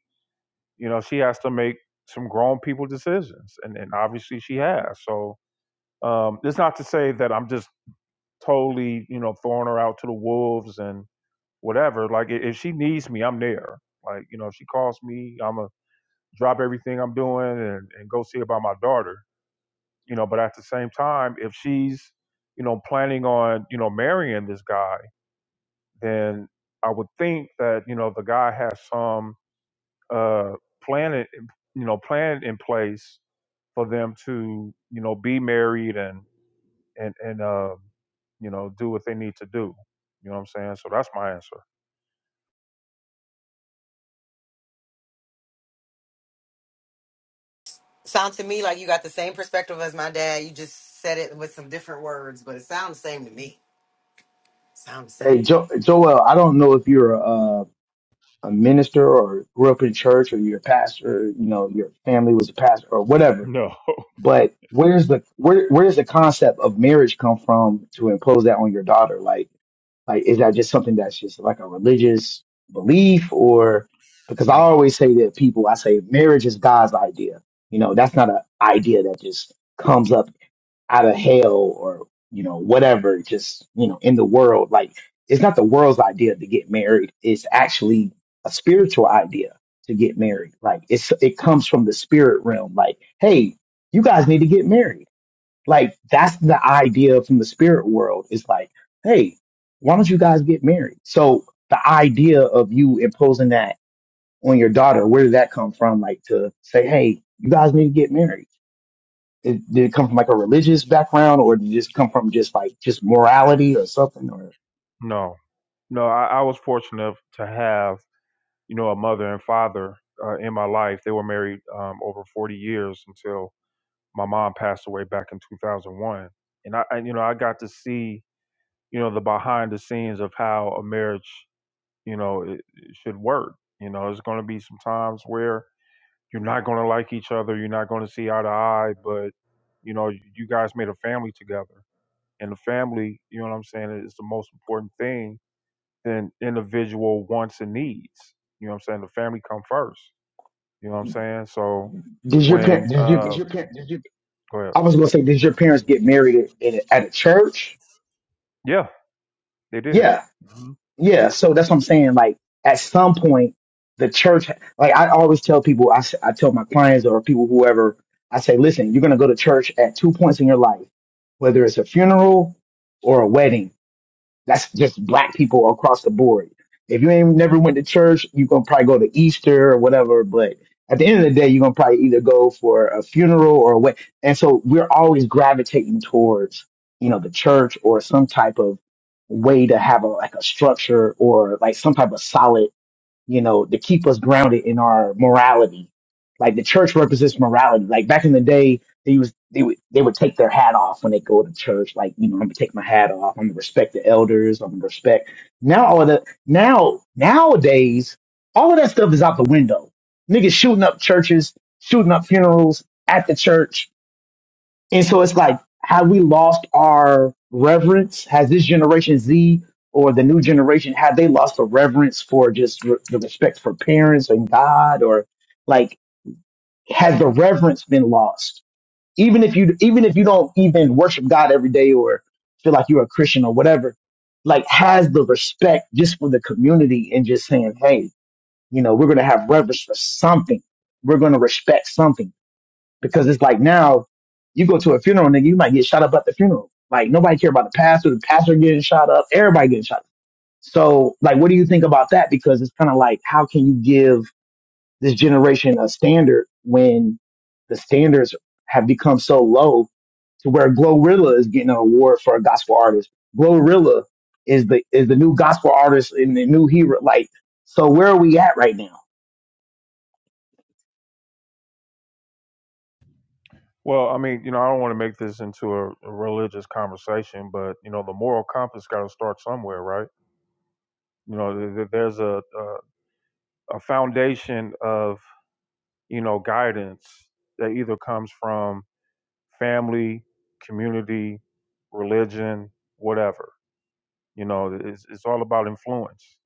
Speaker 1: you know she has to make some grown people decisions and, and obviously she has so um it's not to say that i'm just totally you know throwing her out to the wolves and whatever like i- if she needs me i'm there like you know if she calls me i'm gonna drop everything i'm doing and, and go see about my daughter you know but at the same time if she's you know planning on you know marrying this guy then i would think that you know the guy has some uh plan it you know plan in place for them to you know be married and and and uh, you know do what they need to do. You know what I'm saying? So that's my answer.
Speaker 5: sounds to me like you got the same perspective as my dad you just said it with some different words but it sounds the same to me Sound
Speaker 15: Hey, jo- Joel, I don't know if you're a, a minister or grew up in church or you're a pastor, you know, your family was a pastor or whatever,
Speaker 1: No.
Speaker 15: but where's the, where, where does the concept of marriage come from to impose that on your daughter? Like, like, is that just something that's just like a religious belief or, because I
Speaker 1: No,
Speaker 15: always say to people, I say marriage is God's idea. You know, that's not an idea that just comes up out of hell or you know whatever just you know in the world like it's not the world's idea to get married it's actually a spiritual idea to get married like it's it comes from the spirit realm like hey you guys need to get married like that's the idea from the spirit world it's like hey why don't you guys get married so the idea of you imposing that on your daughter where did that come from like to say hey you guys need to get married it, did it come from like a religious background, or did it just come from just like just morality or something? Or
Speaker 1: no, no. I, I was fortunate to have you know a mother and father uh, in my life. They were married um, over 40 years until my mom passed away back in 2001, and I and, you know I got to see you know the behind the scenes of how a marriage you know it, it should work. You know, there's going to be some times where You're not going to like each other. You're not going to see eye to eye, but you know, you guys made a family together. And the family, you know what I'm saying, is the most important thing than individual wants and needs. You know what I'm saying? The family come first. You know what I'm saying? So
Speaker 15: did your
Speaker 1: when
Speaker 15: parent? Did you?
Speaker 1: uh, uh go ahead.
Speaker 15: I was gonna say, did your parents get married at, in at a church?
Speaker 1: Yeah, they did.
Speaker 15: Yeah,
Speaker 1: hmm
Speaker 15: yeah. So that's what I'm saying. Like at some point, the church. Like I always tell people, I s- I tell my clients or people whoever, I say, listen, you're gonna go to church at two points in your life, whether it's a funeral or a wedding That's just black people across the board. If you ain't never went to church, you gonna probably go to Easter or whatever. But at the end of the day, you're gonna probably either go for a funeral or a wedding. And so we're always gravitating towards, you know, the church or some type of way to have a like a structure or like some type of solid you know, to keep us grounded in our morality. Like the church represents morality. Like back in the day, they was they would they would take their hat off when they go to church. Like you know, I'm gonna take my hat off. I'm gonna respect the elders. I'm gonna respect now all of the now nowadays all of that stuff is out the window. Niggas shooting up churches, shooting up funerals at the church and so it's like, have we lost our reverence? Has this generation Z or the new generation, have they lost the reverence for just re- the respect for parents and God or like, has the reverence been lost? Even if you, even if you don't even worship God every day or feel like you're a Christian or whatever, like has the respect just for the community and just saying, Hey, you know, we're going to have reverence for something. We're going to respect something because it's like now you go to a funeral nigga. you might get shot up at the funeral. Like nobody care about the pastor, the pastor getting shot up, everybody getting shot up. So like, what do you think about that? Because it's kind of like, how can you give this generation a standard when the standards have become so low to where Glorilla is getting an award for a gospel artist. Glorilla is the, is the new gospel artist and the new hero. Like, so where are we at right now?
Speaker 1: Well, I mean, you know, I don't want to make this into a, a religious conversation, but you know, the moral compass got to start somewhere, right? You know, th- th- there's a, a a foundation of you know guidance that either comes from family community religion whatever you know it's, it's all about influence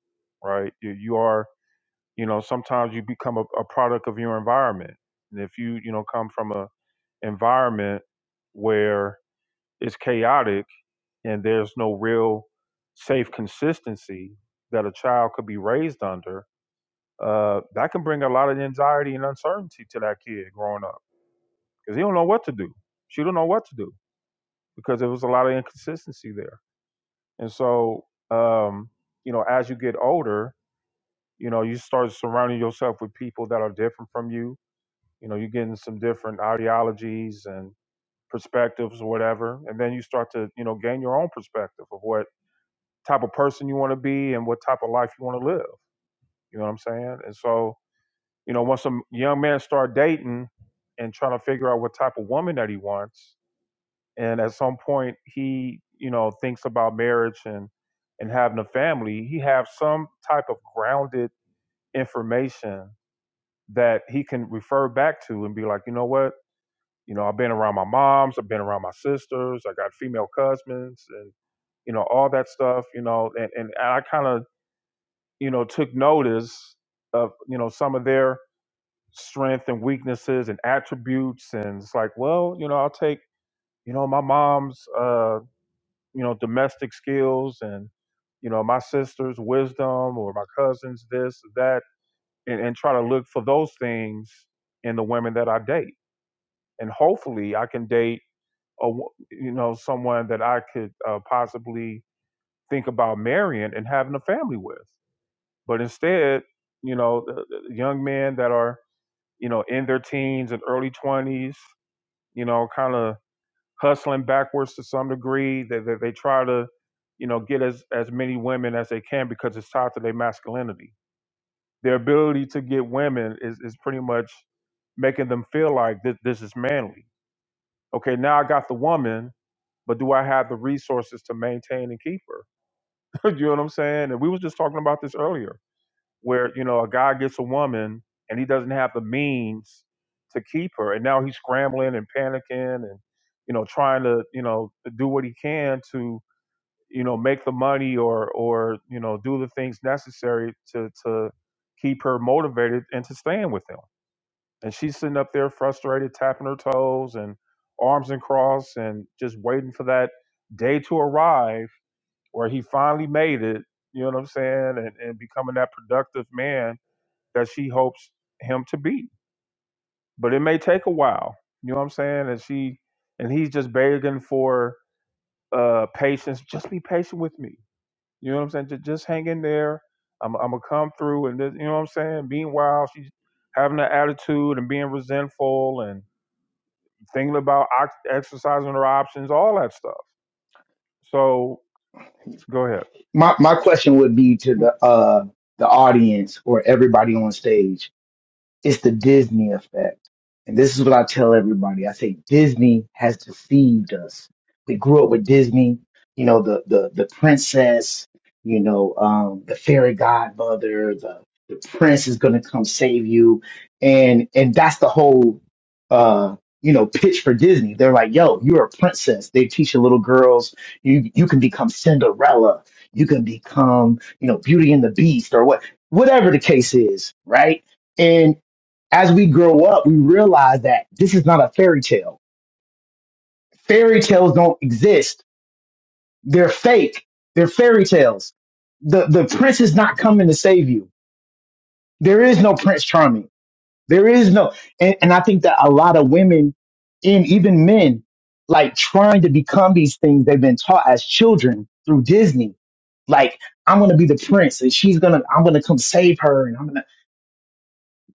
Speaker 1: right you, you are you know sometimes you become a, a product of your environment and if you you know come from a environment where it's chaotic and there's no real safe consistency that a child could be raised under uh, that can bring a lot of anxiety and uncertainty to that kid growing up because he don't know what to do. She don't know what to do because there was a lot of inconsistency there. And so, um, you know, as you get older, you know, you start surrounding yourself with people that are different from you. You know, you're getting some different ideologies and perspectives or whatever, and then you start to, you know, gain your own perspective of what type of person you want to be and what type of life you want to live. You know what I'm saying? And so, You know, once a young man start dating and trying to figure out what type of woman that he wants, and at some point he, you know, thinks about marriage and and having a family, he have some type of grounded information that he can refer back to and be like, you know what, you know, I've been around my moms, I've been around my sisters, I got female cousins, and you know, all that stuff. You know, and and I kind of you know took notice of you know some of their strength and weaknesses and attributes and it's like well you know i'll take you know my mom's uh you know domestic skills and you know my sister's wisdom or my cousin's this that and, and try to look for those things in the women that i date and hopefully i can date a wo- you know someone that i could uh, possibly think about marrying and having a family with but instead you know the, the young men that are you know in their teens and early 20s you know, kind of hustling backwards to some degree. They, they, they try to, you know, get as, as many women as they can because it's tied to their masculinity. Their ability to get women is, is pretty much making them feel like th- this is manly. Okay, now I got the woman, but do I have the resources to maintain and keep her? you know what I'm saying? And we was just talking about this earlier where you know a guy gets a woman and he doesn't have the means to keep her, and now he's scrambling and panicking and you know trying to you know to do what he can to you know make the money or or you know do the things necessary to to keep her motivated and to staying with him. And she's sitting up there frustrated, tapping her toes and arms and cross and just waiting for that day to arrive where he finally made it. You know what I'm saying? And, and becoming that productive man that she hopes him to be. But it may take a while. You know what I'm saying? And she and he's just begging for uh patience. Just be patient with me. You know what I'm saying? Just, just hang in there. I'm I'm gonna come through and this, you know what I'm saying? Being wild, she's having that attitude and being resentful and thinking about ox- exercising her options, all that stuff. So go ahead.
Speaker 15: my my question would be to the uh the audience or everybody on stage. It's the Disney effect. And this is what I tell everybody. I say Disney has deceived us. We grew up with Disney, you know, the the the princess, you know, um, the fairy godmother, the the prince is gonna come save you. And and that's the whole uh you know, pitch for Disney. They're like, yo, you're a princess. They teach the little girls, you you can become Cinderella, you can become, you know, Beauty and the Beast or what whatever the case is, right? as we grow up, we realize that this is not a fairy tale. Fairy tales don't exist. They're fake. They're fairy tales. The the prince is not coming to save you. There is no Prince Charming. There is no and, and I think that a lot of women and even men like trying to become these things they've been taught as children through Disney. Like, I'm gonna be the prince and she's gonna I'm gonna come save her and I'm gonna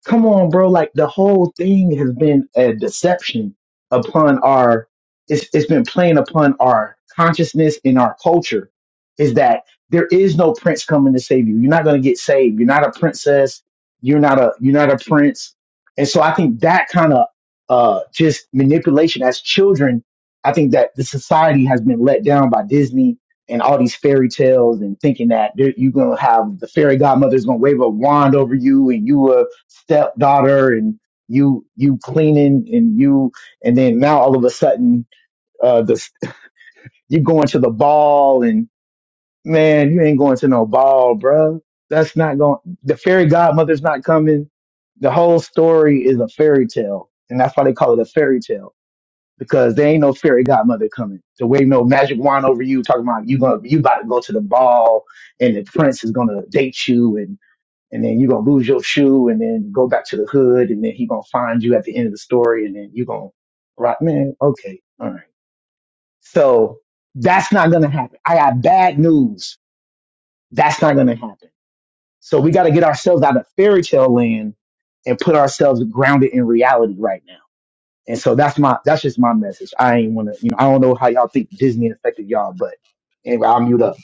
Speaker 15: come on, bro. Like the whole thing has been a deception upon our. It's it's been playing upon our consciousness in our culture. Is that there is no prince coming to save you. You're not going to get saved. You're not a princess. You're not a you're not a prince. And so I think that kind of uh just manipulation as children. I think that the society has been let down by Disney and all these fairy tales and thinking that there- you're going to have the fairy godmother's going to wave a wand over you and you will stepdaughter and you you cleaning and you and then now all of a sudden uh the you going to the ball and man you ain't going to no ball bruh. that's not going the fairy godmother's not coming the whole story is a fairy tale and that's why they call it a fairy tale because there ain't no fairy godmother coming to wave no magic wand over you talking about you gonna you about to go to the ball and the prince is gonna date you and then you're gonna lose your shoe and then go back to the hood and then he gonna find you at the end of the story and then you gonna rock, man, okay, all right. So that's not gonna happen. I got bad news. That's not gonna happen. So we gotta get ourselves out of fairy tale land and put ourselves grounded in reality right now. And so that's my that's just my message. I ain't wanna you know, I don't know how y'all think Disney affected y'all, but anyway, I'll mute up.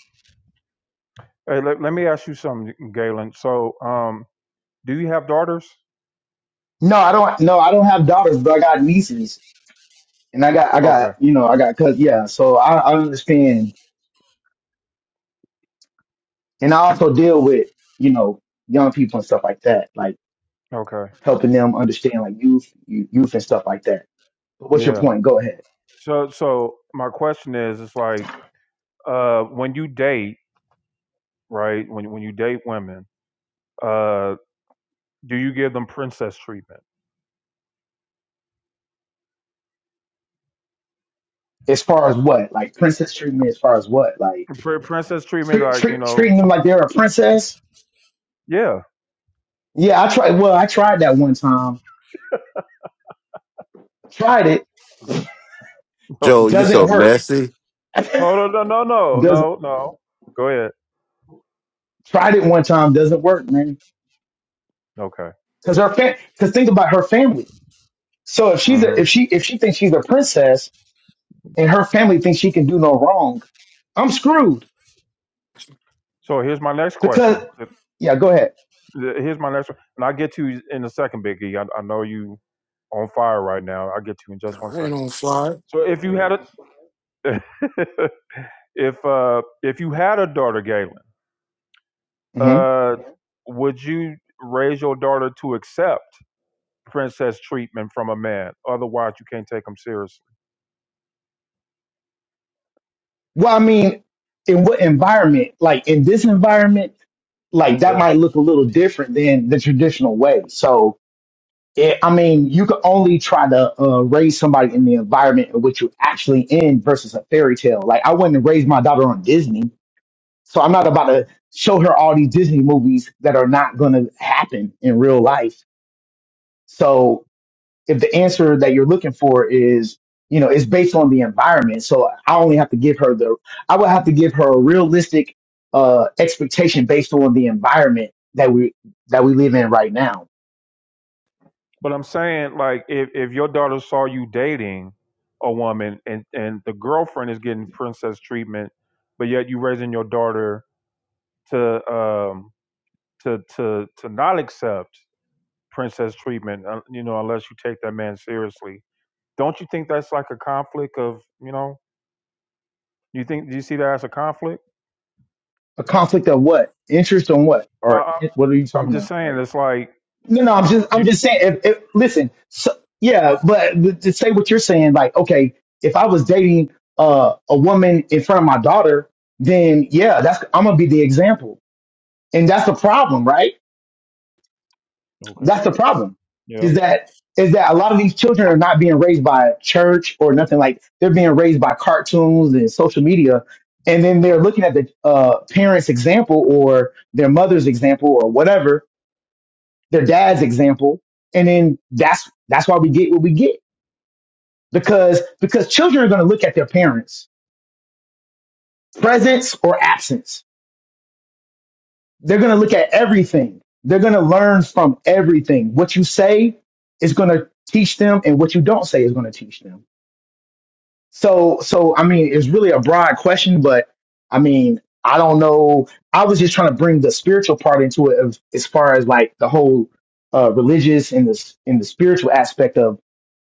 Speaker 1: Hey, let, let me ask you something, Galen. So, um, do you have daughters?
Speaker 15: No, I don't no, I don't have daughters, but I got nieces and I got I
Speaker 1: Okay,
Speaker 15: got you know I got cuz yeah so I, I understand and I also deal with you know young people and stuff like that like
Speaker 1: okay,
Speaker 15: helping them understand like youth you- youth and stuff like that but what's your
Speaker 1: yeah.
Speaker 15: point go ahead
Speaker 1: So, so my question is, it's like, uh, when you date, right? When when you date women, uh, do you give them princess treatment?
Speaker 15: as far as what like princess treatment as far as what like
Speaker 1: Pr- princess treatment,
Speaker 15: treat,
Speaker 1: like you
Speaker 15: treat,
Speaker 1: know,
Speaker 15: treating them like they're a princess
Speaker 1: yeah,
Speaker 15: yeah I tried well I tried that one time tried it
Speaker 10: Joe, you
Speaker 1: okay.
Speaker 15: doesn't
Speaker 10: so
Speaker 15: work
Speaker 10: messy.
Speaker 1: Hold on, no, no, no,
Speaker 15: doesn't
Speaker 1: no, no. Go ahead.
Speaker 15: tried it one time doesn't work man
Speaker 1: Okay.
Speaker 15: cuz her fa- cuz think about her family so if she's a,
Speaker 1: hmm
Speaker 15: if she if she thinks she's a princess and her family thinks she can do no wrong, I'm screwed
Speaker 1: So here's my next
Speaker 15: because
Speaker 1: question.
Speaker 15: yeah, go ahead.
Speaker 1: Here's my next one, and I'll get to you in a second, Biggie. I, I know you on fire right now. I'll get to you in just one
Speaker 16: I
Speaker 1: second.
Speaker 16: ain't on fire.
Speaker 1: So if you had a, if uh, if you had a daughter, Galen
Speaker 15: hmm
Speaker 1: uh, would you raise your daughter to accept princess treatment from a man? Otherwise, you can't take them seriously.
Speaker 15: Well, I mean, in what environment? Like in this environment, like that
Speaker 1: Yeah.
Speaker 15: might look a little different than the traditional way. So, it, I mean, you can only try to uh, raise somebody in the environment in which you're actually in versus a fairy tale. Like I wouldn't raise my daughter on Disney, so I'm not about to show her all these Disney movies that are not going to happen in real life. So if the answer that you're looking for is you know is based on the environment so i only have to give her the i would have to give her a realistic uh expectation based on the environment that we that we live in right now
Speaker 1: But I'm saying, like, if, if your daughter saw you dating a woman and, and the girlfriend is getting princess treatment, but yet you raising your daughter to um to to to not accept princess treatment, uh, you know, unless you take that man seriously. Don't you think that's like a conflict of, you know, you think do you see that as a conflict?
Speaker 15: a conflict of what interest on what
Speaker 1: I,
Speaker 15: or
Speaker 1: I-
Speaker 15: in- what are you
Speaker 1: I'm
Speaker 15: talking
Speaker 1: just
Speaker 15: about
Speaker 1: saying,
Speaker 15: like
Speaker 1: it's like
Speaker 15: no no i'm just i'm
Speaker 1: you.
Speaker 15: just saying if, if listen so, yeah but th- to say what you're saying like okay if i was dating uh a woman in front of my daughter then yeah that's i'm gonna be the example and that's the problem right
Speaker 1: Okay.
Speaker 15: That's the problem.
Speaker 1: Yeah.
Speaker 15: Is that is that a lot of these children are not being raised by a church or nothing like they're being raised by cartoons and social media, and then they're looking at the uh, parents' example or their mother's example or whatever their dad's example, and then that's that's why we get what we get because because children are going to look at their parents' presence or absence. They're going to look at everything. They're going to learn from everything. What you say is going to teach them, and what you don't say is going to teach them So, so I mean, it's really a broad question, but I mean, I don't know. I was just trying to bring the spiritual part into it, of, as far as like the whole uh, religious and the in the spiritual aspect of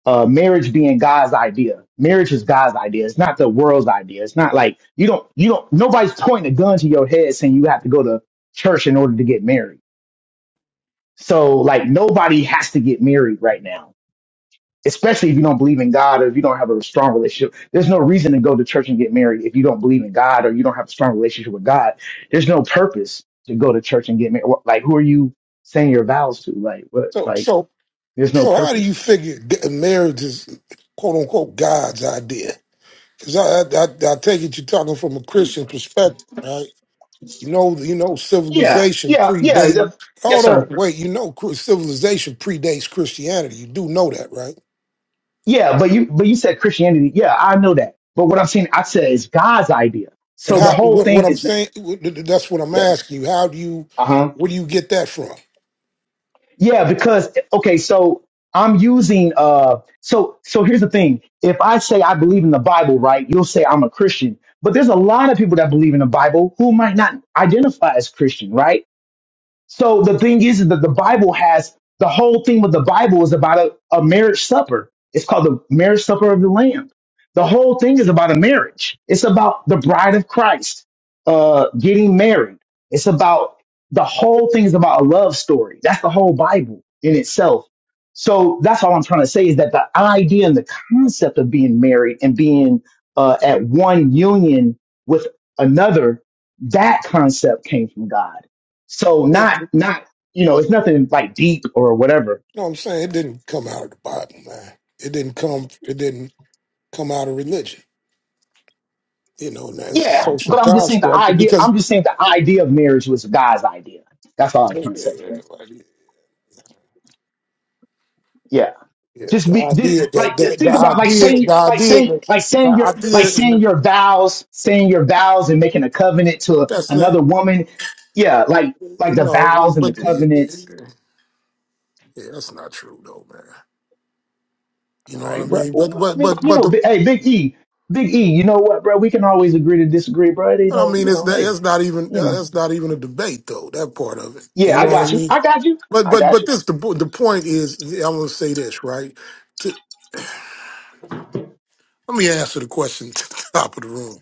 Speaker 15: uh, marriage being God's idea. Marriage is God's idea. It's not the world's idea. It's not like you don't you don't nobody's pointing a gun to your head saying you have to go to church in order to get married. So like nobody has to get married right now especially if you don't believe in God or if you don't have a strong relationship. There's no reason to go to church and get married if you don't believe in God or you don't have a strong relationship with God. There's no purpose to go to church and get married. What- Like, who are you saying your vows to? Like, what?
Speaker 16: So,
Speaker 15: Like,
Speaker 16: so,
Speaker 15: there's no
Speaker 16: so, how do you
Speaker 15: purpose.
Speaker 16: figure g- marriage is "quote unquote" God's idea? Because I, I, I, I take it you're talking from a Christian perspective, right? You know, you know,
Speaker 15: Yeah,
Speaker 16: civilization
Speaker 15: yeah, yeah, yeah,
Speaker 16: predates.
Speaker 15: yes,
Speaker 16: Hold
Speaker 15: sir.
Speaker 16: on, wait. You know, cri- civilization predates Christianity. You do know that, right?
Speaker 15: Yeah, but you, but you said Christianity. Yeah, I know that. But what I'm saying, I said is God's idea.
Speaker 16: But
Speaker 15: So the
Speaker 16: how?
Speaker 15: whole
Speaker 16: What, what
Speaker 15: thing
Speaker 16: I'm
Speaker 15: is,
Speaker 16: saying, what- th- th- that's what I'm
Speaker 15: yeah,
Speaker 16: asking you. How do you?
Speaker 15: uh huh.
Speaker 16: Where do you get that from?
Speaker 15: Yeah, because okay, so I'm using uh so so here's the thing. If I say I believe in the Bible, right, you'll say I'm a Christian. But there's a lot of people that believe in the Bible who might not identify as Christian, right? So the thing is that the Bible has the whole theme of the Bible is about a, a marriage supper. It's called the marriage supper of the Lamb. The whole thing is about a marriage. It's about the bride of Christ uh, getting married. It's about the whole thing is about a love story. That's the whole Bible in itself. So that's all I'm trying to say is that the idea and the concept of being married and being uh, at one union with another, that concept came from God so
Speaker 16: You
Speaker 15: not not you know, it's nothing like deep or whatever.
Speaker 16: know what I'm saying? It didn't come out of the Bible, man. It didn't come. It didn't come out of religion. You know, and that's a
Speaker 15: Yeah,
Speaker 16: social
Speaker 15: but I'm just saying the
Speaker 16: construct
Speaker 15: idea.
Speaker 16: because
Speaker 15: I'm just saying the idea of marriage was God's idea. That's all I was
Speaker 16: yeah,
Speaker 15: trying to say. Yeah, just
Speaker 16: the
Speaker 15: be did,
Speaker 16: idea that
Speaker 15: like th-
Speaker 16: the, the
Speaker 15: think about like
Speaker 16: idea the
Speaker 15: saying like
Speaker 16: idea
Speaker 15: saying
Speaker 16: that-
Speaker 15: like
Speaker 16: the
Speaker 15: saying your
Speaker 16: idea
Speaker 15: like
Speaker 16: and the,
Speaker 15: saying your vows, saying your vows and making a covenant to a,
Speaker 16: that's not
Speaker 15: another woman. Yeah, like
Speaker 16: you
Speaker 15: like the
Speaker 16: know,
Speaker 15: vows and the
Speaker 16: but we-
Speaker 15: covenants.
Speaker 16: yeah, that's not true though, man. You
Speaker 15: All
Speaker 16: know what I
Speaker 15: right, bro.
Speaker 16: mean? But
Speaker 15: Well, I
Speaker 16: but
Speaker 15: mean,
Speaker 16: but
Speaker 15: you
Speaker 16: but
Speaker 15: know,
Speaker 16: the
Speaker 15: bi- hey, Big E, Big E. You know what, bro? We can always agree to disagree, bro. They
Speaker 16: what I
Speaker 15: know,
Speaker 16: mean
Speaker 15: you
Speaker 16: is
Speaker 15: know,
Speaker 16: that that's
Speaker 15: hey,
Speaker 16: not even
Speaker 15: you know.
Speaker 16: that's not even a debate though. That part of it, you
Speaker 15: Yeah,
Speaker 16: know
Speaker 15: I
Speaker 16: what I
Speaker 15: got you.
Speaker 16: mean?
Speaker 15: I got you.
Speaker 16: But
Speaker 15: I
Speaker 16: but
Speaker 15: got
Speaker 16: but
Speaker 15: you.
Speaker 16: this the po- the point is I'm gonna say this right. To, let me answer the question to the top of the room.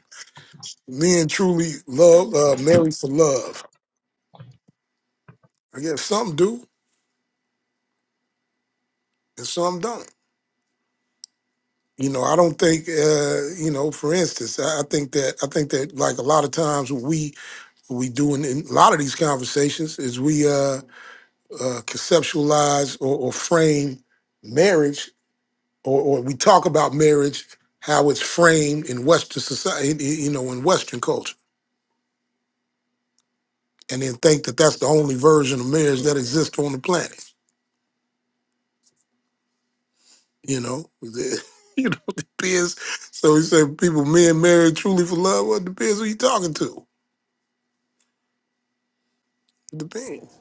Speaker 16: Men truly love uh, marry for love. I guess some do and some don't. You know, I don't think, uh, you know, for instance, I, I think that I think that like a lot of times what we what we do in, in a lot of these conversations is we uh, uh, conceptualize or, or frame marriage or, or we talk about marriage how it's framed in Western society, you know, in Western culture, and then think that that's the only version of marriage that exists on the planet. You know, you know, it depends. So he said, people, men married truly for love. Well, it depends who you talking to. It depends.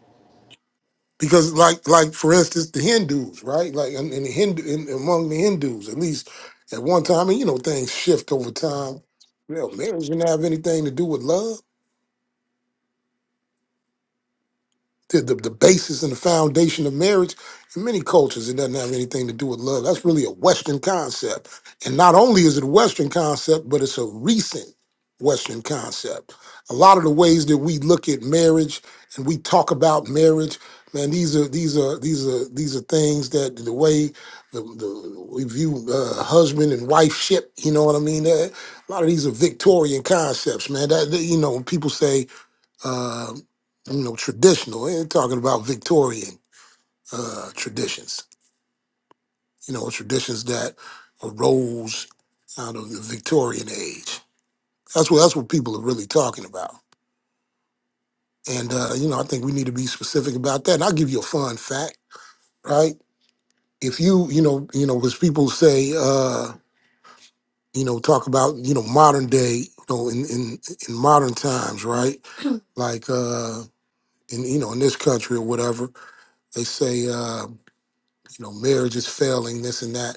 Speaker 16: Because, like, like for instance, the Hindus, right? Like, and, and the Hindu, in, among the Hindus, at least at one time, and you know, things shift over time. Well, marriage didn't have anything to do with love. The, the, the basis and the foundation of marriage in many cultures it doesn't have anything to do with love that's really a western concept and not only is it a western concept but it's a recent western concept a lot of the ways that we look at marriage and we talk about marriage man these are these are these are these are things that the way the, the we view uh, husband and wife ship you know what i mean Uh, a lot of these are victorian concepts man that that, you know when people say uh, you know, traditional. We're talking about Victorian uh, traditions, you know, traditions that arose out of the Victorian age. That's what that's what people are really talking about. And uh, you know, I think we need to be specific about that. And I'll give you a fun fact, right? If you, you know, you know, because people say, uh, you know, talk about, you know, modern day, you know, in in, in modern times, right? Like uh in you know, in this country or whatever, they say Uh, you know, marriage is failing, this and that,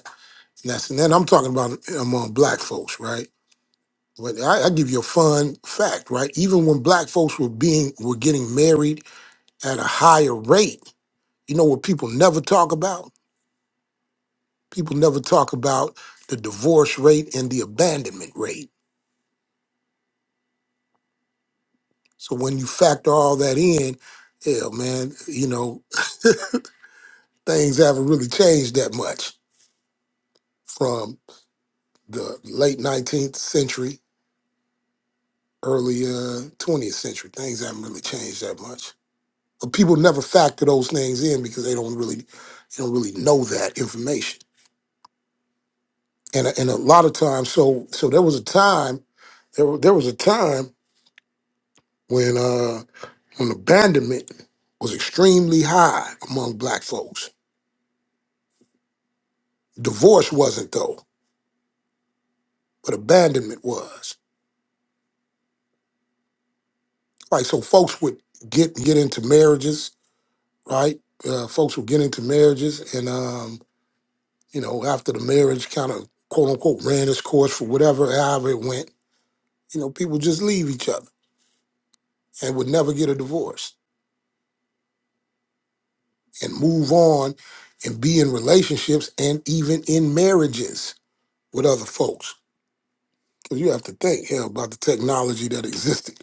Speaker 16: and that's and then I'm talking about among black folks, right? But I, I give you a fun fact, right? Even when black folks were being were getting married at a higher rate, you know what people never talk about? People never talk about the divorce rate and the abandonment rate. So when you factor all that in, hell man, you know, things haven't really changed that much from the late 19th century early uh, 20th century. Things haven't really changed that much. But people never factor those things in because they don't really they don't really know that information. And a- and a lot of times, so so there was a time there wa- there was a time when uh, when abandonment was extremely high among black folks. Divorce wasn't though, but abandonment was. Like so, folks would get get into marriages, right? Uh, folks would get into marriages, and um, You know, after the marriage kind of quote unquote ran its course for whatever, however it went, you know, people just leave each other and would never get a divorce and move on and be in relationships and even in marriages with other folks. 'Cause you have to think, hell, about the technology that existed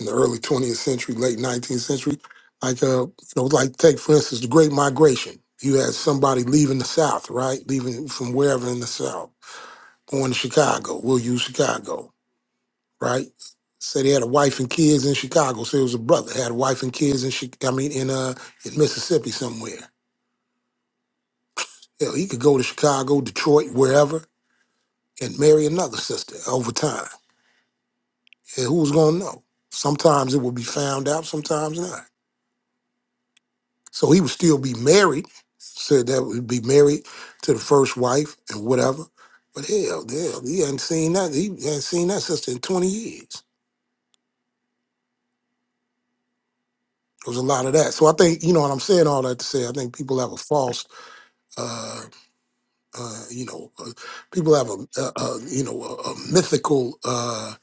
Speaker 16: in the early 20th century, late 19th century. Like, uh, you know, like take for instance the Great Migration. You had somebody leaving the South, right? Leaving from wherever in the South, going to Chicago. We'll use Chicago right? Said he had a wife and kids in Chicago. Said it was a brother had a wife and kids in Chi- I mean in uh in Mississippi somewhere. Hell, he could go to Chicago, Detroit, wherever, and marry another sister over time. And who was gonna know? Sometimes it would be found out, sometimes not. So he would still be married. Said that would be married to the first wife and whatever. But hell, hell, he hadn't seen that. He hadn't seen that sister in 20 years. There was a lot of that. So I think, you know what I'm saying, all that to say, I think people have a false uh, Uh, you know, uh, people have a, a, a you know a, a mythical uh,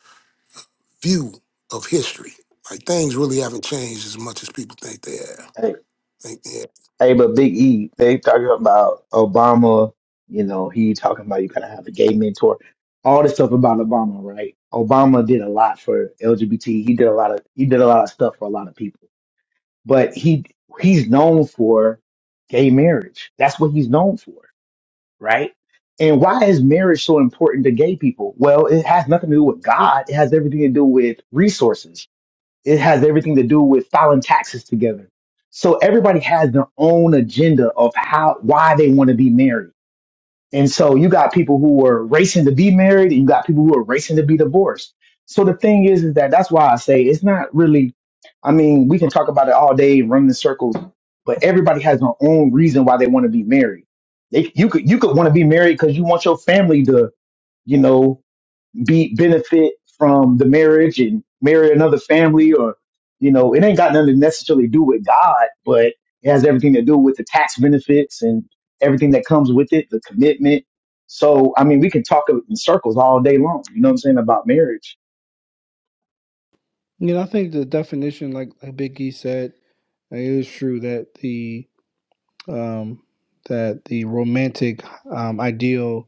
Speaker 16: view of history. Like things really haven't changed as much as people think they have.
Speaker 15: Hey,
Speaker 16: Think, yeah.
Speaker 15: hey, but Big E, they talking about Obama. You know, he talking about you gotta have a gay mentor. All this stuff about Obama, right? Obama did a lot for LGBT. He did a lot of he did a lot of stuff for a lot of people. But he he's known for gay marriage. That's what he's known for, right? And why is marriage so important to gay people? Well, it has nothing to do with God. It has everything to do with resources It has everything to do with filing taxes together. So everybody has their own agenda of how, why they want to be married. And so you got people who are racing to be married and you got people who are racing to be divorced. So the thing is, is that that's why I say it's not really, I mean, we can talk about it all day, run in circles, but everybody has their own reason why they want to be married. They, you could, you could want to be married because you want your family to, you know, be benefit from the marriage and marry another family or you know it ain't got nothing to necessarily do with god but it has everything to do with the tax benefits and everything that comes with it the commitment so i mean we can talk in circles all day long you know what i'm saying about marriage
Speaker 14: You know, I think the definition, like like Big E said, it is true that the um, that the romantic um, ideal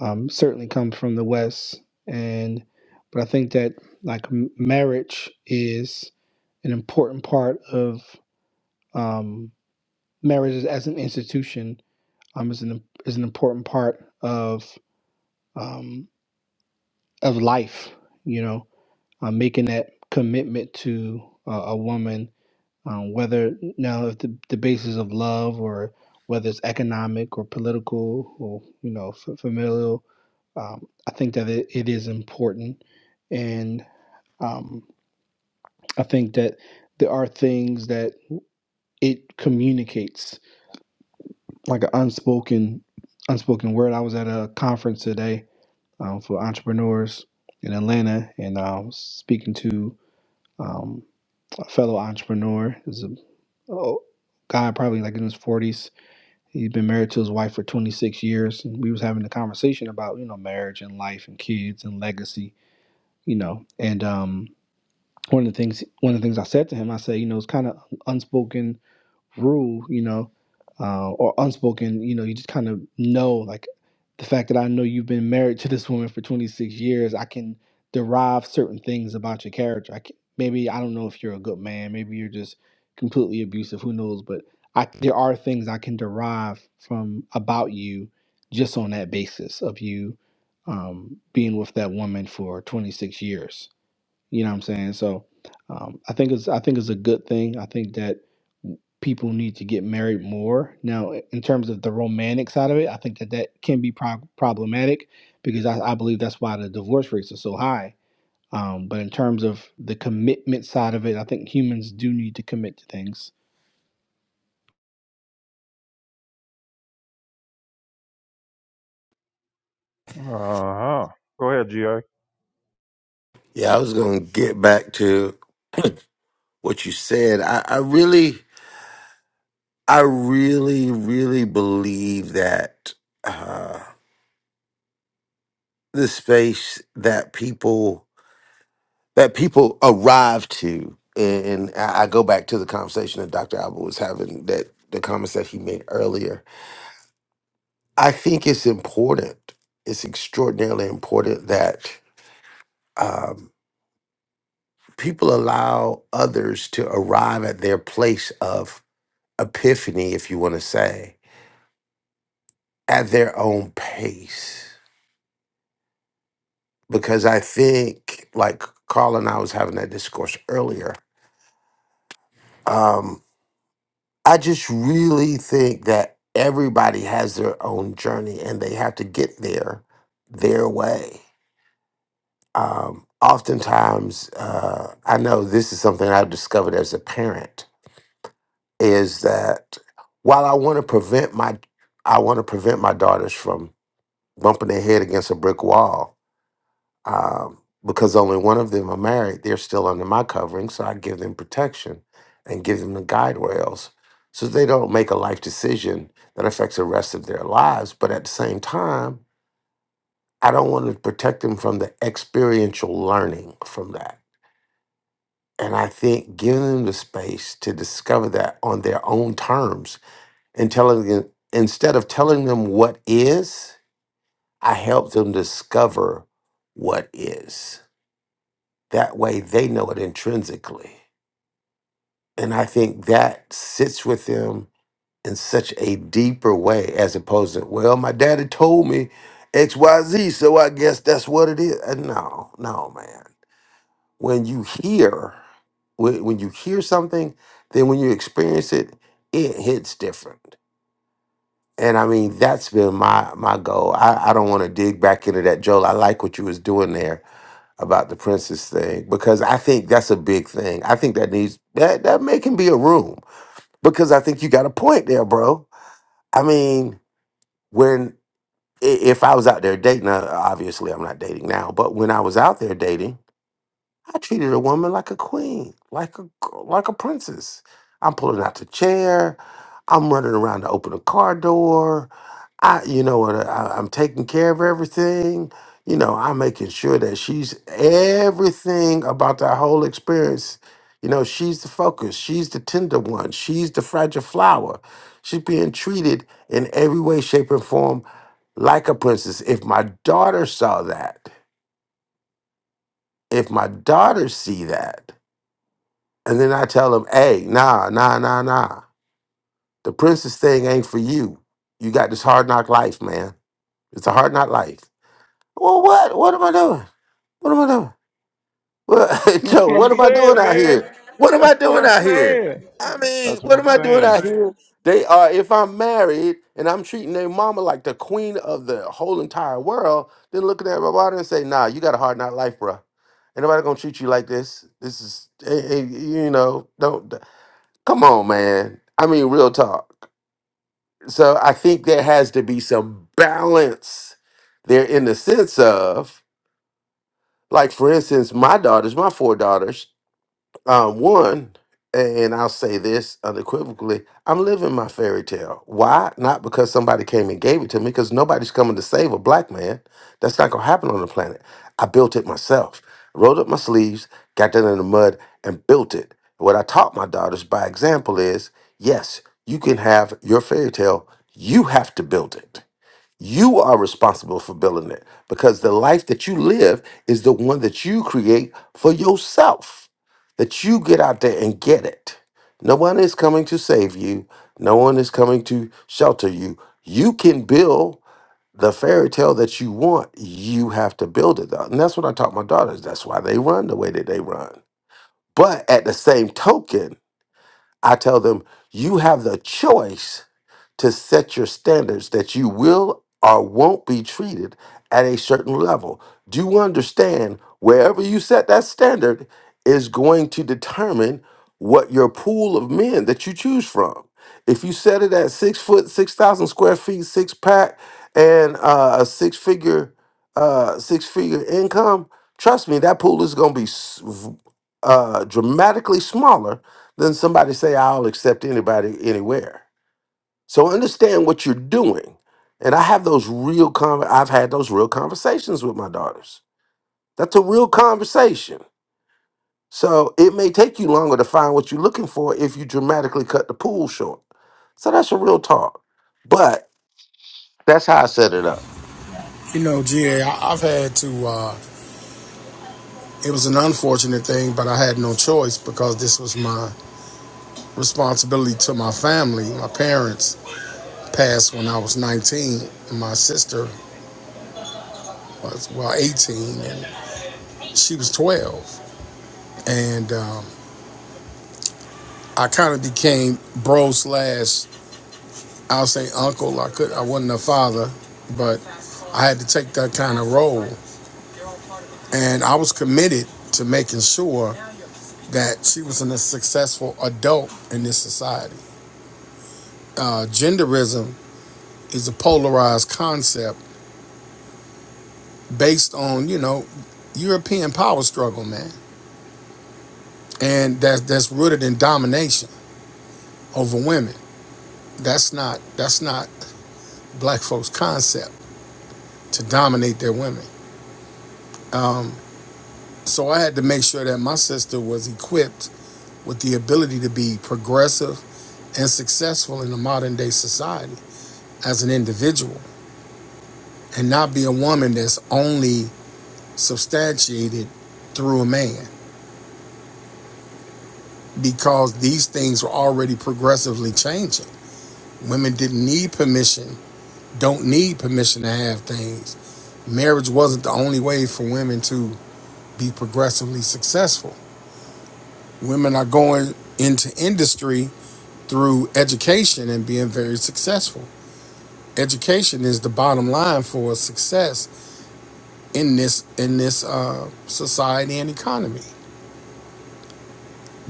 Speaker 14: um, certainly comes from the West, and but I think that like m- marriage is an important part of um, marriage as an institution um, is an is an important part of um, of life. You know, um, making that commitment to uh, a woman um, whether now if the, the basis of love or whether it's economic or political or you know f- familial um, i think that it, it is important and um, i think that there are things that it communicates like an unspoken unspoken word i was at a conference today um, for entrepreneurs in atlanta and i was speaking to um, a fellow entrepreneur is a oh, guy probably like in his 40s He's been married to his wife for 26 years, and we was having a conversation about you know marriage and life and kids and legacy, you know. And um, one of the things one of the things I said to him, I said, you know, it's kind of unspoken rule, you know, uh, or unspoken, you know, you just kind of know, like the fact that I know you've been married to this woman for 26 years, I can derive certain things about your character. I can, maybe I don't know if you're a good man, maybe you're just completely abusive, who knows? But I, there are things I can derive from about you just on that basis of you um, being with that woman for 26 years you know what I'm saying? So um, I think it's I think it's a good thing. I think that people need to get married more. Now, in terms of the romantic side of it, I think that that can be prob problematic because I, I believe that's why the divorce rates are so high. Um, but in terms of the commitment side of it, I think humans do need to commit to things.
Speaker 1: Uh huh. Go ahead, GA.
Speaker 10: Yeah, I was gonna get back to what you said. I, I really, I really, really believe that uh, the space that people that people arrive to, and I I go back to the conversation that Dr. Albert was having, that the comments that he made earlier. I think it's important. It's extraordinarily important that. Um, people allow others to arrive at their place of epiphany, if you want to say, at their own pace. Because I think, like Carl and I was having that discourse earlier, um, I just really think that everybody has their own journey and they have to get there their way. Um, oftentimes, uh, I know this is something I've discovered as a parent is that while I want to prevent my I want to prevent my daughters from bumping their head against a brick wall um, because only one of them are married. They're still under my covering, so I give them protection and give them the guide rails so they don't make a life decision that affects the rest of their lives. But at the same time, I don't want to protect them from the experiential learning from that. And I think giving them the space to discover that on their own terms and telling them, instead of telling them what is, I help them discover what is. That way they know it intrinsically. And I think that sits with them in such a deeper way as opposed to, well, my daddy told me XYZ, so I guess that's what it is. Uh, No, no, man. When you hear, when, when you hear something, then when you experience it, it hits different And I mean, that's been my my goal. I, I don't want to dig back into that, Joel. I like what you was doing there about the princess thing because I think that's a big thing. I think that needs that that may can be a room because I think you got a point there, bro. I mean, when i- if I was out there dating, uh, obviously I'm not dating now, but when I was out there dating. I treated a woman like a queen, like a like a princess. I'm pulling out the chair. I'm running around to open a car door. I, you know what? I, I'm taking care of everything. You know, I'm making sure that she's everything about that whole experience. You know, she's the focus. She's the tender one. She's the fragile flower. She's being treated in every way, shape, and form like a princess. If my daughter saw that, if my daughter see that, and then I tell him, hey, nah, nah, nah, nah. The princess thing ain't for you. You got this hard knock life, man. It's a hard knock life. Well, what? What am I doing? What am I doing? Well, Joe, what am I doing
Speaker 1: Saying,
Speaker 10: out
Speaker 1: man.
Speaker 10: here? What am I
Speaker 1: That's what
Speaker 10: doing
Speaker 1: I'm
Speaker 10: out here?
Speaker 1: saying.
Speaker 10: I mean,
Speaker 1: That's what
Speaker 10: what
Speaker 1: I'm
Speaker 10: am I doing
Speaker 1: saying.
Speaker 10: out here? They are, if I'm married and I'm treating their mama like the queen of the whole entire world, then looking at my body and say, nah, you got a hard knock life, bruh. Ain't nobody gonna treat you like this. This is, eh, eh, you know, don't. Come on, man. I mean, real talk. So I think there has to be some balance there in the sense of, like, for instance, my daughters, my four daughters, um, one, and I'll say this unequivocally, I'm living my fairy tale. Why? Not because somebody came and gave it to me, because nobody's coming to save a black man. That's not gonna happen on the planet. I built it myself. Rolled up my sleeves, got down in the mud, and built it. What I taught my daughters by example is yes, you can have your fairy tale, you have to build it. You are responsible for building it because the life that you live is the one that you create for yourself. That you get out there and get it. No one is coming to save you, no one is coming to shelter you. You can build the fairy tale that you want, you have to build it though. And that's what I taught my daughters. That's why they run the way that they run. But at the same token, I tell them, you have the choice to set your standards that you will or won't be treated at a certain level. Do you understand wherever you set that standard is going to determine what your pool of men that you choose from? If you set it at six foot, 6,000 square feet, six pack, and uh, a six figure, uh, six figure income, trust me, that pool is going to be s- v- uh, dramatically smaller than somebody say, I'll accept anybody anywhere. So understand what you're doing. And I have those real con- I've had those real conversations with my daughters. That's a real conversation. So it may take you longer to find what you're looking for if you dramatically cut the pool short. So that's a real talk. But that's how I set it up.
Speaker 7: You know, GA, I, have had to, uh, it was an unfortunate thing, but I had no choice because this was my responsibility to my family. My parents passed when I was 19, and my sister was, well, 18, and she was 12. and um, I kind of became bro slash I'll say uncle. I could I wasn't a father, but I had to take that kind of role, and I was committed to making sure that she was a successful adult in this society. Uh, genderism is a polarized concept based on you know European power struggle, man, and that that's rooted in domination over women. That's not that's not black folks' concept to dominate their women. So I had to make sure that my sister was equipped with the ability to be progressive and successful in the modern day society as an individual and not be a woman that's only substantiated through a man because these things were already progressively changing. Women didn't need permission, don't need permission to have things. Marriage wasn't the only way for women to be progressively successful. Women are going into industry through education and being very successful. Education is the bottom line for success in this in this uh, society and economy.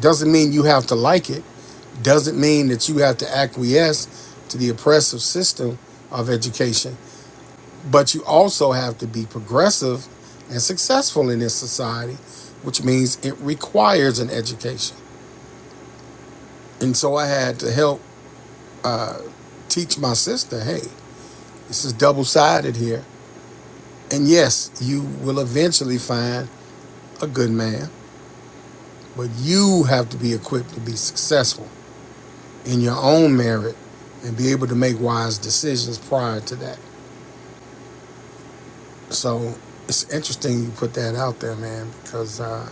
Speaker 7: Doesn't mean you have to like it. Doesn't mean that you have to acquiesce to the oppressive system of education. But you also have to be progressive and successful in this society, which means it requires an education. And so I had to help teach my sister, hey, this is double sided here And yes, you will eventually find a good man, but you have to be equipped to be successful in your own merit and be able to make wise decisions prior to that. So it's interesting you put that out there, man, because uh,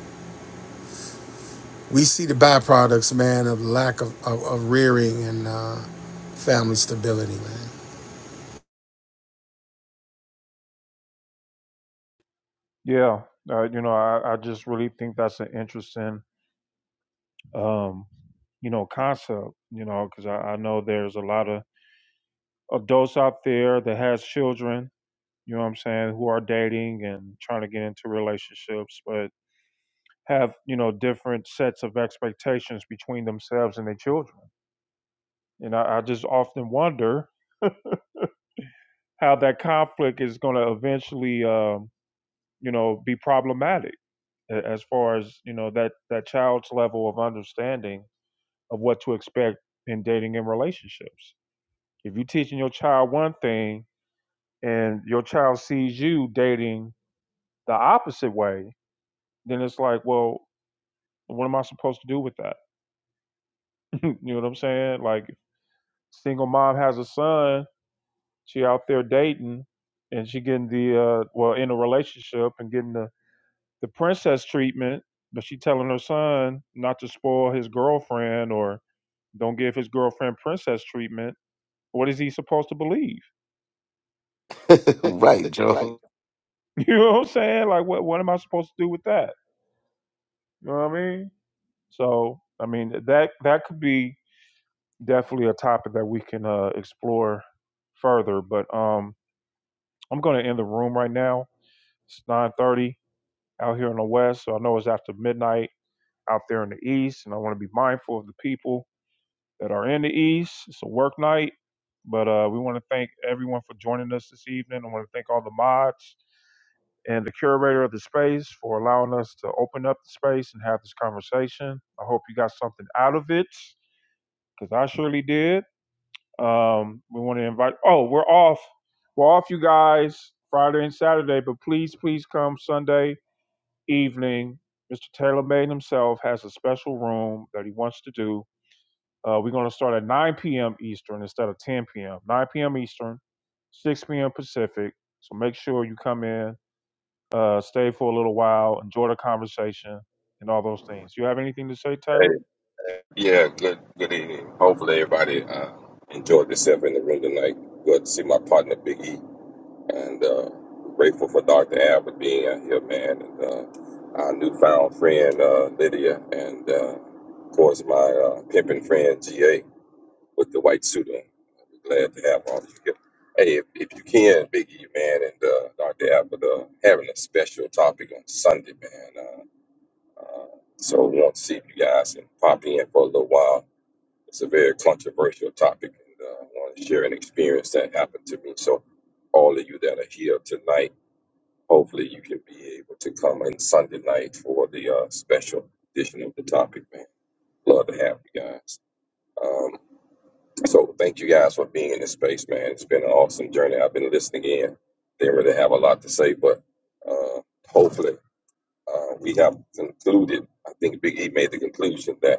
Speaker 7: we see the byproducts, man, of lack of, of, of rearing and uh, family stability, man.
Speaker 1: Yeah, uh, you know, I, I just really think that's an interesting, um, you know, concept. You know, because I, I know there's a lot of adults out there that has children. You know what I'm saying? Who are dating and trying to get into relationships, but have you know different sets of expectations between themselves and their children. and I, I just often wonder how that conflict is going to eventually, um, you know, be problematic a- as far as you know that that child's level of understanding of what to expect in dating and relationships. If you're teaching your child one thing and your child sees you dating the opposite way, then it's like, well, what am I supposed to do with that? you know what I'm saying? Like, single mom has a son She out there dating and she getting the uh well in a relationship and getting the the princess treatment, but she telling her son not to spoil his girlfriend or don't give his girlfriend princess treatment. What is he supposed to believe?
Speaker 10: right, Joe.
Speaker 1: You know what I'm saying? Like what what am I supposed to do with that? You know what I mean? So, I mean that that could be definitely a topic that we can uh explore further, but um I'm going to end the room right now. It's 9:30 out here in the west, so I know it's after midnight out there in the East, and I want to be mindful of the people that are in the East. It's a work night, but uh, we want to thank everyone for joining us this evening. I want to thank all the mods and the curator of the space for allowing us to open up the space and have this conversation. I hope you got something out of it because I surely did. Um, we want to invite. Oh, we're off. We're off, you guys, Friday and Saturday, but please, please come Sunday evening. Mr. Taylor Made himself has a special room that he wants to do Uh, we're going to start at 9 p.m. Eastern instead of 10 p.m. 9 p.m. Eastern, 6 p.m. Pacific. So make sure you come in, uh, stay for a little while, enjoy the conversation, and all those things. You have anything to say, Taylor?
Speaker 2: Good, good evening, like good evening, and uh, grateful for Dr. Al for being out here, man, and uh, our newfound friend uh, Lydia, and uh, of course my uh, pimping friend GA with the white suit on. Glad to have all of you here. Hey, if, if you can, Big E, man, and uh, Dr. Al, but uh, having a special topic on Sunday, man. uh, So I want to see if you guys can pop in for a little while. It's a very controversial topic, and uh, I want to share an experience that happened to me. So all of you that are here tonight, hopefully you can be able to come in Sunday night for the uh, special edition of the topic, man. Love to have you guys. Um, so thank you guys for being in this space, man. It's been an awesome journey. I've been listening in. Didn't really have a lot to say, but uh, hopefully uh, we have concluded. I think Big E made the conclusion that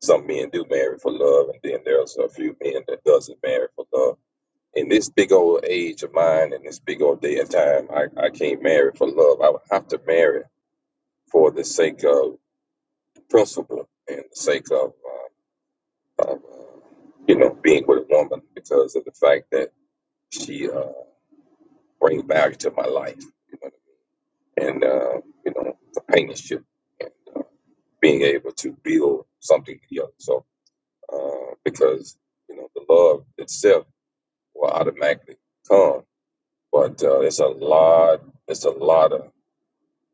Speaker 2: Some men do marry for love, and then there's a few men that doesn't marry for love. In this big old age of mine, in this big old day and time, I, I can't marry for love. I would have to marry for the sake of principle and the sake of, uh, of uh, you know, being with a woman because of the fact that she uh, brings value to my life you know, and, uh, you know, companionship and uh, being able to build something together. So, uh, because, you know, the love itself will automatically come. But uh, it's a lot. It's a lot of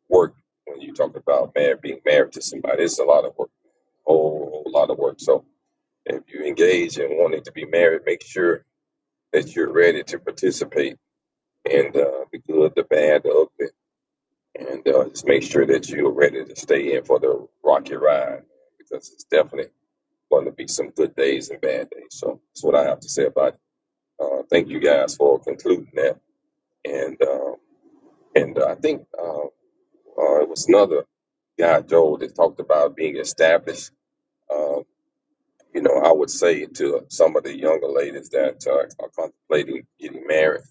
Speaker 2: work when you talk about married, being married to somebody. It's a lot of work, whole, whole lot of work. So if you engage in wanting to be married, make sure that you're ready to participate and uh, the good, the bad, the ugly, and uh, just make sure that you're ready to stay in for the rocky ride because it's definitely going to be some good days and bad days. So that's what I have to say about it. Uh, thank you guys for concluding that. And uh, And uh, I think uh, uh, it was another guy, Joel, that talked about being established. Uh, you know, I would say to some of the younger ladies that uh, are contemplating getting married,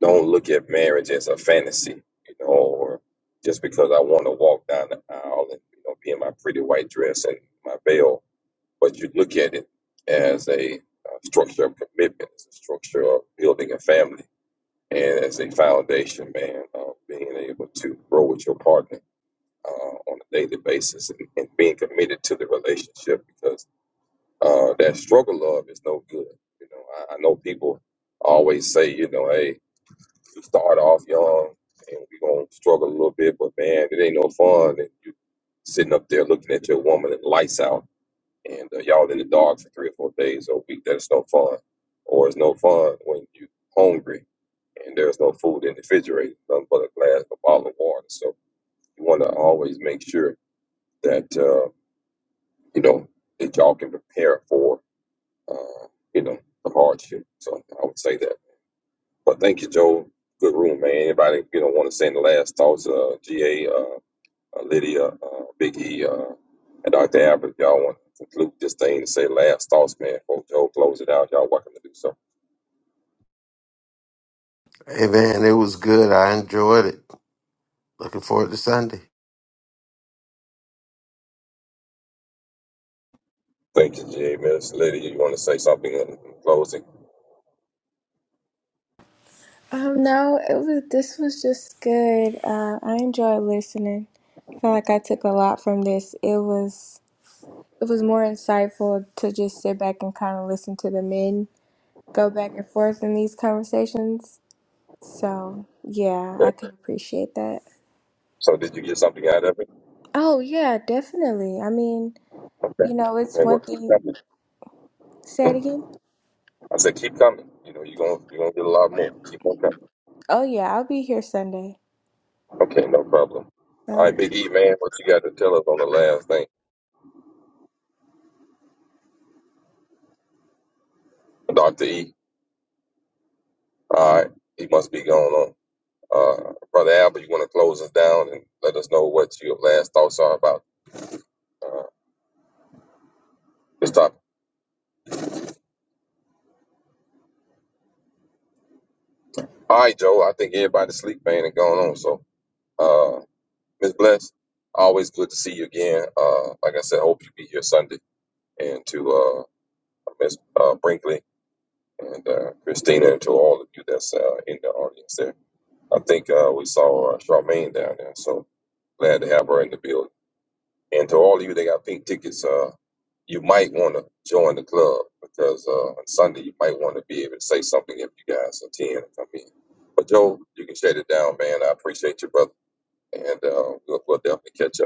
Speaker 2: don't look at marriage as a fantasy, you know, or just because I want to walk down the aisle and you know be in my pretty white dress and my veil, but you look at it as a uh, structure of commitment, as a structure of building a family, and as a foundation, man, of being able to grow with your partner uh, on a daily basis and, and being committed to the relationship because uh, that struggle love is no good. You know, I, I know people always say, you know, hey, you start off young and we're going to struggle a little bit, but man, it ain't no fun. And you sitting up there looking at your woman and lights out and uh, y'all in the dark for three or four days or a week. That's no fun. Or it's no fun when you hungry and there's no food in the refrigerator, nothing but a glass of bottled water. So you want to always make sure that. uh, you know, that y'all can prepare for, uh, you know, the hardship. So I would say that. But thank you, Joe. Good room, man. Anybody, you know, want to say the last thoughts, uh, GA, uh, uh, Lydia, uh, Big E, uh, and Dr. Abbott, y'all want to conclude this thing and say last thoughts, man. Before Joe close it out, y'all welcome to do so.
Speaker 10: Hey man, it was good. I enjoyed it. Looking forward to Sunday.
Speaker 2: Thank you, GA, Miss Lydia. You want to say something in in closing?
Speaker 4: Um, no, it was this was just good. Uh, I enjoyed listening. I feel like I took a lot from this. It was it was more insightful to just sit back and kind of listen to the men go back and forth in these conversations. So, yeah,
Speaker 2: Okay.
Speaker 4: I could appreciate that.
Speaker 2: So did you get something out of it?
Speaker 4: Oh, yeah, definitely. I mean, you
Speaker 2: Okay.
Speaker 4: know, it's
Speaker 2: And
Speaker 4: one
Speaker 2: well, keep
Speaker 4: thing.
Speaker 2: coming.
Speaker 4: Say it
Speaker 2: Hmm.
Speaker 4: again.
Speaker 2: I said, keep coming. You know, you're going to you're gonna get a lot more. Keep on coming.
Speaker 4: Oh, yeah, I'll be here Sunday.
Speaker 2: Okay, no problem. All
Speaker 4: All
Speaker 2: right,
Speaker 4: right.
Speaker 2: Big E, man, what you got to tell us on the last thing? Dr. E, all right, he must be going on. Uh, Brother Albert, you want to close us down and let us know what your last thoughts are about uh, this topic? All right, Joe, I think everybody's sleep, man, and going on. So, uh, Ms. Bless, always good to see you again. Uh, like I said, hope you be here Sunday. And to uh, Ms. Uh, Brinkley and uh, Christina, and to all of you that's uh, in the audience there. I think uh, we saw uh, Charmaine down there. So, Glad to have her in the building. And to all of you that got pink tickets, uh, you might want to join the club because uh, on Sunday you might want to be able to say something if you guys attend and come in. But Joe, you can shut it down, man. I appreciate you, brother, and uh, we'll, we'll definitely catch up.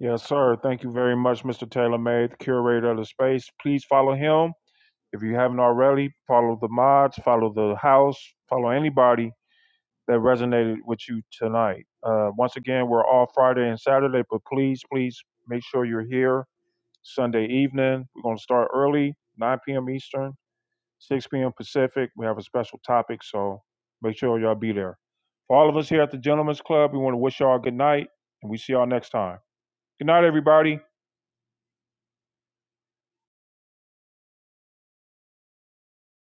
Speaker 1: Yes, sir. Thank you very much, Mr. Taylor May, the curator of the space. Please follow him. If you haven't already, follow the mods, follow the house, follow anybody that resonated with you tonight. Uh, once again, we're off Friday and Saturday, but please, please make sure you're here Sunday evening. We're going to start early, 9 p.m. Eastern, 6 p.m. Pacific. We have a special topic, so make sure y'all be there. For all of us here at the Gentlemen's Club, we want to wish y'all a good night, and we see y'all next time. Good night, everybody.